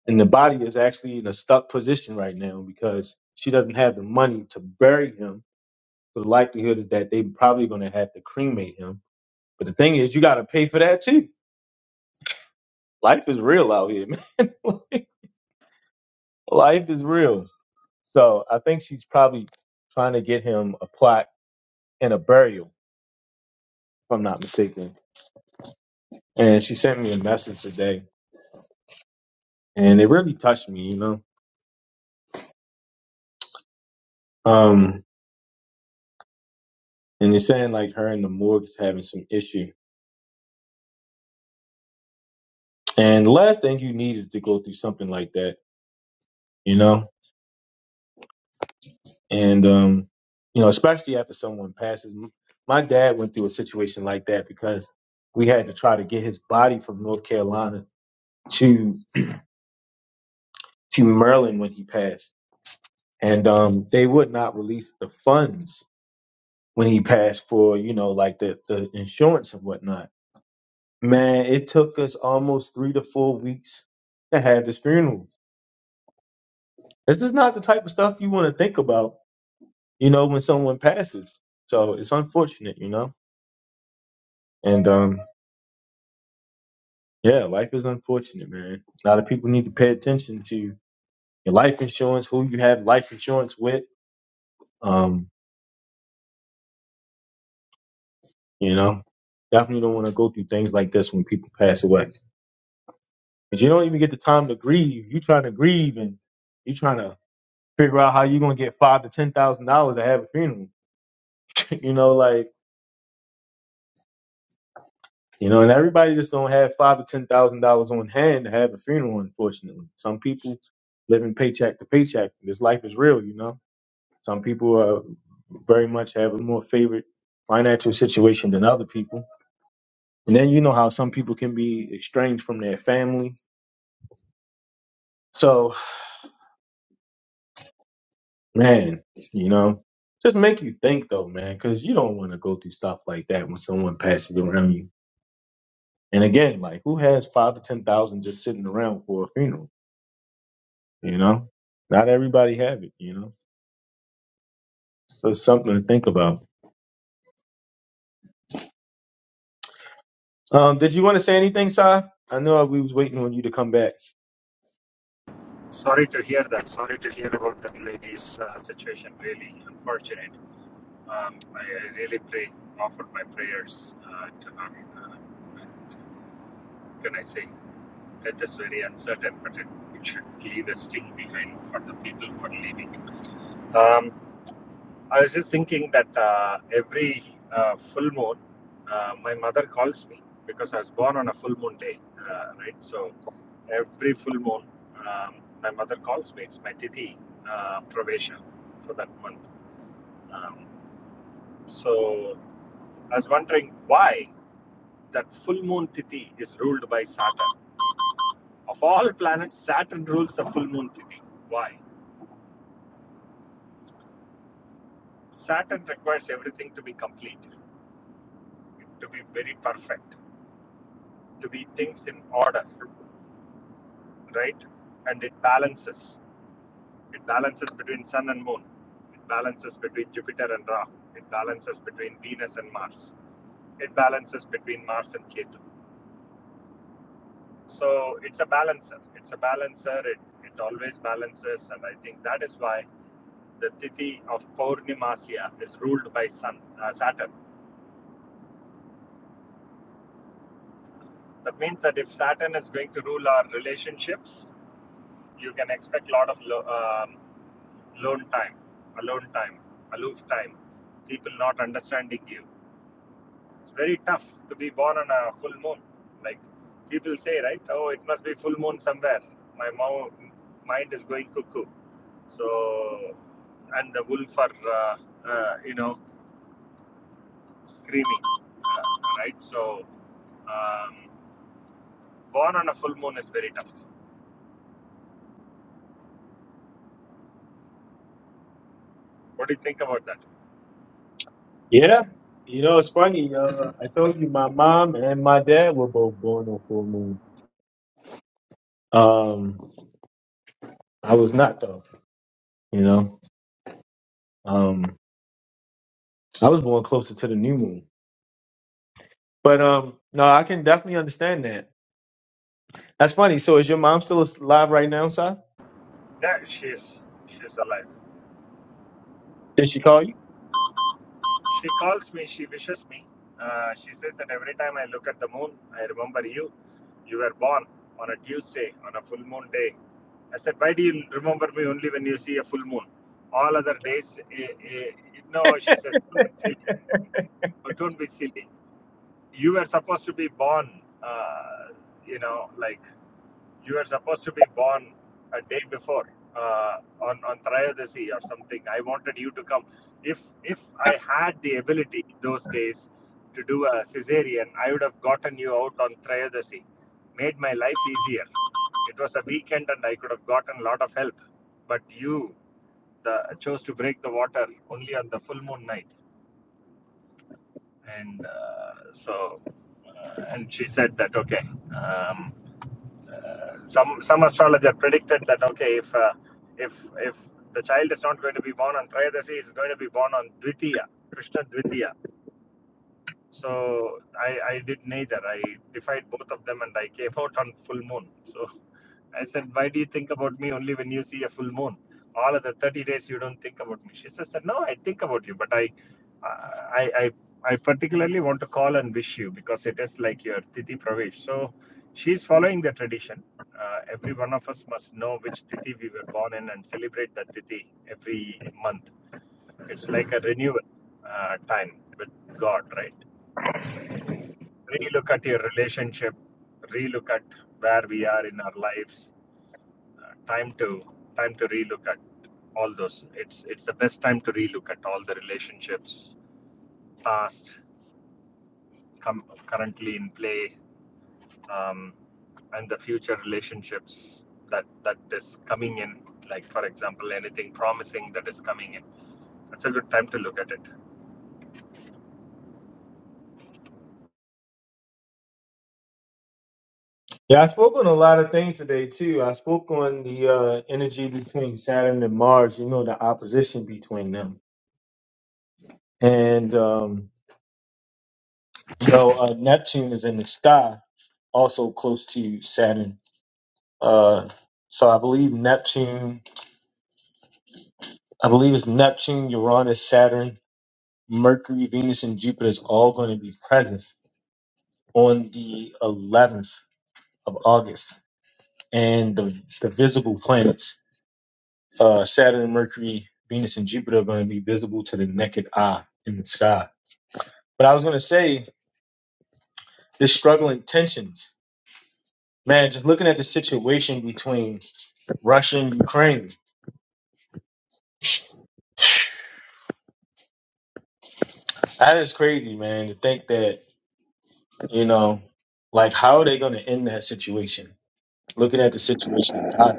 Speaker 1: and the body is actually in a stuck position right now because she doesn't have the money to bury him. So the likelihood is that they probably going to have to cremate him. But the thing is, you got to pay for that too. Life is real out here, man. Life is real. So I think she's probably trying to get him a plaque and a burial, if I'm not mistaken. And she sent me a message today, and it really touched me, you know. Um, and it's saying like her and the morgue is having some issue. And the last thing you need is to go through something like that you know, and um, you know, especially after someone passes. M- My dad went through a situation like that because we had to try to get his body from North Carolina to to Maryland when he passed, and um, they would not release the funds when he passed for you know like the the insurance and whatnot. Man, it took us almost three to four weeks to have this funeral. This is not the type of stuff you want to think about, you know, when someone passes. So it's unfortunate, you know, and um, Yeah, life is unfortunate, man. A lot of people need to pay attention to your life insurance, who you have life insurance with. Um, you know, definitely don't want to go through things like this when people pass away. Because you don't even get the time to grieve. you trying to grieve and you trying to figure out how you're going to get five to ten thousand dollars to have a funeral. you know, like you know, and everybody just don't have five to ten thousand dollars on hand to have a funeral. Unfortunately, some people living paycheck to paycheck. This life is real, you know. Some people are very much have a more favorite financial situation than other people. And then you know how some people can be estranged from their family. So, man, you know, just make you think though, man, because you don't want to go through stuff like that when someone passes around you. And again, like who has five to ten thousand just sitting around for a funeral? You know, not everybody have it. You know, so it's something to think about. Um, did you want to say anything, Si? I know we was waiting on you to come back.
Speaker 8: Sorry to hear that. Sorry to hear about that lady's uh, situation. Really unfortunate. Um, I, I really pray, offer my prayers uh, to her. Uh, can I say death is very uncertain, but it, it should leave a sting behind for the people who are leaving. Um, I was just thinking that uh, every uh, full moon, uh, my mother calls me because I was born on a full moon day, uh, right? So every full moon, um, my mother calls me. It's my tithi, uh, pravesha for that month. Um, so I was wondering why. that full moon Tithi is ruled by Saturn. Of all planets, Saturn rules the full moon Tithi. Why? Saturn requires everything to be complete, to be very perfect, to be things in order, right? And it balances. It balances between Sun and Moon. It balances between Jupiter and Rahu. It balances between Venus and Mars. It balances between Mars and Ketu. So it's a balancer. It's a balancer. It, it always balances. And I think that is why the Tithi of Purnimasya is ruled by sun, uh, Saturn. That means that if Saturn is going to rule our relationships, you can expect a lot of lo- um, lone time, alone time, aloof time, people not understanding you. It's very tough to be born on a full moon. Like people say, right? Oh, it must be full moon somewhere. My mind is going cuckoo. So, and the wolf are, uh, uh, you know, screaming, uh, right? So, um, born on a full moon is very tough. What do you think about that?
Speaker 1: Yeah. You know, it's funny. Uh, I told you my mom and my dad were both born on full moon. Um, I was not though. You know, um, I was born closer to the new moon. But um, no, I can definitely understand that. That's funny. So is your mom still alive right now, Si?
Speaker 8: Yeah, she's she's alive.
Speaker 1: Did she call you?
Speaker 8: She calls me. She wishes me. Uh, she says that every time I look at the moon, I remember you. You were born on a Tuesday on a full moon day. I said, why do you remember me only when you see a full moon? All other days, eh, eh, no. She says, don't be silly. Oh, Don't be silly. You were supposed to be born. Uh, you know, like. you were supposed to be born a day before uh, on on Trayodasi or something. I wanted you to come. If if I had the ability those days to do a cesarean, I would have gotten you out on Trayodasi, made my life easier. It was a weekend and I could have gotten a lot of help, but you the, chose to break the water only on the full moon night, and uh, so uh, and she said that okay. Um, uh, some some astrologer predicted that okay if uh, if if the child is not going to be born on Trayodasi, is going to be born on Dvitiya, Krishna Dvitiya. So I, I did neither. I defied both of them and I came out on full moon. So I said, Why do you think about me only when you see a full moon? All other 30 days you don't think about me. She says, No, I think about you, but I, I, I, I particularly want to call and wish you because it is like your Tithi Pravesh. So she's following the tradition. Uh, every one of us must know which Tithi we were born in and celebrate that Tithi every month. It's like a renewal uh, time with God, right? Relook at your relationship, relook at where we are in our lives, time to time to relook at all those it's it's the best time to relook at all the relationships past com- currently in play um, and the future relationships that that is coming in like for example anything promising that is coming in that's a good time to look at it
Speaker 1: Yeah, I spoke on a lot of things today too. I spoke on the uh, energy between Saturn and Mars. You know, the opposition between them, and um, So uh, Neptune is in the sky, also close to Saturn. Uh, so I believe Neptune, I believe it's Neptune, Uranus, Saturn, Mercury, Venus, and Jupiter is all going to be present on the 11th of August. And the, the visible planets, uh, Saturn, Mercury, Venus, and Jupiter are going to be visible to the naked eye in the sky. But I was going to say, this struggling tensions, man, just looking at the situation between Russia and Ukraine That is crazy, man, to think that, you know, like how are they gonna end that situation? Looking at the situation, how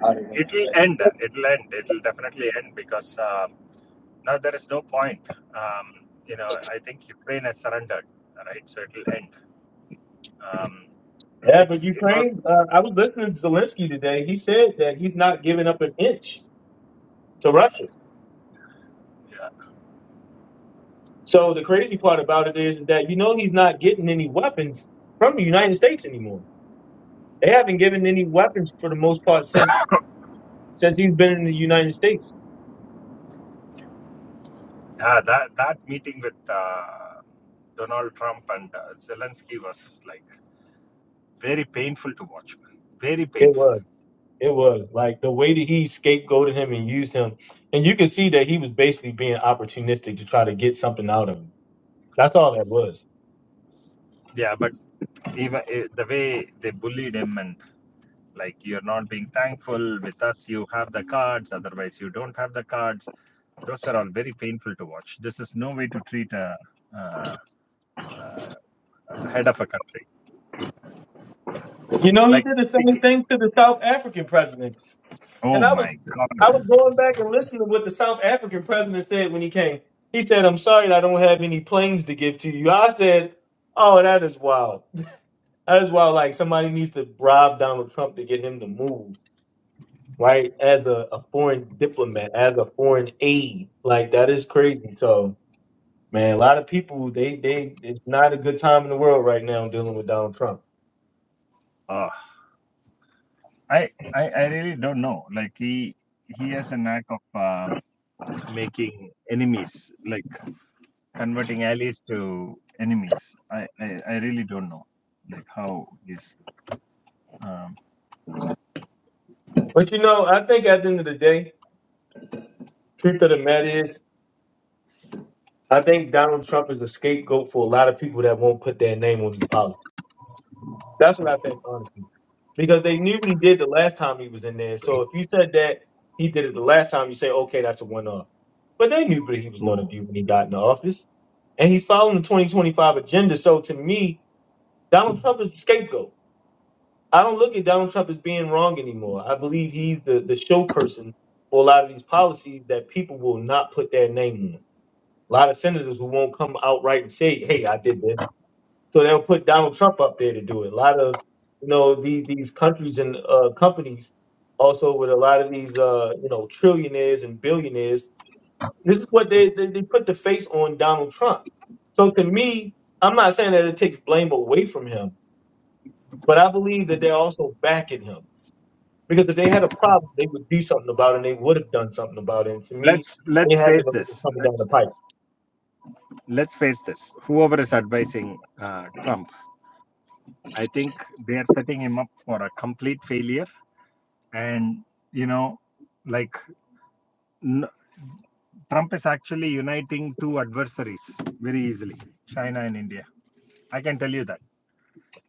Speaker 1: how are they gonna end
Speaker 8: it'll
Speaker 1: that?
Speaker 8: end it'll end it'll definitely end because um, now there is no point um, you know i think ukraine has surrendered right so it'll end um,
Speaker 1: Yeah, but
Speaker 8: it's it
Speaker 1: Ukraine,
Speaker 8: was
Speaker 1: uh, I was listening to Zelensky today. He said that he's not giving up an inch to Russia.
Speaker 8: yeah,
Speaker 1: So the crazy part about it is that you know he's not getting any weapons from the United States anymore. They haven't given any weapons for the most part since since he's been in the United States.
Speaker 8: Yeah, that that meeting with uh, Donald Trump and uh, Zelensky was like very painful to watch, man. Very
Speaker 1: It
Speaker 8: painful.
Speaker 1: was. It was. Like the way that he scapegoated him and used him. And you could see that he was basically being opportunistic to try to get something out of him. That's all that was.
Speaker 8: Yeah, but even eh, the way they bullied him and like you're not being thankful with us, you have the cards, otherwise you don't have the cards. Those were all very painful to watch. This is no way to treat a, uh uh head of a country.
Speaker 1: You know, he
Speaker 8: Like,
Speaker 1: did the same
Speaker 8: thinking-
Speaker 1: thing to the South African president. And
Speaker 8: oh
Speaker 1: I was
Speaker 8: my
Speaker 1: I
Speaker 8: God,
Speaker 1: was going back and listening to what the South African president said when he came. He said, I'm sorry that I don't have any planes to give to you. I said, Oh, that is wild. That is wild. Like somebody needs to bribe Donald Trump to get him to move. right? As a, a foreign diplomat, as a foreign aide, like that is crazy. So, man, a lot of people they they it's not a good time in the world right now dealing with Donald Trump.
Speaker 8: oh, I, I I really don't know. Like he he has a knack of. Um, making enemies, like converting allies to enemies. I, I, I really don't know, like how is. Um,
Speaker 1: But you know, I think at the end of the day, truth of the matter is, I think Donald Trump is a scapegoat for a lot of people that won't put their name on these policies. That's what I think, honestly. Because they knew what he did the last time he was in there. So if you said that he did it the last time, you say, okay, that's a one off. But they knew what he was going to do when he got in the office. And he's following the 2025 agenda. So to me, Donald Trump is the scapegoat. I don't look at Donald Trump as being wrong anymore. I believe he's the, the show person for a lot of these policies that people will not put their name on. A lot of senators who won't come outright and say, hey, I did this so they'll put Donald Trump up there to do it. A lot of you know these these countries and uh, companies also with a lot of these uh, you know trillionaires and billionaires. This is what they, they they put the face on Donald Trump. So to me, I'm not saying that it takes blame away from him, but I believe that they're also backing him because if they had a problem, they would do something about it. and They would have done something about it. And to me,
Speaker 8: let's
Speaker 1: they
Speaker 8: let's
Speaker 1: had to
Speaker 8: face
Speaker 1: know this was
Speaker 8: this.
Speaker 1: coming down the
Speaker 8: Let's
Speaker 1: pipe.
Speaker 8: let's face this. Whoever is advising uh, Trump, I think they are setting him up for a complete failure. And you know, like n- Trump is actually uniting two adversaries very easily, China and India. I can tell you that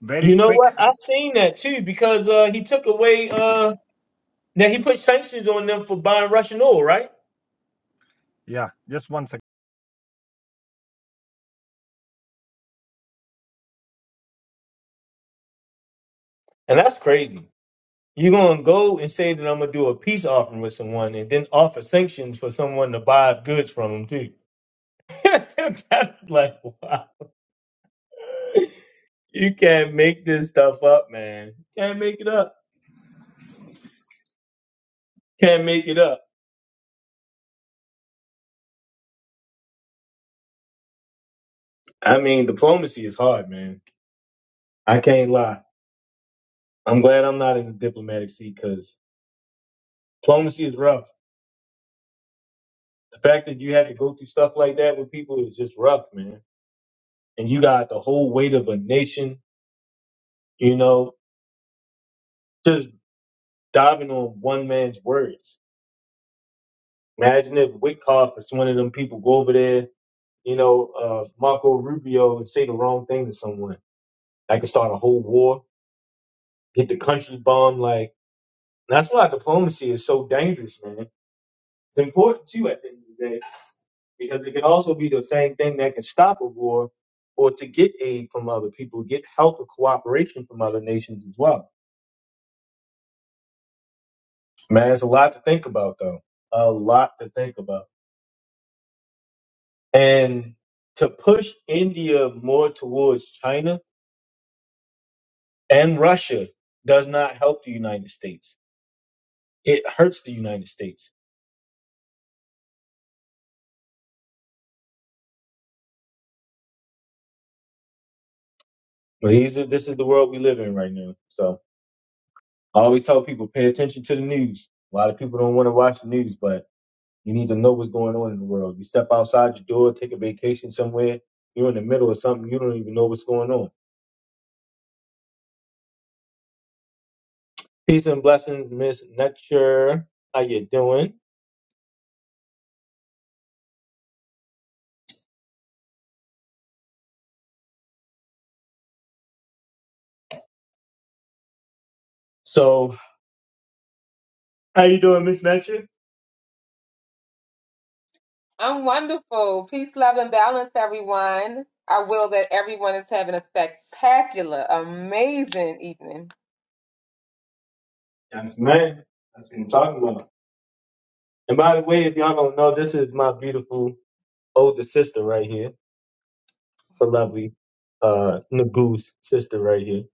Speaker 8: very
Speaker 1: You know
Speaker 8: quick.
Speaker 1: what? I've seen that too because uh, he took away. uh, Now he put sanctions on them for buying Russian oil, right?
Speaker 8: Yeah, just one second.
Speaker 1: And that's crazy. You're gonna go and say that I'm gonna do a peace offering with someone, and then offer sanctions for someone to buy goods from them too. that's like wow. You can't make this stuff up, man. Can't make it up. Can't make it up. I mean, diplomacy is hard, man. I can't lie. I'm glad I'm not in the diplomatic seat because diplomacy is rough. The fact that you had to go through stuff like that with people is just rough, man. And you got the whole weight of a nation You know, just diving on one man's words. Imagine if Witkoff or one of them people go over there, you know, uh, Marco Rubio and say the wrong thing to someone. I could start a whole war, hit the country bomb. Like, that's why diplomacy is so dangerous, man. It's important, too, at the end of the day, because it could also be the same thing that can stop a war or to get aid from other people, get help or cooperation from other nations as well. Man, it's a lot to think about, though. A lot to think about. And to push India more towards China and Russia does not help the United States. It hurts the United States. But these are, this is the world we live in right now. So I always tell people pay attention to the news. A lot of people don't want to watch the news, but you need to know what's going on in the world. You step outside your door, take a vacation somewhere, you're in the middle of something, you don't even know what's going on. Peace and blessings, Miss Nutcher. How you doing? So how you doing, Miss Nutcher?
Speaker 9: I'm wonderful. Peace, love, and balance, everyone. I will that everyone is having a spectacular, amazing evening.
Speaker 1: Yes, man. That's what I'm talking about. And by the way, if y'all don't know, this is my beautiful older sister right here, the lovely uh Nagoo's sister right here.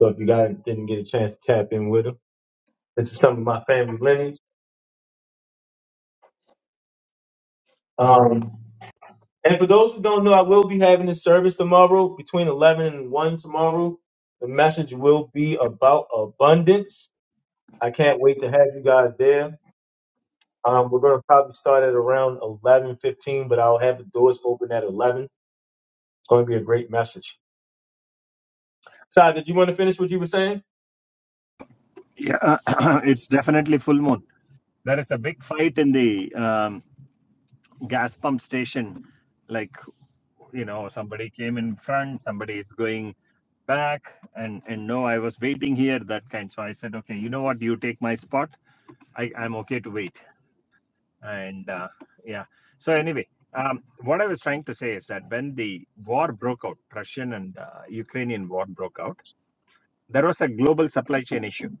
Speaker 1: So if you guys didn't get a chance to tap in with her, this is some of my family lineage. Um, and for those who don't know, I will be having a service tomorrow between 11 and 1 tomorrow. The message will be about abundance. I can't wait to have you guys there. Um, we're going to probably start at around 11:15, but I'll have the doors open at 11 It's going to be a great message. Sai, did you want to finish what you were saying?
Speaker 8: Yeah, it's definitely full moon. There is a big fight in the um, gas pump station. Like, you know, somebody came in front, somebody is going back, and and no, I was waiting here. That kind. So I said, okay, you know what? You take my spot. I I'm okay to wait. And uh, yeah. So anyway, um, what I was trying to say is that when the war broke out, Russian and uh, Ukrainian war broke out, there was a global supply chain issue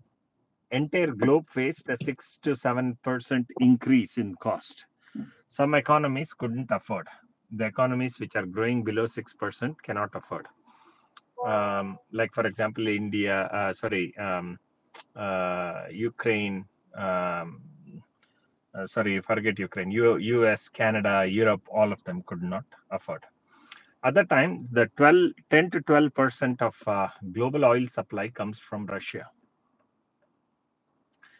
Speaker 8: entire globe faced a 6 to 7% increase in cost. Some economies couldn't afford. The economies which are growing below 6% cannot afford. Um, like, for example, India, uh, sorry, um, uh, Ukraine, um, uh, sorry, forget Ukraine, U- US, Canada, Europe, all of them could not afford. At that time, the 12, 10 to 12% of uh, global oil supply comes from Russia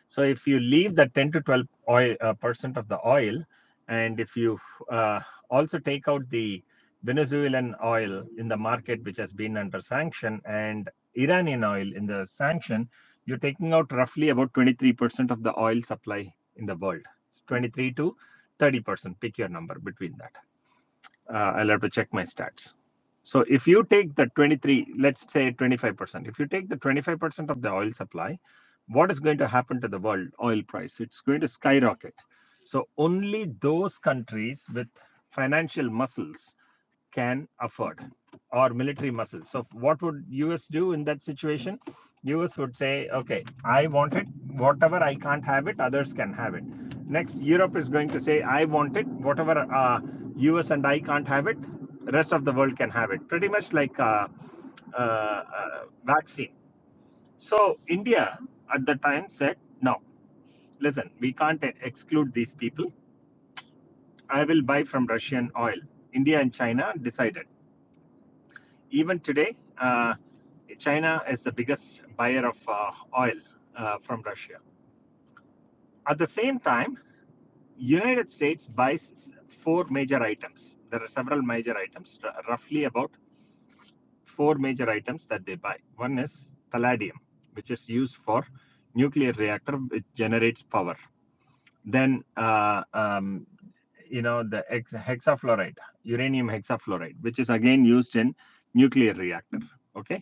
Speaker 8: So if you leave the 10 to 12 oil, uh, percent of the oil, and if you uh, also take out the Venezuelan oil in the market, which has been under sanction, and Iranian oil in the sanction, you're taking out roughly about 23% of the oil supply in the world. It's 23 to 30%, pick your number between that uh, I'll have to check my stats. So if you take the 23, let's say 25%, if you take the 25% of the oil supply, what is going to happen to the world oil price? It's going to skyrocket. So only those countries with financial muscles can afford or military muscle. So what would US do in that situation? US would say, okay, I want it, whatever I can't have it, others can have it. Next, Europe is going to say, I want it, whatever uh, US and I can't have it, rest of the world can have it. Pretty much like uh, uh, uh, vaccine. So India at the time said, no, listen, we can't exclude these people. I will buy from Russian oil. India and China decided even today, uh, China is the biggest buyer of uh, oil uh, from Russia. At the same time, United States buys four major items. There are several major items, roughly about four major items that they buy. One is palladium, which is used for nuclear reactor, which generates power. Then, uh, um, you know, the hex- hexafluoride, uranium hexafluoride, which is again used in nuclear reactor. Okay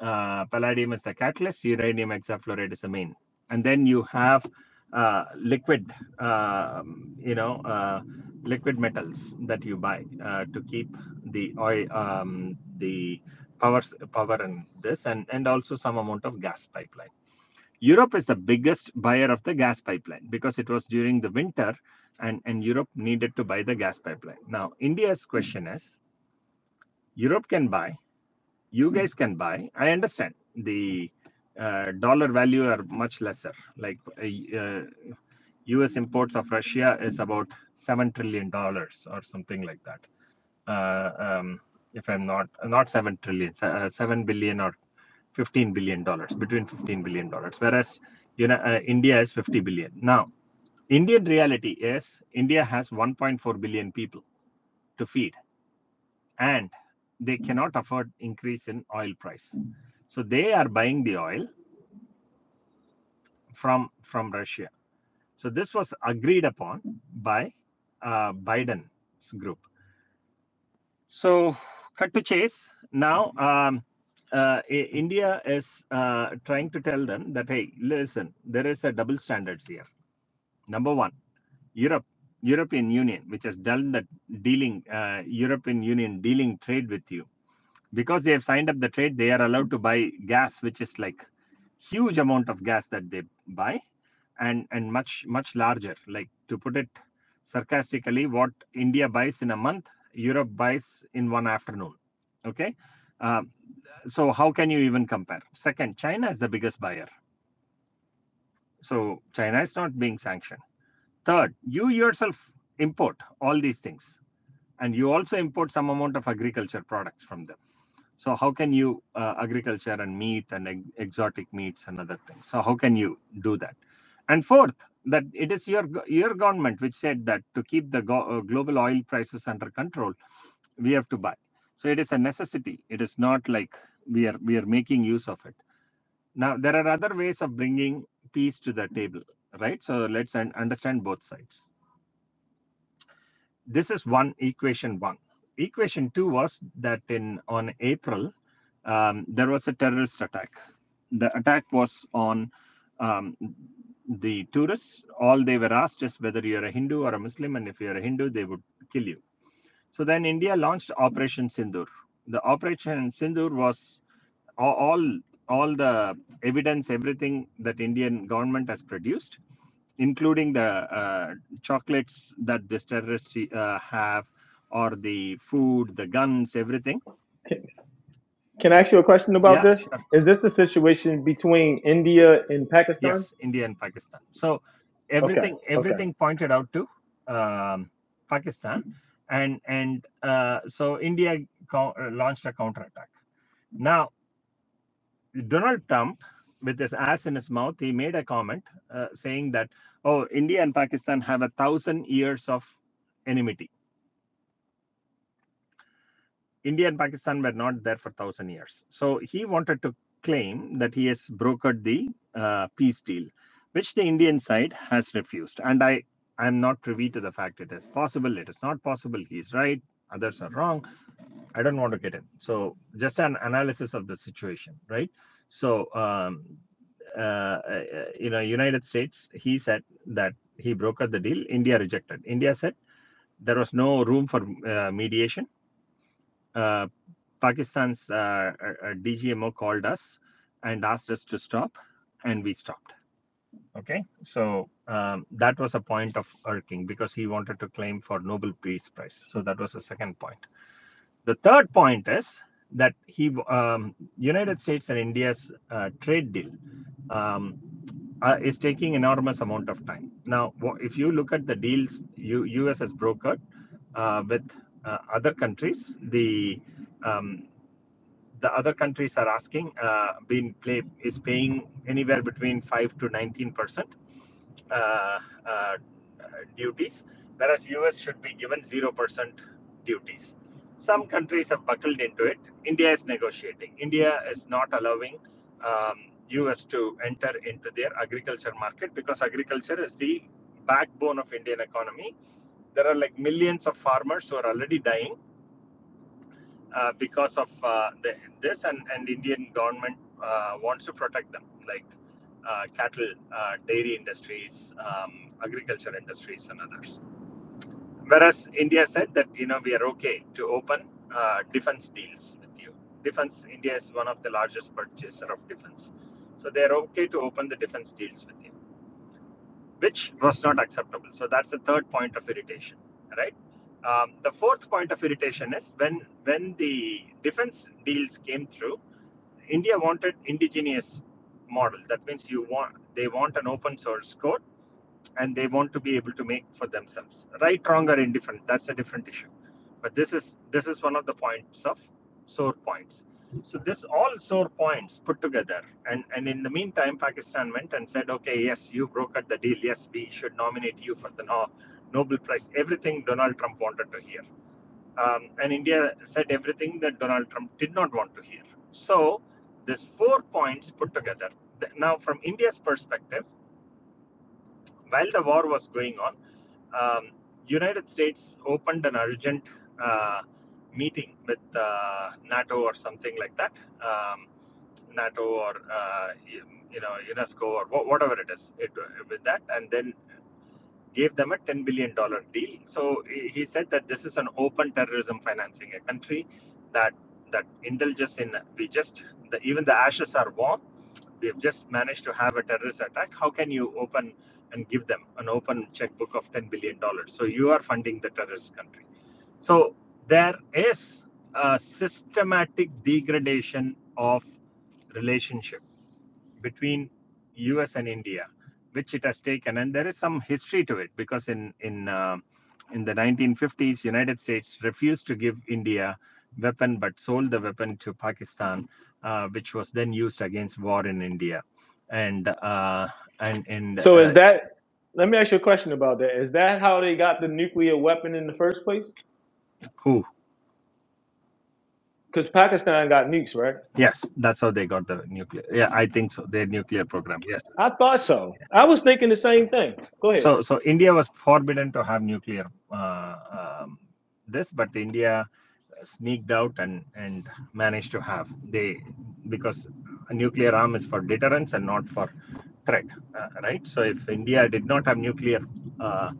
Speaker 8: uh, palladium is the catalyst, uranium hexafluoride is the main. And then you have uh, liquid, um, you know, uh, liquid metals that you buy uh, to keep the oil, um, the power, power and this, and, and also some amount of gas pipeline. Europe is the biggest buyer of the gas pipeline because it was during the winter and, and Europe needed to buy the gas pipeline. Now, India's question is Europe can buy you guys can buy. I understand the uh, dollar value are much lesser. Like uh, uh, U.S. imports of Russia is about seven trillion dollars or something like that. Uh, um, if I'm not not seven trillion, uh, seven billion or fifteen billion dollars between fifteen billion dollars, whereas you know uh, India is fifty billion. Now, Indian reality is India has one point four billion people to feed and they cannot afford increase in oil price so they are buying the oil from from russia so this was agreed upon by uh, biden's group so cut to chase now um, uh, india is uh, trying to tell them that hey listen there is a double standards here number one europe european union which has done that dealing uh, european union dealing trade with you because they have signed up the trade they are allowed to buy gas which is like huge amount of gas that they buy and and much much larger like to put it sarcastically what india buys in a month europe buys in one afternoon okay Um, so how can you even compare second china is the biggest buyer so china is not being sanctioned third you yourself import all these things and you also import some amount of agriculture products from them so how can you uh, agriculture and meat and ex- exotic meats and other things? So how can you do that? And fourth, that it is your go- your government which said that to keep the go- uh, global oil prices under control, we have to buy. So it is a necessity. It is not like we are we are making use of it. Now there are other ways of bringing peace to the table, right? So let's un- understand both sides. This is one equation one. Equation two was that in on April um, there was a terrorist attack. The attack was on um, the tourists. All they were asked is whether you're a Hindu or a Muslim, and if you're a Hindu, they would kill you. So then India launched Operation Sindur. The Operation Sindur was all all the evidence, everything that Indian government has produced, including the uh, chocolates that this terrorists uh, have, or the food, the guns, everything.
Speaker 1: Can, can I ask you a question about
Speaker 8: Yeah,
Speaker 1: this? Is this the situation between India and Pakistan?
Speaker 8: Yes, India and Pakistan. So
Speaker 1: Okay,
Speaker 8: everything
Speaker 1: okay.
Speaker 8: everything pointed out to um, Pakistan, and and uh, so India co- uh, launched a counterattack. Now Donald Trump, with his ass in his mouth, he made a comment uh, saying that oh India and Pakistan have a thousand years of enmity India and Pakistan were not there for thousand years. So he wanted to claim that he has brokered the uh, peace deal, which the Indian side has refused. And I am not privy to the fact it is possible, it is not possible. He is right, others are wrong. I don't want to get in. So just an analysis of the situation, right? So um, uh, uh, you know, United States. He said that he brokered the deal. India rejected. India said there was no room for uh, mediation. Uh, Pakistan's uh, uh, uh, DGMO called us and asked us to stop, and we stopped. Okay, so um, that was a point of irking because he wanted to claim for Nobel Peace Prize. So that was the second point. The third point is that he um, United States and India's uh, trade deal um, uh, is taking enormous amount of time. Now, if you look at the deals U.S. has brokered uh, with uh, other countries, the um, the other countries are asking uh, been play is paying anywhere between 5 to 19 percent uh, uh, duties whereas us should be given 0 percent duties some countries have buckled into it india is negotiating india is not allowing um, us to enter into their agriculture market because agriculture is the backbone of indian economy there are like millions of farmers who are already dying uh, because of uh, the, this and, and indian government uh, wants to protect them like uh, cattle uh, dairy industries um, agriculture industries and others whereas india said that you know we are okay to open uh, defense deals with you defense india is one of the largest purchaser of defense so they are okay to open the defense deals with you which was not acceptable. So that's the third point of irritation, right? Um, the fourth point of irritation is when when the defense deals came through, India wanted indigenous model. That means you want they want an open source code and they want to be able to make for themselves. Right, wrong, or indifferent, that's a different issue. But this is this is one of the points of sore points. So this all sore points put together, and and in the meantime, Pakistan went and said, okay, yes, you brokered the deal. Yes, we should nominate you for the No- Nobel Prize. Everything Donald Trump wanted to hear, um, and India said everything that Donald Trump did not want to hear. So this four points put together. Now, from India's perspective, while the war was going on um, United States opened an urgent uh, meeting with uh, NATO or something like that, um, NATO or uh, you know UNESCO or whatever it is it, with that, and then gave them a ten billion dollar deal. So he he said that this is an open terrorism financing, a country that that indulges in we just the, even the ashes are warm we have just managed to have a terrorist attack. How can you open and give them an open checkbook of $10 billion? dollars? So you are funding the terrorist country. So there is a systematic degradation of relationship between us and india which it has taken and there is some history to it because in in uh, in the 1950s united states refused to give india weapon but sold the weapon to pakistan uh, which was then used against war in india and uh, and and
Speaker 1: So is
Speaker 8: uh,
Speaker 1: that? Let me ask you a question about that. Is that how they got the nuclear weapon in the first place?
Speaker 8: who
Speaker 1: Because Pakistan got nukes, right?
Speaker 8: yes that's how they got the nuclear yeah i think so their nuclear program yes
Speaker 1: I thought so. I was thinking the same thing. Go ahead.
Speaker 8: So, so India was forbidden to have nuclear uh, um, this, but India sneaked out and and managed to have they because a nuclear arm is for deterrence and not for threat, uh, right? So, if India did not have nuclear uh,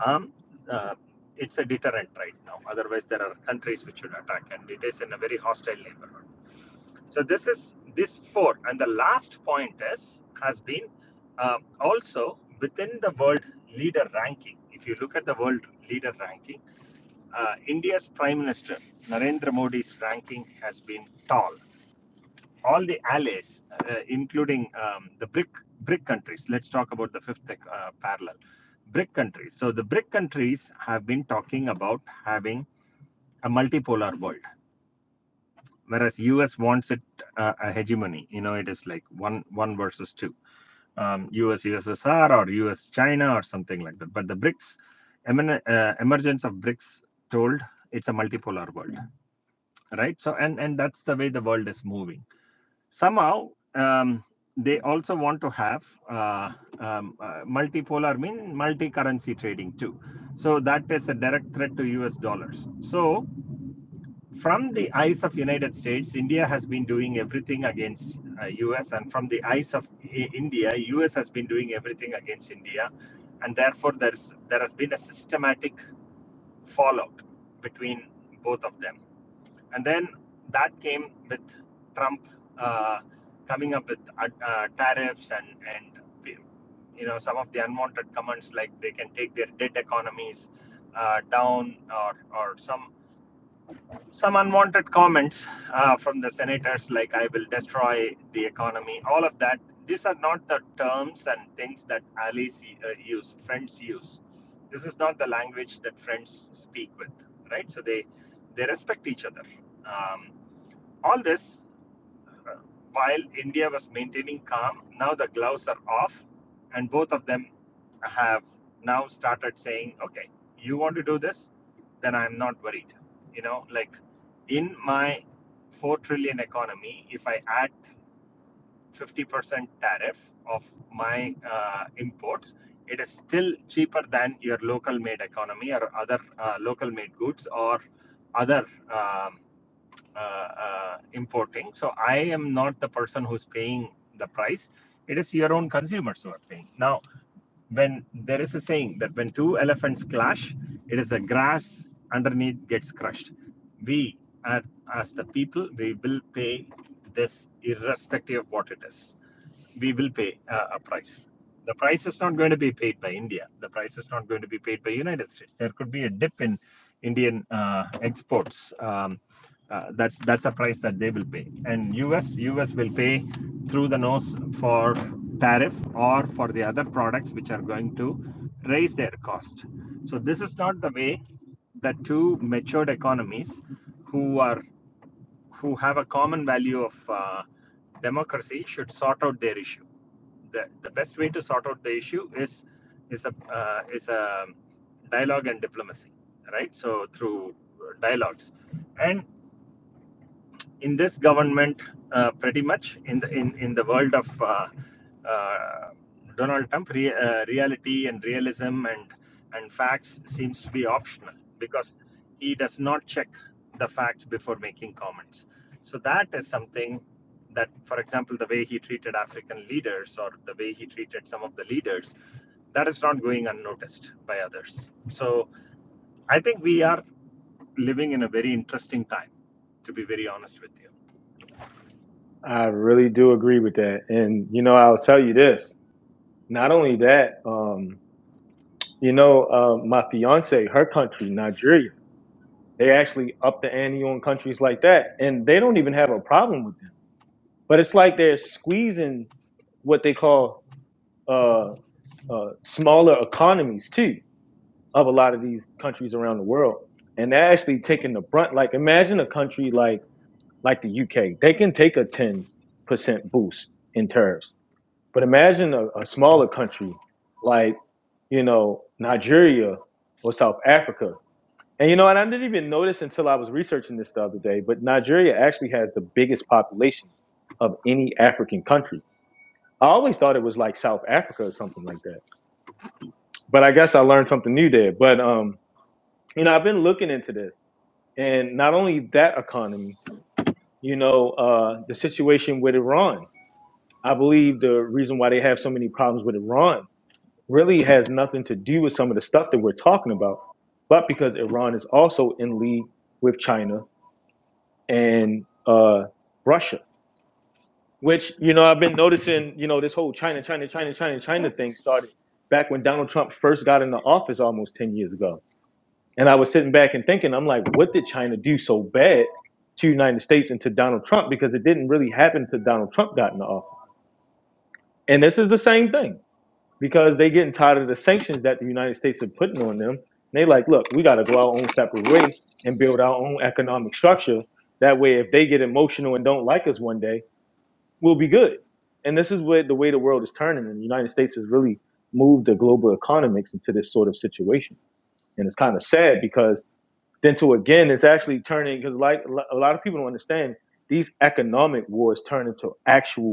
Speaker 8: arm, uh, it's a deterrent right now. Otherwise, there are countries which would attack, and it is in a very hostile neighborhood. So this is this four, and the last point is has been um, also within the world leader ranking. If you look at the world leader ranking, uh, India's Prime Minister Narendra Modi's ranking has been tall. All the allies, uh, including um, the BRIC BRIC countries. Let's talk about the fifth uh, parallel. BRIC countries. So the BRIC countries have been talking about having a multipolar world whereas us wants it uh, a hegemony you know it is like one one versus two um, us ussr or us china or something like that but the brics emin- uh, emergence of brics told it's a multipolar world right so and and that's the way the world is moving somehow um, they also want to have uh, um, uh, multipolar mean multi currency trading too so that is a direct threat to us dollars so from the eyes of united states india has been doing everything against uh, us and from the eyes of I- india us has been doing everything against india and therefore there's there has been a systematic fallout between both of them and then that came with trump uh, coming up with uh, uh, tariffs and and you know some of the unwanted comments like they can take their debt economies uh, down or or some some unwanted comments uh, from the senators, like I will destroy the economy, all of that. These are not the terms and things that allies uh, use, friends use. This is not the language that friends speak with, right? So they they respect each other. Um, all this while India was maintaining calm, now the gloves are off, and both of them have now started saying, "Okay, you want to do this, then I'm not worried." You know, like in my four trillion economy, if I add 50% tariff of my uh, imports, it is still cheaper than your local made economy or other uh, local made goods or other um, uh, uh, importing. So I am not the person who's paying the price. It is your own consumers who are paying. Now, when there is a saying that when two elephants clash, it is the grass underneath gets crushed. We, as, the people, we will pay this irrespective of what it is we will pay uh, a price. The price is not going to be paid by India. The price is not going to be paid by United States. There could be a dip in Indian uh, exports. Um, uh, that's that's a price that they will pay. And US US will pay through the nose for tariff or for the other products which are going to raise their cost. So this is not the way that two matured economies who are who have a common value of uh, democracy should sort out their issue. The, the best way to sort out the issue is is a uh, is a dialogue and diplomacy, right? So through dialogues, and in this government, uh, pretty much in the in, in the world of uh, uh, Donald Trump, re- uh, reality and realism and and facts seems to be optional because he does not check the facts before making comments. So that is something that, for example, the way he treated African leaders or the way he treated some of the leaders, that is not going unnoticed by others. So I think we are living in a very interesting time, to be very honest with you.
Speaker 1: I really do agree with that, and you know, I'll tell you this. Not only that, um, you know, uh, my fiance, her country, Nigeria. They actually up the ante on countries like that, and they don't even have a problem with them. But it's like they're squeezing what they call uh, uh, smaller economies too of a lot of these countries around the world, and they're actually taking the brunt. Like imagine a country like like the UK, they can take a ten percent boost in tariffs, but imagine a, a smaller country like you know Nigeria or South Africa And you know, and I didn't even notice until I was researching this the other day, but Nigeria actually has the biggest population of any African country. I always thought it was like South Africa or something like that. But I guess I learned something new there. But um, you know, I've been looking into this and not only that economy, you know, uh the situation with Iran. I believe the reason why they have so many problems with Iran really has nothing to do with some of the stuff that we're talking about, but because Iran is also in league with China and uh, Russia, which you know I've been noticing. You know this whole China, China, China, China, China thing started back when Donald Trump first got into office almost ten years ago. And I was sitting back and thinking, I'm like, what did China do so bad to the United States and to Donald Trump? Because it didn't really happen to Donald Trump got into office. And this is the same thing because they getting tired of the sanctions that the United States are putting on them. They like, look, we got to go our own separate way and build our own economic structure. That way, if they get emotional and don't like us one day will be good. And this is where the way the world is turning, and the United States has really moved the global economics into this sort of situation. And it's kind of sad because then to again, it's actually turning because like a lot of people don't understand these economic wars turn into actual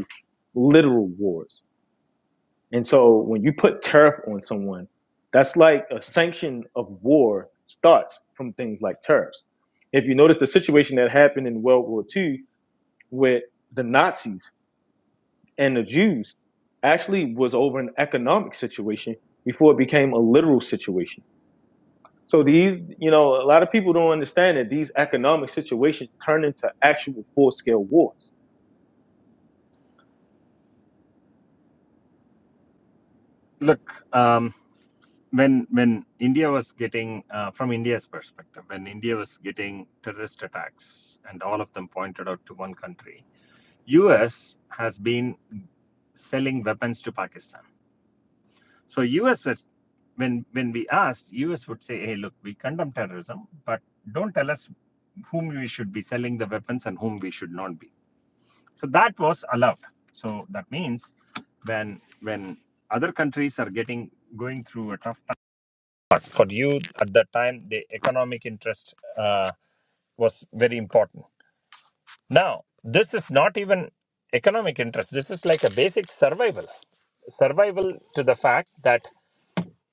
Speaker 1: literal wars. And so when you put tariff on someone, that's like a sanction of war starts from things like tariffs. If you notice the situation that happened in World War Two with the Nazis and the Jews actually was over an economic situation before it became a literal situation. So these, you know, a lot of people don't understand that these economic situations turn into actual full scale wars.
Speaker 8: look um, when when india was getting uh, from india's perspective when india was getting terrorist attacks and all of them pointed out to one country us has been selling weapons to pakistan so us was when when we asked us would say hey look we condemn terrorism but don't tell us whom we should be selling the weapons and whom we should not be so that was allowed so that means when when other countries are getting going through a tough time but For you at that time, the economic interest uh, was very important. Now, this is not even economic interest. This is like a basic survival. Survival to the fact that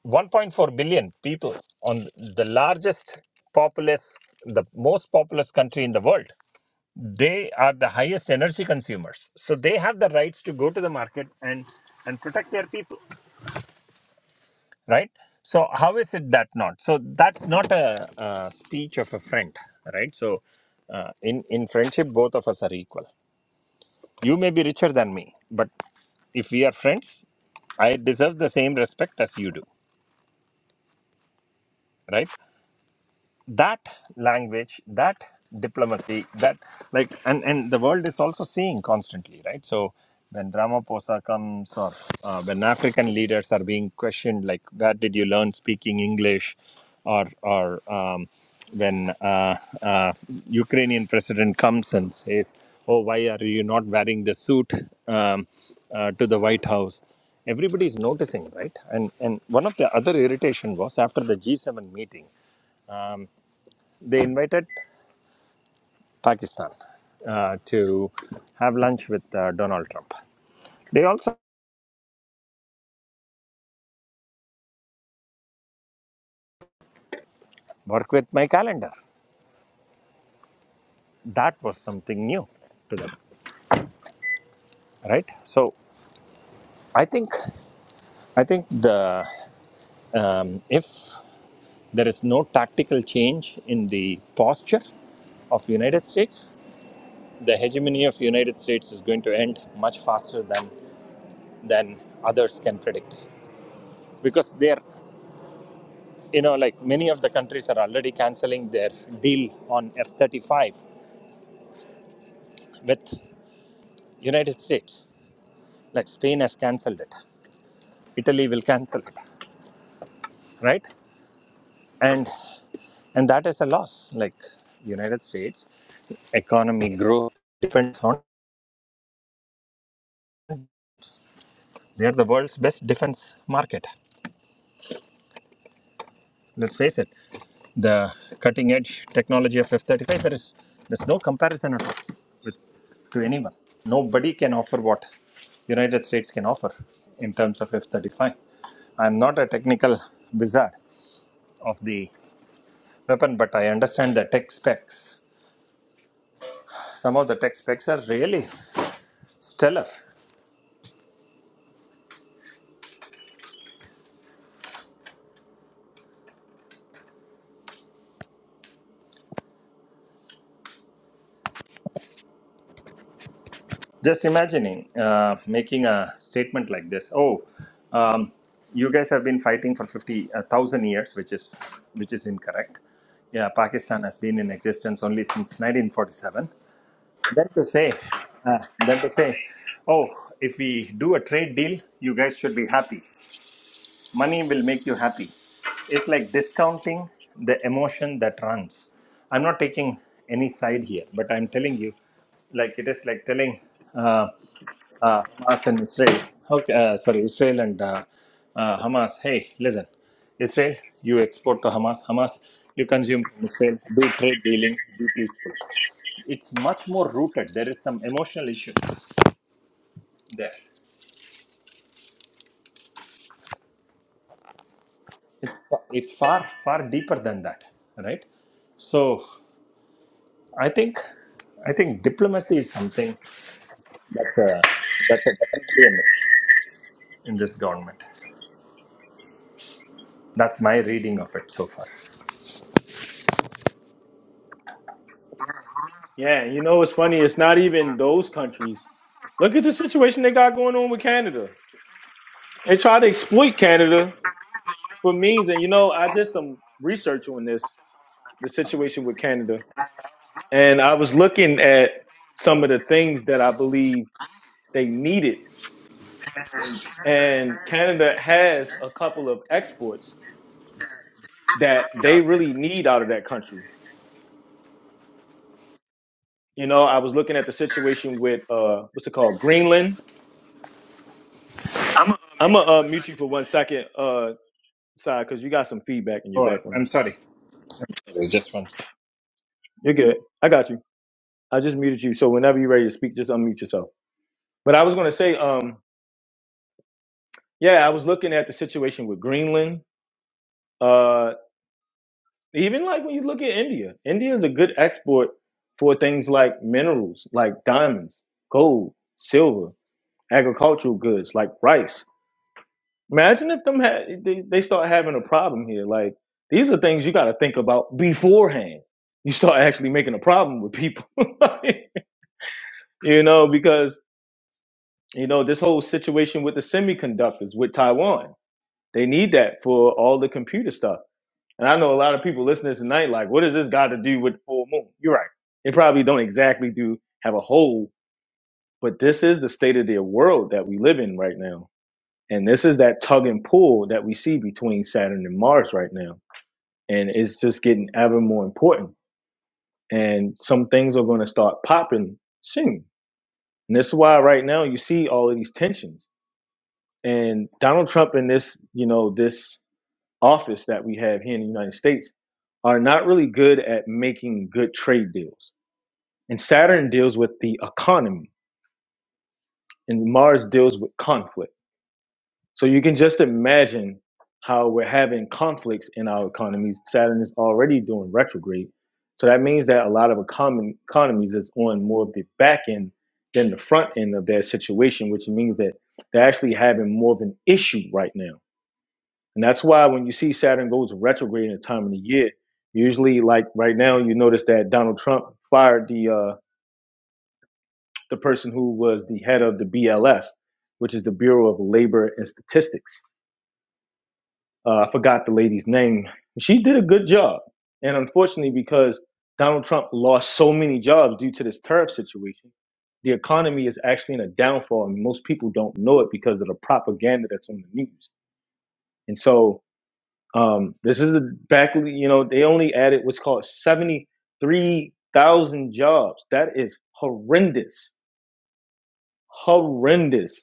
Speaker 8: 1.4 billion people on the largest populous, the most populous country in the world, they are the highest energy consumers. So they have the rights to go to the market and, and protect their people. right so how is it that not so that's not a, uh speech of a friend right so uh, in in friendship both of us are equal you may be richer than me but if we are friends i deserve the same respect as you do right that language that diplomacy that like and and the world is also seeing constantly right so when ramaphosa comes or uh, when african leaders are being questioned like where did you learn speaking english or or um, when uh, uh, ukrainian president comes and says oh why are you not wearing the suit um, uh, to the white house everybody is noticing right and and one of the other irritation was after the g7 meeting they invited Pakistan uh, to have lunch with uh, Donald Trump. They also work with my calendar. That was something new to them, right? So I think I think the um, if there is no tactical change in the posture of United States, the hegemony of United States is going to end much faster than than others can predict because they're you know like many of the countries are already canceling their deal on F35 with United States, like Spain has cancelled it. Italy will cancel it, right? And and that is a loss. Like United States economy growth depends on they are the world's best defense market. Let's face it, the cutting edge technology of F-35 there is there's no comparison at all with to anyone. Nobody can offer what United States can offer in terms of F-35. I'm not a technical wizard of the Weapon, but I understand the tech specs. Some of the tech specs are really stellar. Just imagining uh, making a statement like this: "Oh, um, you guys have been fighting for fifty uh, thousand years," which is which is incorrect. Yeah, Pakistan has been in existence only since 1947. Then to say, uh, then to say, "Oh, if we do a trade deal, you guys should be happy." money will make you happy it's like discounting the emotion that runs i'm not taking any side here but i'm telling you like it is like telling uh, uh, hamas and israel okay uh, sorry israel and uh, uh, hamas hey listen israel you export to hamas hamas you consume from israel do trade dealing be peaceful it's much more rooted there is some emotional issue there it's, fa- it's far far deeper than that right so I think I think diplomacy is something that's a that's a definitely a miss in this government. That's my reading of it so far.
Speaker 1: Yeah, and you know what's funny? It's not even those countries. Look at the situation they got going on with Canada. They try to exploit Canada for means. And you know, I did some research on this, the situation with Canada, and I was looking at some of the things that I believe they needed And Canada has a couple of exports that they really need out of that country. You know, I was looking at the situation with uh, what's it called, Greenland. I'm gonna uh, mute you for one second, uh, side, because you got some feedback in your
Speaker 8: Oh,
Speaker 1: background.
Speaker 8: I'm sorry. Just one.
Speaker 1: You're good. I got you. I just muted you. So whenever you're ready to speak, just unmute yourself. But I was gonna say, um, yeah, I was looking at the situation with Greenland. Uh, even like when you look at India, India is a good export for things like minerals, like diamonds, gold, silver. agricultural goods like rice. Imagine if them had they, they start having a problem here. Like these are things you got to think about beforehand. You start actually making a problem with people, you know, because you know this whole situation with the semiconductors with Taiwan. They need that for all the computer stuff. And I know a lot of people listening tonight, like, what does this got to do with the full moon? You're right. They probably don't exactly do have a whole, but this is the state of their world that we live in right now And this is that tug and pull that we see between Saturn and Mars right now. And it's just getting ever more important. And some things are going to start popping soon. And this is why right now you see all of these tensions. And Donald Trump and this, you know, this office that we have here in the United States are not really good at making good trade deals. And Saturn deals with the economy and Mars deals with conflict. So you can just imagine how we're having conflicts in our economies. Saturn is already doing retrograde. So that means that a lot of economy, economies is on more of the back end than the front end of their situation, which means that they're actually having more of an issue right now. And that's why when you see Saturn goes retrograde in a time of the year, usually like right now, you notice that Donald Trump fired the uh, the person who was the head of the BLS, which is the Bureau of Labor and Statistics Uh, I forgot the lady's name. She did a good job. And unfortunately, because Donald Trump lost so many jobs due to this tariff situation, the economy is actually in a downfall, and most people don't know it because of the propaganda that's on the news. And so um, this is a back. You know, they only added what's called seventy-three thousand jobs. That is horrendous, horrendous.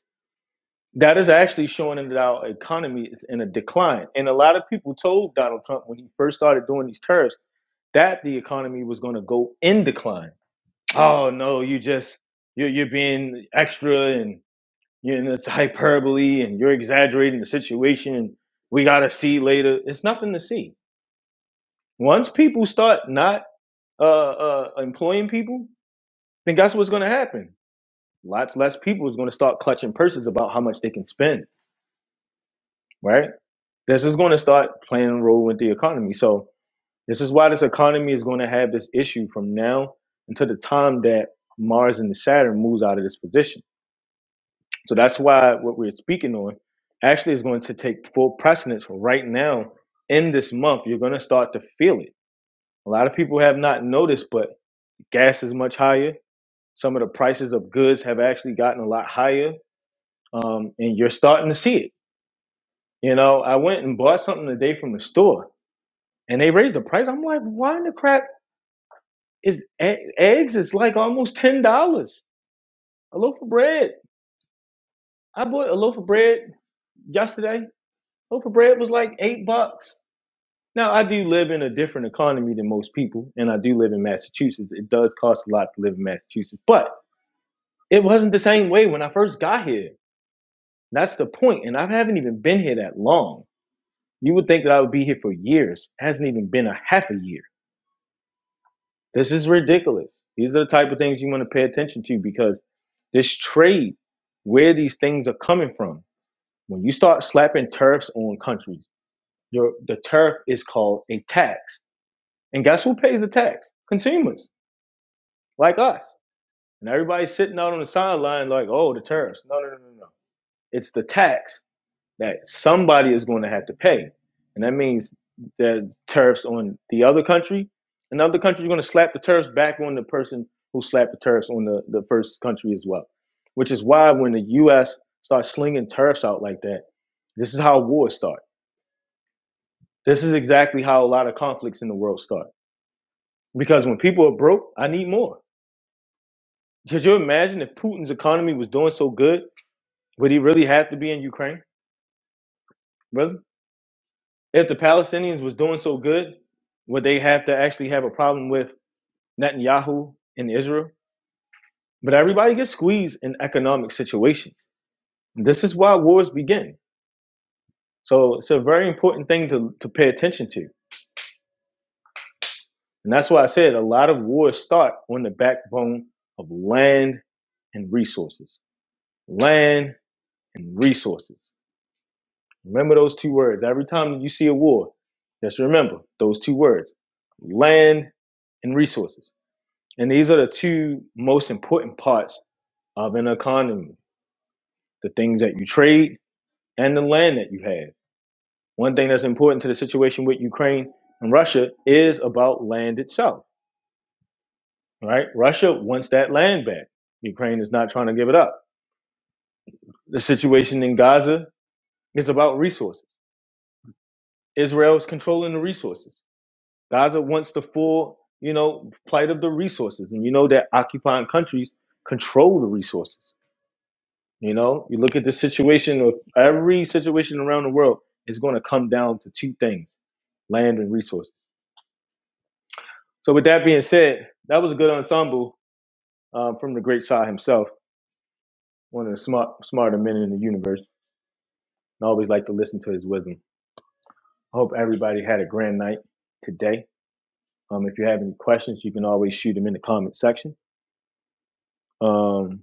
Speaker 1: that is actually showing that our economy is in a decline. And a lot of people told Donald Trump when he first started doing these tariffs that the economy was going to go in decline. Oh no, you just you're you're being extra and you know it's hyperbole and you're exaggerating the situation. And we got to see later. It's nothing to see. Once people start not uh, uh, employing people, then guess what's going to happen? Lots less people is going to start clutching purses about how much they can spend, right? this is going to start playing a role with the economy. So this is why this economy is going to have this issue from now until the time that Mars and the Saturn moves out of this position. So that's why what we're speaking on actually is going to take full precedence right now in this month. You're going to start to feel it. A lot of people have not noticed, but gas is much higher. Some of the prices of goods have actually gotten a lot higher, um, and you're starting to see it. You know, I went and bought something today from the store and they raised the price. I'm like, why in the crap is e- eggs is like almost ten dollars a loaf of bread. I bought a loaf of bread yesterday. Loaf of bread was like eight bucks. Now I do live in a different economy than most people, and I do live in Massachusetts. It does cost a lot to live in Massachusetts, but it wasn't the same way when I first got here. That's the point, and I haven't even been here that long. You would think that I would be here for years. It hasn't even been a half a year. This is ridiculous. These are the type of things you want to pay attention to because this trade, where these things are coming from, when you start slapping tariffs on countries, your the tariff is called a tax. And guess who pays the tax? Consumers like us. And everybody's sitting out on the sideline like, oh, the tariffs. No, no, no, no, no. It's the tax. that somebody is going to have to pay. And that means the tariffs on the other country. Another country is going to slap the tariffs back on the person who slapped the tariffs on the, the first country as well. Which is why when the US starts slinging tariffs out like that, this is how wars start. This is exactly how a lot of conflicts in the world start. Because when people are broke, I need more. Could you imagine if Putin's economy was doing so good? Would he really have to be in Ukraine, brother? if the Palestinians was doing so good, would they have to actually have a problem with Netanyahu in Israel? But everybody gets squeezed in economic situations. This is why wars begin. So it's a very important thing to, to pay attention to. And that's why I said a lot of wars start on the backbone of land and resources. Land and resources. Remember those two words. Every time you see a war, just remember those two words land and resources. And these are the two most important parts of an economy the things that you trade and the land that you have. One thing that's important to the situation with Ukraine and Russia is about land itself, right? Russia wants that land back. Ukraine is not trying to give it up. The situation in Gaza is about resources. Israel is controlling the resources. Gaza wants the full, you know, plight of the resources. And you know that occupying countries control the resources. You know, you look at the situation of every situation around the world It's going to come down to two things: land and resources. So, with that being said, that was a good ensemble um, from the great Shah himself, one of the smart, smarter men in the universe. And I always like to listen to his wisdom. I hope everybody had a grand night today. Um, if you have any questions, you can always shoot them in the comment section. Um,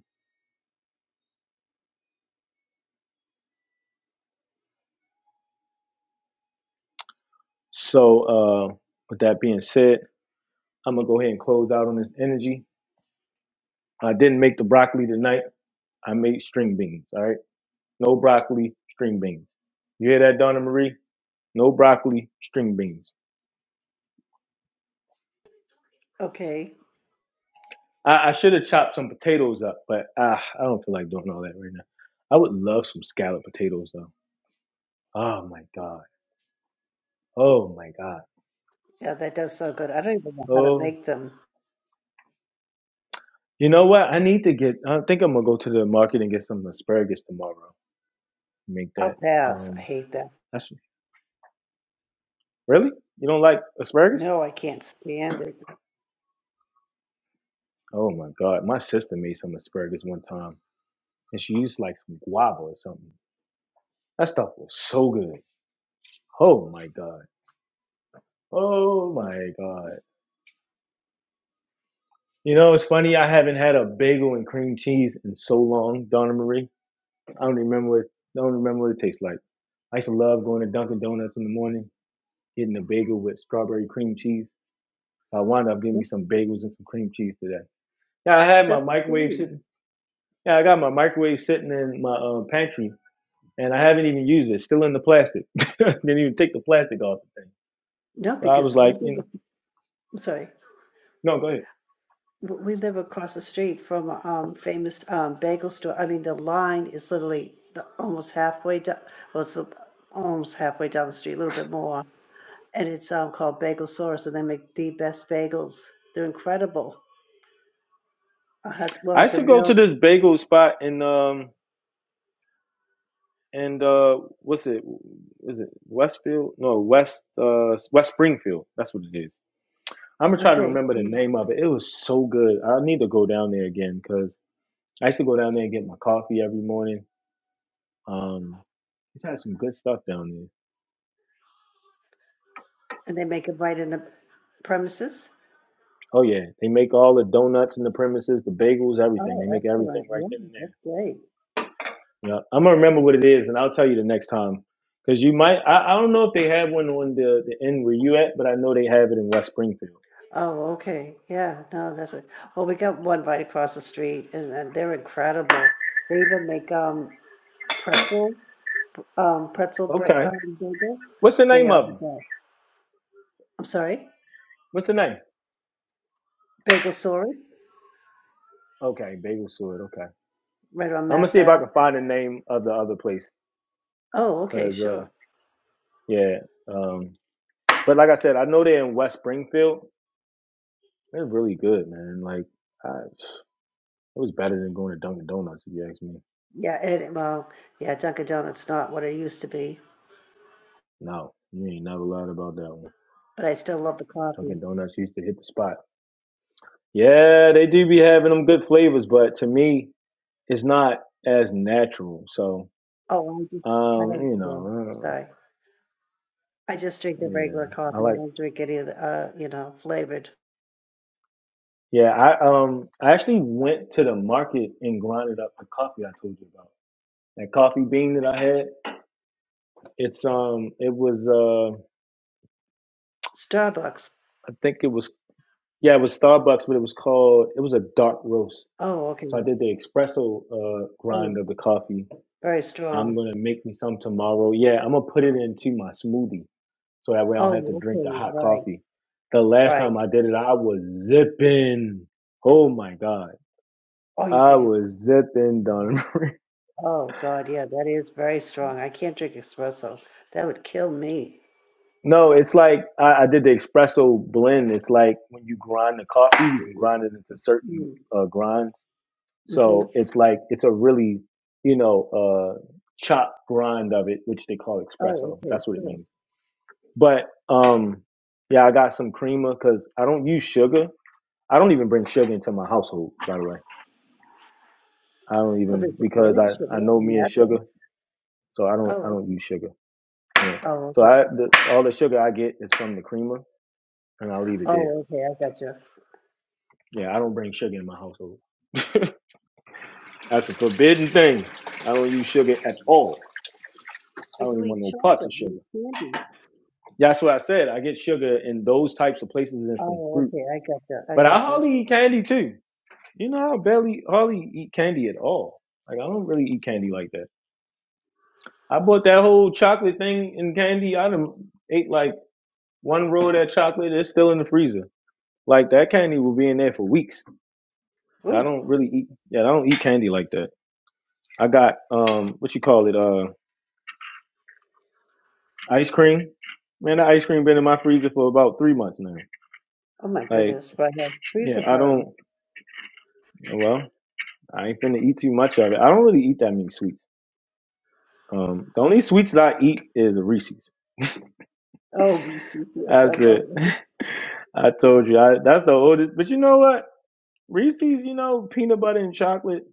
Speaker 1: so, uh, with that being said, I'm gonna go ahead and close out on this energy. I didn't make the broccoli tonight. I made string beans. All right. no broccoli, string beans. You hear that, Donna Marie? No broccoli, string beans.
Speaker 6: Okay,
Speaker 1: I, I should have chopped some potatoes up, but uh, I don't feel like doing all that right now. I would love some scalloped potatoes though. Oh my god. Oh my god.
Speaker 6: yeah, that does sound good. I don't even know how to
Speaker 1: Oh,
Speaker 6: make them.
Speaker 1: you know what? I need to get. I think I'm gonna go to the market and get some asparagus tomorrow. Make that.
Speaker 6: I'll pass. I
Speaker 1: Um,
Speaker 6: hate that.
Speaker 1: that's really. You don't like asparagus?
Speaker 6: No, I can't stand it.
Speaker 1: Oh my god. My sister made some asparagus one time, and she used like some guava or something. That stuff was so good. Oh my god. Oh my god. You know, it's funny. I haven't had a bagel and cream cheese in so long, Donna Marie. I don't remember what don't remember what it tastes like. I used to love going to Dunkin' Donuts in the morning, getting a bagel with strawberry cream cheese. So I wound up getting me some bagels and some cream cheese today. Yeah, I had my
Speaker 6: That's
Speaker 1: microwave
Speaker 6: silly.
Speaker 1: sitting. Yeah, I got my microwave sitting in my uh, pantry, and I haven't even used it. It's still in the plastic. Didn't even take the plastic off the thing.
Speaker 6: No,
Speaker 1: So I was
Speaker 6: because we
Speaker 1: like,
Speaker 6: live.
Speaker 1: you know,
Speaker 6: I'm sorry,
Speaker 1: no, go ahead.
Speaker 6: W- we live across the street from a um, famous um, bagel store. I mean, the line is literally the, almost halfway down. Well, it's almost halfway down the street, a little bit more, and it's um, called Bagel Source, and they make the best bagels. They're incredible. I had, we'll
Speaker 1: I
Speaker 6: have
Speaker 1: used
Speaker 6: to
Speaker 1: to go
Speaker 6: mail.
Speaker 1: to this bagel spot in um and uh, what's it? Is it Westfield? No, West uh, West Springfield. That's what it is. I'm gonna try to
Speaker 6: Okay.
Speaker 1: remember the
Speaker 6: Hmm.
Speaker 1: name of it. It was so good. I need to go down there again because I used to go down there and get my coffee every morning. Um, they had some good stuff down there.
Speaker 6: And they make it right in the premises?
Speaker 1: Oh yeah, they make all the donuts in the premises, the bagels, everything. They
Speaker 6: Oh,
Speaker 1: make everything
Speaker 6: excellent.
Speaker 1: right
Speaker 6: Yeah,
Speaker 1: then and there.
Speaker 6: that's great.
Speaker 1: Yeah, I'm gonna remember what it is, and I'll tell you the next time. Cause you might, I, I don't know if they have one on the the end where you at, but I know they have it in West Springfield.
Speaker 6: Oh, okay. Yeah, no, that's it. Well, we got one right across the street, and, and they're incredible. They even make um pretzel, um pretzel break,
Speaker 1: Okay.
Speaker 6: um, bagel.
Speaker 1: What's the
Speaker 6: They
Speaker 1: name
Speaker 6: are
Speaker 1: of
Speaker 6: the
Speaker 1: them?
Speaker 6: best. I'm sorry,
Speaker 1: What's the name?
Speaker 6: bagel sorry,
Speaker 1: Okay, Bagel Sword. Okay,
Speaker 6: right on
Speaker 1: I'm gonna
Speaker 6: Mass
Speaker 1: see if I
Speaker 6: Ave.
Speaker 1: can find the name of the other place.
Speaker 6: Oh, okay,
Speaker 1: Cause uh,
Speaker 6: sure.
Speaker 1: yeah, um, but like I said, I know they're in West Springfield. They're really good, man. Like, I, it was better than going to Dunkin' Donuts if you ask me.
Speaker 6: Yeah, and well, yeah, Dunkin' Donuts not what it used to be,
Speaker 1: No, you ain't never lied about that one.
Speaker 6: but I still love the
Speaker 1: Dunkin'
Speaker 6: coffee.
Speaker 1: Donuts used to hit the spot. Yeah, they do be having them good flavors, but to me, it's not as natural. So,
Speaker 6: Oh, I just, I
Speaker 1: um,
Speaker 6: don't.
Speaker 1: you
Speaker 6: Yeah,
Speaker 1: know, uh,
Speaker 6: sorry. I just drink the
Speaker 1: yeah,
Speaker 6: regular
Speaker 1: I
Speaker 6: coffee.
Speaker 1: like.
Speaker 6: I don't drink any of the, uh, you know, flavored
Speaker 1: Yeah, I um I actually went to the market and grinded up the coffee I told you about. That coffee bean that I had, it's um it was uh
Speaker 6: Starbucks.
Speaker 1: I think it was yeah, it was Starbucks, but it was called it was a dark roast.
Speaker 6: Oh,
Speaker 1: So I
Speaker 6: okay.
Speaker 1: did the espresso uh grind
Speaker 6: Oh,
Speaker 1: of the coffee.
Speaker 6: very
Speaker 1: I'm
Speaker 6: strong.
Speaker 1: gonna make me some tomorrow. Yeah, I'm gonna put it into my smoothie so that way I don't have to
Speaker 6: Oh,
Speaker 1: drink the
Speaker 6: okay.
Speaker 1: hot
Speaker 6: Right,
Speaker 1: coffee. The last
Speaker 6: right.
Speaker 1: time I did it, I was zipping. Oh my God.
Speaker 6: Oh, you
Speaker 1: I
Speaker 6: can.
Speaker 1: was zipping, Don.
Speaker 6: Oh, God. Yeah, that is very strong. I can't drink espresso. That would kill me.
Speaker 1: No, it's like I, I did the espresso blend. It's like when you grind the coffee, you can grind it into certain
Speaker 6: Mm,
Speaker 1: uh, grinds.
Speaker 6: hmm
Speaker 1: So it's like it's a really, you know, uh, chop grind of it, which they call
Speaker 6: Oh,
Speaker 1: espresso.
Speaker 6: okay.
Speaker 1: That's what it
Speaker 6: Cool.
Speaker 1: means. But um, yeah, I got some creamer because I don't use sugar. I don't even bring sugar into my household. By the way, I don't
Speaker 6: Well,
Speaker 1: even
Speaker 6: there's
Speaker 1: because
Speaker 6: organic
Speaker 1: I I
Speaker 6: sugar
Speaker 1: know
Speaker 6: in
Speaker 1: me and
Speaker 6: that, though.
Speaker 1: sugar, so I don't
Speaker 6: Oh,
Speaker 1: I don't
Speaker 6: okay.
Speaker 1: use sugar. Yeah.
Speaker 6: Oh,
Speaker 1: So
Speaker 6: okay.
Speaker 1: I the, all the sugar I get is from the creamer, and I leave it there.
Speaker 6: Oh, okay. I got you.
Speaker 1: Yeah, I don't bring sugar in my household. That's a forbidden thing. I don't use sugar at all. I
Speaker 6: But
Speaker 1: don't
Speaker 6: you
Speaker 1: even want
Speaker 6: eat
Speaker 1: no parts of
Speaker 6: chocolate. You
Speaker 1: sugar.
Speaker 6: eat candy.
Speaker 1: Yeah, that's what I said. I get sugar in those types of places and from
Speaker 6: Oh,
Speaker 1: fruit.
Speaker 6: okay. I got you. I
Speaker 1: But I
Speaker 6: got
Speaker 1: hardly
Speaker 6: you.
Speaker 1: eat candy too. You know, I barely hardly eat candy at all. Like I don't really eat candy like that. I bought that whole chocolate thing and candy. I done ate like one roll of that chocolate. It's still in the freezer. Like that candy will be in there for weeks. I
Speaker 6: Ooh.
Speaker 1: don't really eat. Yeah, I don't eat candy like that. I got um, what you call it? uh. Ice cream, man. The ice cream been in my freezer for about three months now.
Speaker 6: Oh my
Speaker 1: Like,
Speaker 6: goodness, but uh, trees are
Speaker 1: yeah, I
Speaker 6: burned.
Speaker 1: don't. Well, I ain't finna eat too much of it. I don't really eat that many sweets. Um, the only sweets that I eat is Reese's.
Speaker 6: Oh, VC, yes, I
Speaker 1: That's
Speaker 6: love
Speaker 1: it.
Speaker 6: that.
Speaker 1: I told you, I, that's the oldest. But you know what? Reese's, you know, peanut butter and chocolate.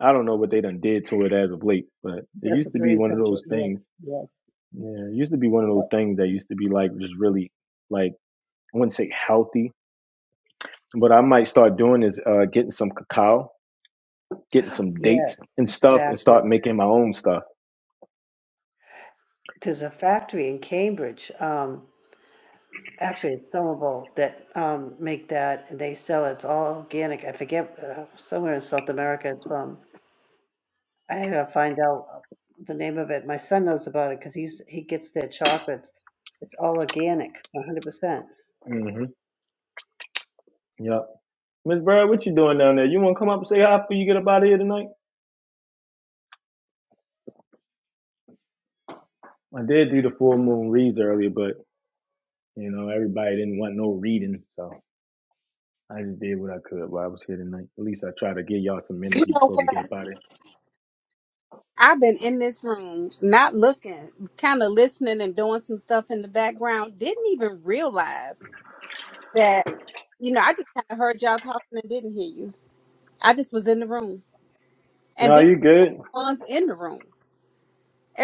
Speaker 1: I don't know what they done did to it as of late, but it
Speaker 6: That's a
Speaker 1: used to be
Speaker 6: dream
Speaker 1: one of
Speaker 6: come true.
Speaker 1: those
Speaker 6: Yes,
Speaker 1: things.
Speaker 6: yes,
Speaker 1: Yeah, it used to be one of
Speaker 6: yes,
Speaker 1: those things that used to be like just really like I wouldn't say healthy, What I might start doing is uh, getting some cacao, getting some
Speaker 6: yes,
Speaker 1: dates and stuff, and
Speaker 6: exactly.
Speaker 1: start making my own stuff.
Speaker 6: There's a factory in Cambridge, um, actually it's Somerville, that um, make that, and they sell it. It's all organic. I forget, uh, somewhere in South America it's from. I gotta find out uh, the name of it. My son knows about it because he's he gets their chocolates. It's all organic, 100%.
Speaker 1: Mm-hmm. Yep. Miss Bird, what you doing down there? You want to come up and say hi before you get up out of here tonight? I did do the full moon reads earlier, but you know everybody didn't want no reading, so I just did what I could while I was here tonight. At least I try to give y'all some
Speaker 10: You
Speaker 1: energy
Speaker 10: know
Speaker 1: before we get
Speaker 10: what?
Speaker 1: up out of here.
Speaker 10: I've been in this room, not looking, kind of listening and doing some stuff in the background. Didn't even realize that, you know, I just kind of heard y'all talking and didn't hear you. I just was in the room. And
Speaker 1: No,
Speaker 10: then
Speaker 1: you good.
Speaker 10: one's in the room.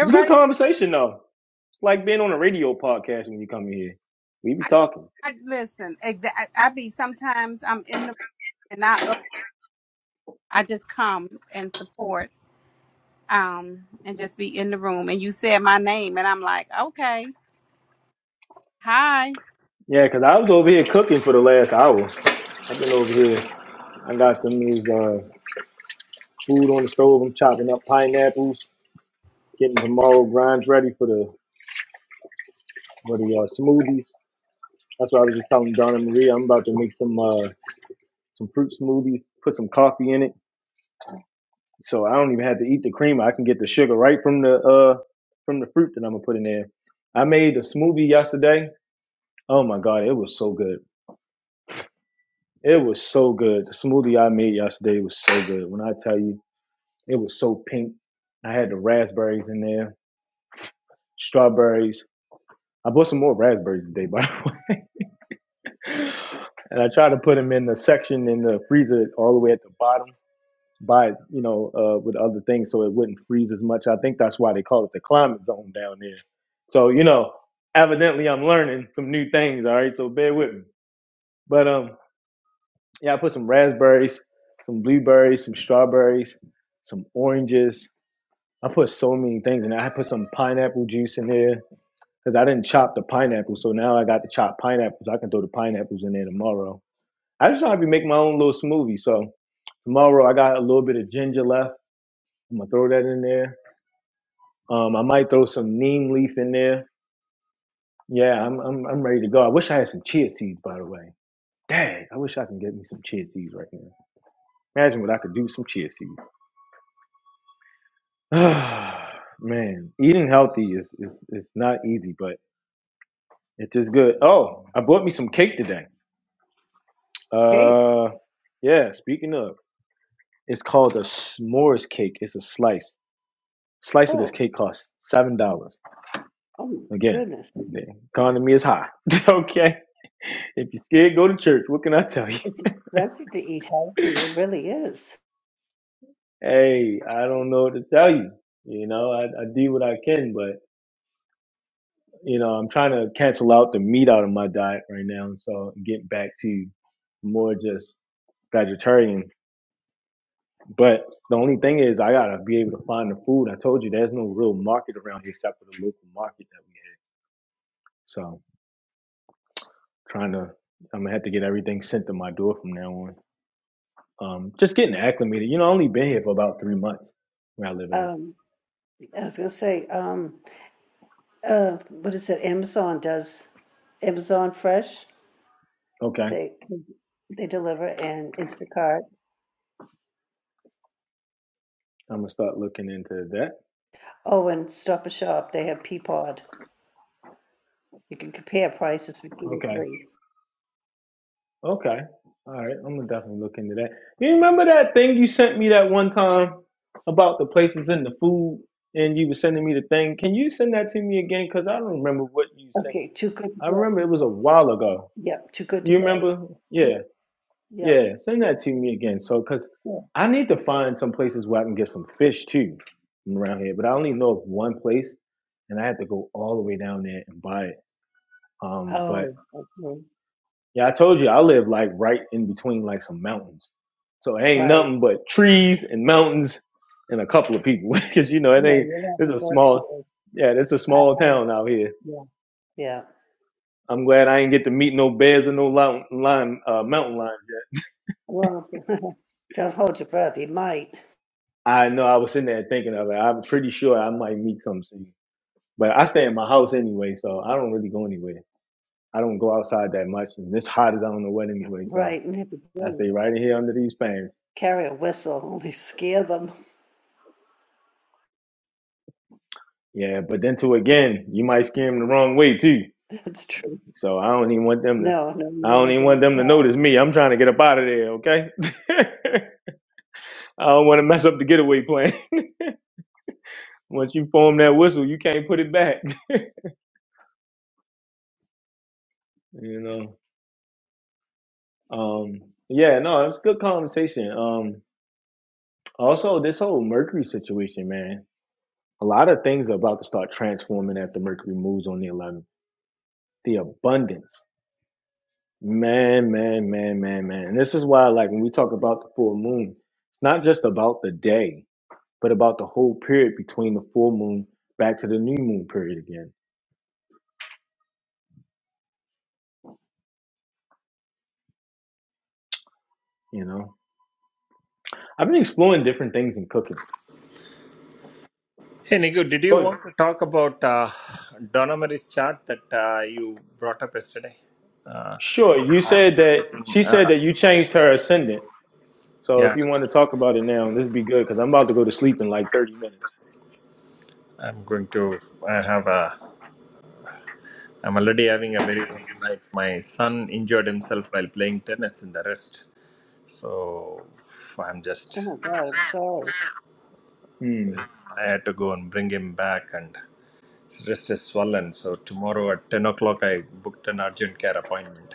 Speaker 1: It's a good conversation though. It's like being on a radio podcast when you come in here. We be
Speaker 10: I,
Speaker 1: talking.
Speaker 10: I listen, exa- I, I be sometimes I'm in the room and I, up, I just come and support um and just be in the room. And you said my name, and I'm like, okay, hi.
Speaker 1: Yeah, 'cause I was over here cooking for the last hour. I've been over here. I got some of uh, food on the stove. I'm chopping up pineapples, getting tomorrow grinds ready for the for the uh, smoothies. That's what I was just telling Donna Maria. I'm about to make some uh, some fruit smoothies, put some coffee in it. So I don't even have to eat the creamer. I can get the sugar right from the uh from the fruit that I'm gonna put in there. I made a smoothie yesterday. Oh my god, it was so good. It was so good. The smoothie I made yesterday was so good. When I tell you, it was so pink. I had the raspberries in there, strawberries, I bought some more raspberries today, by the way. And I tried to put them in the section in the freezer all the way at the bottom by, you know, uh, with other things so it wouldn't freeze as much. I think that's why they call it the climate zone down there. So, you know, evidently I'm learning some new things, all right? So bear with me. But um, yeah, I put some raspberries, some blueberries, some strawberries, some oranges. I put so many things in there. I put some pineapple juice in there because I didn't chop the pineapple. So now I got the chopped pineapples. I can throw the pineapples in there tomorrow. I just trying to make my own little smoothie. So tomorrow I got a little bit of ginger left. I'm gonna throw that in there. Um, I might throw some neem leaf in there. Yeah, I'm I'm I'm ready to go. I wish I had some chia seeds, by the way. Dang, I wish I can get me some chia seeds right now. Imagine what I could do with some chia seeds. Man, eating healthy is is is not easy, but it's just good. Oh, I bought me some cake today.
Speaker 6: Cake.
Speaker 1: Uh, yeah. Speaking of, it's called a s'mores cake. It's a slice. Slice of this
Speaker 6: Oh,
Speaker 1: cake costs seven dollars.
Speaker 6: oh my
Speaker 1: Again,
Speaker 6: goodness.
Speaker 1: the economy is high. okay. If you're scared, go to church. What can I tell you?
Speaker 6: It's expensive to eat healthy. It really is.
Speaker 1: Hey, I don't know what to tell you. You know, I, I do what I can, but you know, I'm trying to cancel out the meat out of my diet right now, so I'm getting back to more just vegetarian But the only thing is, I gotta be able to find the food. I told you there's no real market around here except for the local market that we had. So trying to, I'm gonna have to get everything sent to my door from now on. Um, just getting acclimated. You know, I only been here for about three months where I live at.
Speaker 6: Um, I was gonna say, um, uh, what is it? Amazon does Amazon Fresh.
Speaker 1: Okay,
Speaker 6: They they deliver and Instacart.
Speaker 1: I'm gonna start looking into that.
Speaker 6: Oh, and Stop and Shop. They have Peapod. You can compare prices between the
Speaker 1: Okay,
Speaker 6: three.
Speaker 1: okay, all right. I'm gonna definitely look into that. You remember that thing you sent me that one time about the places and the food, and you were sending me the thing. Can you send that to me again? Cause I don't remember what you sent.
Speaker 6: Okay, too good to
Speaker 1: I
Speaker 6: go.
Speaker 1: remember it was a
Speaker 6: Yeah.
Speaker 1: while ago.
Speaker 6: Yep, too good to
Speaker 1: You
Speaker 6: go.
Speaker 1: remember?
Speaker 6: Yeah,
Speaker 1: Yeah,
Speaker 6: yep,
Speaker 1: yeah. Send that to me again. So, because
Speaker 6: yeah.
Speaker 1: I need to find some places where I can get some fish too from around here, but I only know of one place and I had to go all the way down there and buy it. Um, but
Speaker 6: Oh, okay,
Speaker 1: yeah, I told you I live like right in between like some mountains. So it ain't
Speaker 6: right.
Speaker 1: nothing but trees and mountains and a couple of people because you know, it
Speaker 6: Yeah,
Speaker 1: ain't,
Speaker 6: you're not in the
Speaker 1: it's a
Speaker 6: Berkshire.
Speaker 1: small, yeah, it's a
Speaker 6: I,
Speaker 1: small
Speaker 6: I,
Speaker 1: town out here.
Speaker 6: yeah, yeah.
Speaker 1: I'm glad I ain't get to meet no bears or no lime, lime uh, mountain lions.
Speaker 6: Well, don't hold your breath. You might.
Speaker 1: I know I was sitting there thinking of it. I'm pretty sure I might meet something, But I stay in my house anyway, so I don't really go anywhere. I don't go outside that much, and it's hot as I don't know what anyway, so
Speaker 6: Right, and have to
Speaker 1: I
Speaker 6: really
Speaker 1: stay right in here under these pants.
Speaker 6: carry a whistle, only scare them.
Speaker 1: Yeah, but then too again, you might scare them the wrong way too.
Speaker 6: That's true.
Speaker 1: So I don't even want them to.
Speaker 6: No, no, you
Speaker 1: I
Speaker 6: don't
Speaker 1: don't
Speaker 6: want
Speaker 1: even want
Speaker 6: them
Speaker 1: them
Speaker 6: to
Speaker 1: to
Speaker 6: pass.
Speaker 1: notice me. I'm trying to get up out of there, okay? I don't want to mess up the getaway plan. Once you form that whistle, you can't put it back. You know. Um. Yeah. No, it's a good conversation. Um. Also, this whole Mercury situation, man, a lot of things are about to start transforming after Mercury moves on the 11th. The abundance, man, man, man, man, man. And this is why, like, when we talk about the full moon, it's not just about the day, but about the whole period between the full moon back to the new moon period again. You know, I've been exploring different things in cooking.
Speaker 8: Hey, Nigu, did
Speaker 1: Go
Speaker 8: you
Speaker 1: ahead.
Speaker 8: want to talk about uh, Donna Mary's chart that uh, you brought up yesterday? Uh,
Speaker 1: Sure, you
Speaker 8: I'm
Speaker 1: said that
Speaker 8: just waiting.
Speaker 1: she said
Speaker 8: Uh,
Speaker 1: that you changed her ascendant. So
Speaker 8: yeah,
Speaker 1: if you want to talk about it now, this would be good because I'm about to go to sleep in like 30 minutes.
Speaker 8: I'm going to. I have a. I'm already having a very rough night. My son injured himself while playing tennis in the wrist. So I'm just,
Speaker 6: Oh my God, I'm sorry.
Speaker 1: Hmm.
Speaker 8: I had to go and bring him back, and his wrist is swollen. So tomorrow at 10 o'clock, I booked an urgent care appointment.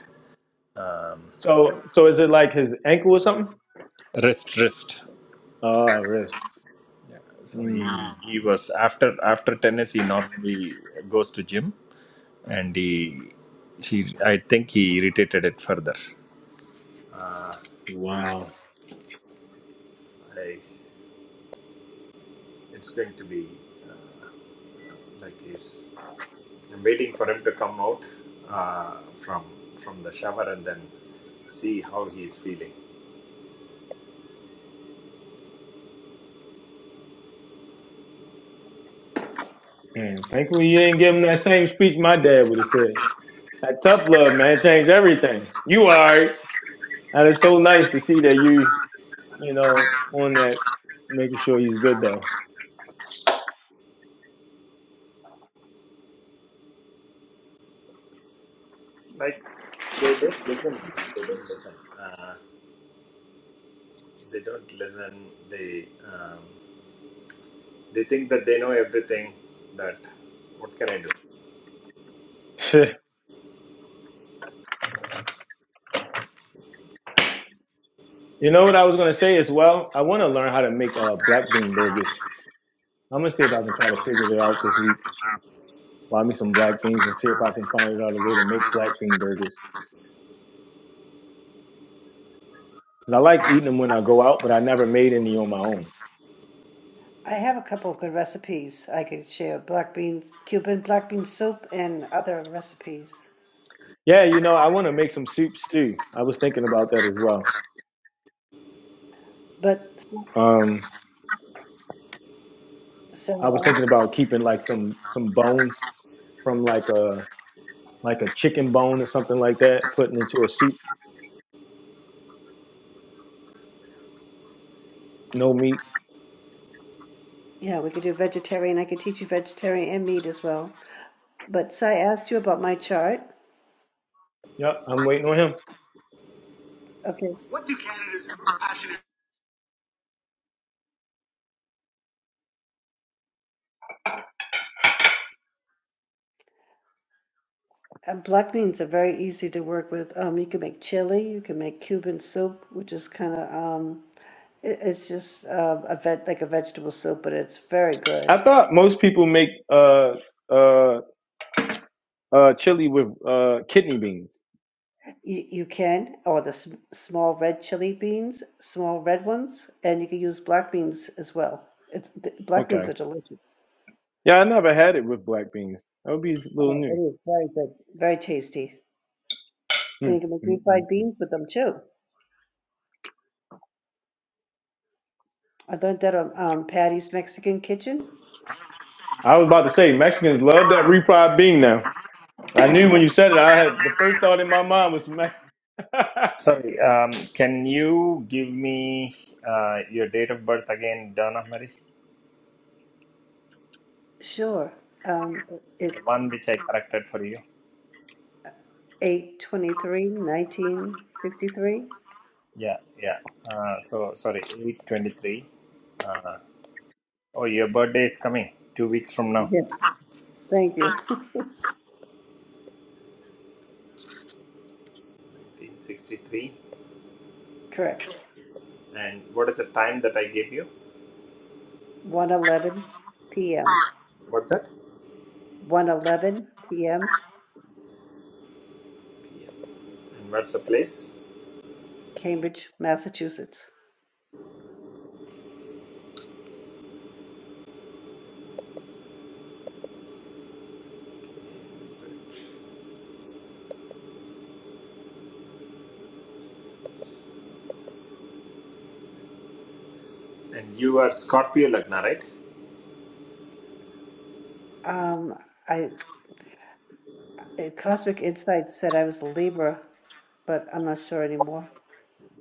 Speaker 8: Um,
Speaker 1: So so is it like his ankle or something?
Speaker 8: wrist, wrist.
Speaker 1: Oh, wrist.
Speaker 8: Yeah. So he,
Speaker 1: Mm,
Speaker 8: he was after after tennis. He normally goes to gym, and he he I think he irritated it further. Uh,
Speaker 1: wow.
Speaker 8: I, it's going to be uh, like he's I'm waiting for him to come out uh, from from the shower and then see how he's feeling.
Speaker 1: And thankfully you didn't give him that same speech my dad would have said. That tough love, man, changed everything. You alright. And it's so nice to see that you, you know, on that, making sure he's good though.
Speaker 8: Like they don't listen. They don't listen. Uh, they don't listen. They um, they think that they know everything. That what can I do?
Speaker 1: you know what I was gonna say as well? I wanna learn how to make uh black bean burgers. I'm gonna see if I can try to figure it out this week. Buy me some black beans and see if I can find out a way to make black bean burgers. 'Cause I like eating them when I go out, but I never made any on my own.
Speaker 6: I have a couple of good recipes I could share: black beans, Cuban black bean soup, and other recipes.
Speaker 1: Yeah, you know, I want to make some soups too. I was thinking about that as well.
Speaker 6: But
Speaker 1: Um, I was
Speaker 6: so, uh,
Speaker 1: thinking about keeping like some some bones from like a like a chicken bone or something like that, putting into a soup, no meat.
Speaker 6: yeah, we could do vegetarian. I could teach you vegetarian and meat as well. But so I asked you about my chart.
Speaker 1: Yep, I'm waiting on him.
Speaker 6: Okay.
Speaker 8: What do candidates do
Speaker 6: Uh, black beans are very easy to work with. Um, you can make chili, you can make Cuban soup, which is kind of um, it's just um, a vet, like a vegetable soup, but it's very good.
Speaker 1: I thought most people make uh uh uh chili with uh kidney beans.
Speaker 6: You, you can, or the sm- small red chili beans, small red ones, and you can use black beans as well. It's th- black
Speaker 1: Okay.
Speaker 6: beans are delicious.
Speaker 1: Yeah, I never had it with black beans. That would be a little
Speaker 6: Oh,
Speaker 1: new.
Speaker 6: it is very good, very tasty,
Speaker 1: Hmm.
Speaker 6: and you can make
Speaker 1: Mm, mm,
Speaker 6: refried
Speaker 1: mm.
Speaker 6: beans with them too. I learned that on um, Patty's Mexican Kitchen.
Speaker 1: I was about to say Mexicans love that refried bean now. I knew when you said it. I had the first thought in my mind was Mexican.
Speaker 8: Sorry. Um, can you give me uh, your date of birth again, Donna Marie?
Speaker 6: Sure, um, it-
Speaker 8: The
Speaker 6: it's
Speaker 8: one which I corrected for you.
Speaker 6: eight twenty-three, nineteen sixty-three.
Speaker 8: Yeah, yeah. Uh, so sorry, eight twenty-three. Uh, oh, your birthday is coming two weeks from now.
Speaker 6: Yes, thank you.
Speaker 8: Nineteen sixty-three.
Speaker 6: Correct.
Speaker 8: And what is the time that I gave you?
Speaker 6: One eleven p.m.
Speaker 8: What's that?
Speaker 6: One eleven p.m.,
Speaker 8: PM. And what's the place?
Speaker 6: Cambridge, Massachusetts.
Speaker 8: And you are Scorpio Lagna, right?
Speaker 6: Um, I uh, Cosmic Insight said I was a Libra, but I'm not sure anymore.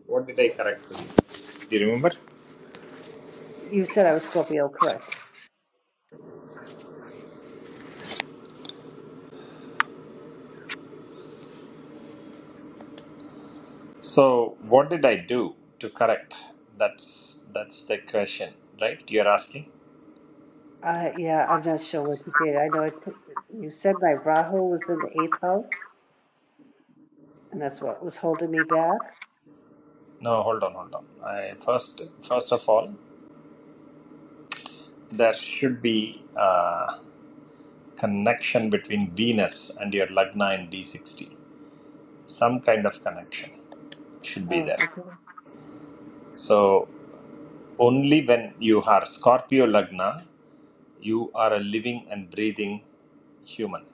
Speaker 8: What did I correct for you? Do you remember?
Speaker 6: You said I was Scorpio, correct?
Speaker 8: So what did I do to correct? That's that's the question, right? You're asking.
Speaker 6: Uh, yeah, I'm not sure what you did. I know it, you said my Rahu was in the eighth house, and that's what was holding me back.
Speaker 8: No, hold on, hold on. I, first, first of all, there should be. Uh, connection between Venus and your Lagna in D60. Some kind of connection should be
Speaker 6: Oh,
Speaker 8: there.
Speaker 6: okay.
Speaker 8: So, only when you are Scorpio Lagna, you are a living and breathing human.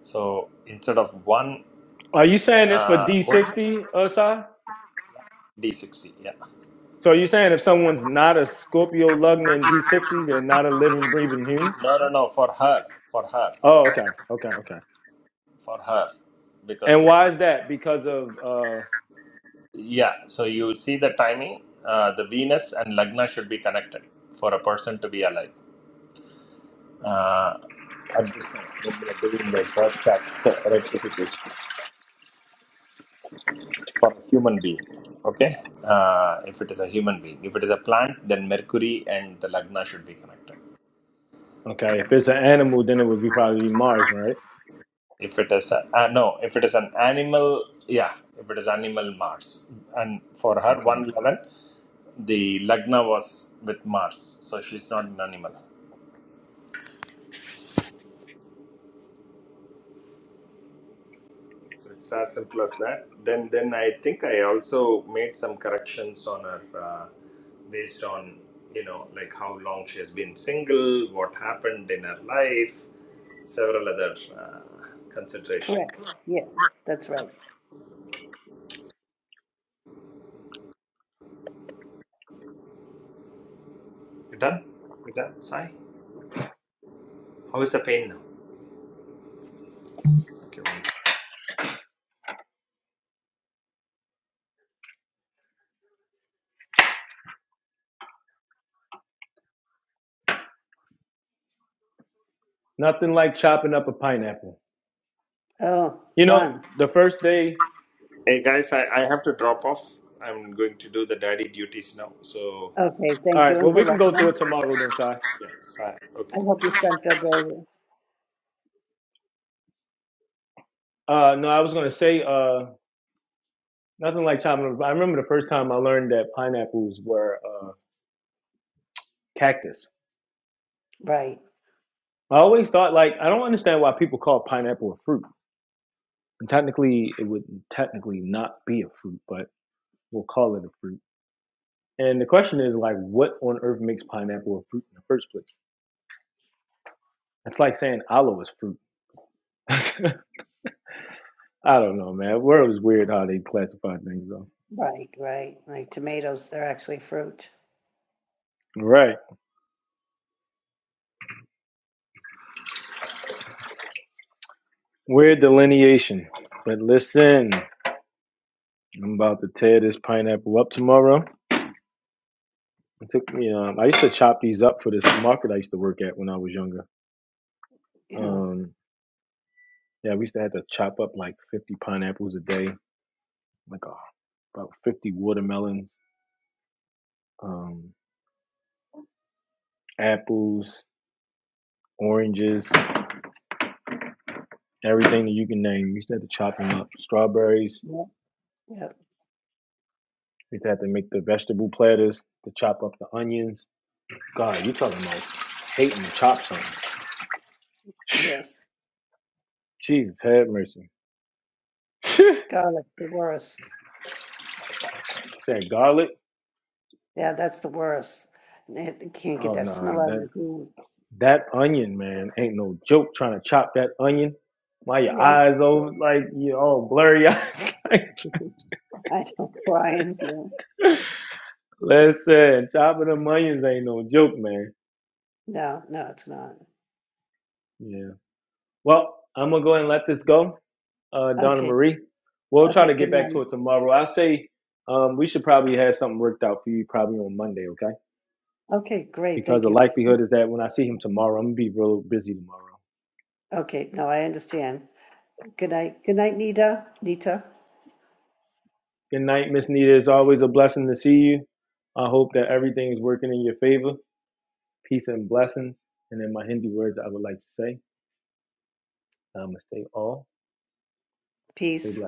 Speaker 8: So, instead of one,
Speaker 1: are you saying this for
Speaker 8: uh, what is it?
Speaker 1: D60, Osai?
Speaker 8: D60, yeah.
Speaker 1: So are you saying if someone's not a Scorpio Lugna in D60, they're not a living, breathing human?
Speaker 8: No, no, no, for her, for her,
Speaker 1: Oh, okay, okay, okay.
Speaker 8: for her. Because,
Speaker 1: And why is that? Because of uh,
Speaker 8: yeah, so you see the timing, uh, the Venus and Lagna should be connected for a person to be alive Uh, at this time, let me bring the broadcast rectification for a human being. Okay, uh, if it is a human being, if it is a plant, then Mercury and the Lagna should be connected.
Speaker 1: okay, if it's an animal, then it would be probably Mars, right?
Speaker 8: If it is a, uh, no, if it is an animal, yeah, if it is animal, Mars. And for her,
Speaker 1: Okay.
Speaker 8: one eleven, the Lagna was with Mars, so she's not an animal. So it's as simple as that. Then, then I think I also made some corrections on her uh, based on you know like how long she has been single, what happened in her life, several other uh, consideration.
Speaker 6: Correct. Yeah, that's right.
Speaker 8: You done? You done, Sai? How is the pain now? Okay, one second.
Speaker 1: Nothing like chopping up a pineapple.
Speaker 6: Oh,
Speaker 1: You know,
Speaker 6: fun.
Speaker 1: the first day.
Speaker 8: Hey guys, I, I have to drop off. I'm going to do the daddy duties now. So
Speaker 6: Okay,
Speaker 1: All
Speaker 6: thank you,
Speaker 1: right.
Speaker 6: and
Speaker 1: Well, we
Speaker 6: good
Speaker 1: can
Speaker 6: luck,
Speaker 1: go through
Speaker 6: man.
Speaker 1: it tomorrow, then, Si.
Speaker 8: yeah, Sai.
Speaker 6: I
Speaker 8: Okay.
Speaker 6: hope your son feels better.
Speaker 1: Uh, no, I was gonna say. Uh, Nothing like chopping. up- I remember the first time I learned that pineapples were uh, cactus.
Speaker 6: Right,
Speaker 1: I always thought like I don't understand why people call pineapple a fruit. And technically, it would technically not be a fruit, but we'll call it a fruit. And the question is like, what on earth makes pineapple a fruit in the first place? It's like saying aloe is fruit. I don't know, man. The World is weird how they classify things though.
Speaker 6: right, right. Like tomatoes, they're actually fruit.
Speaker 1: All Right. Weird delineation. But listen, I'm about to tear this pineapple up tomorrow. It took me. Um, I used to chop these up for this market I used to work at when I was younger.
Speaker 6: You know.
Speaker 1: Um, yeah, we used to have to chop up like 50 pineapples a day, like uh, about 50 watermelons, um, apples, oranges, everything that you can name. We used to have to chop them up. Strawberries.
Speaker 6: Yep, yep,
Speaker 1: We used to have to make the vegetable platters to chop up the onions. God, you talking about hating to chop something?
Speaker 6: yes.
Speaker 1: Jesus, have mercy. Said
Speaker 6: Garlic, the worst.
Speaker 1: garlic.
Speaker 6: Yeah, that's the worst. And it- you can't get
Speaker 1: Oh
Speaker 6: that smell out of
Speaker 1: no,
Speaker 6: your food.
Speaker 1: That onion, man, ain't no joke. Trying to chop that onion, why your
Speaker 6: Yep.
Speaker 1: eyes over like you all blurry eyes?
Speaker 6: I know, Brian. No,
Speaker 1: like, listen, chopping them onions ain't no joke, man.
Speaker 6: no, no, it's not.
Speaker 1: Yeah. Well, I'm gonna go ahead and let this go, uh, Donna
Speaker 6: Okay,
Speaker 1: Marie. We'll try
Speaker 6: okay,
Speaker 1: to get
Speaker 6: good
Speaker 1: back to
Speaker 6: night.
Speaker 1: it tomorrow. I say um, we should probably have something worked out for you probably on Monday, okay?
Speaker 6: Okay, great,
Speaker 1: Because
Speaker 6: thank
Speaker 1: the
Speaker 6: you.
Speaker 1: likelihood is that when I see him tomorrow, I'm gonna be real busy tomorrow.
Speaker 6: Okay, no, I understand. Good night. Good night, Nita. Nita,
Speaker 1: Good night, Miss Nita. It's always a blessing to see you. I hope that everything is working in your favor. Peace and blessings. And in my Hindi words, I would like to say, Namaste all. Stay
Speaker 6: peace.
Speaker 1: blessed.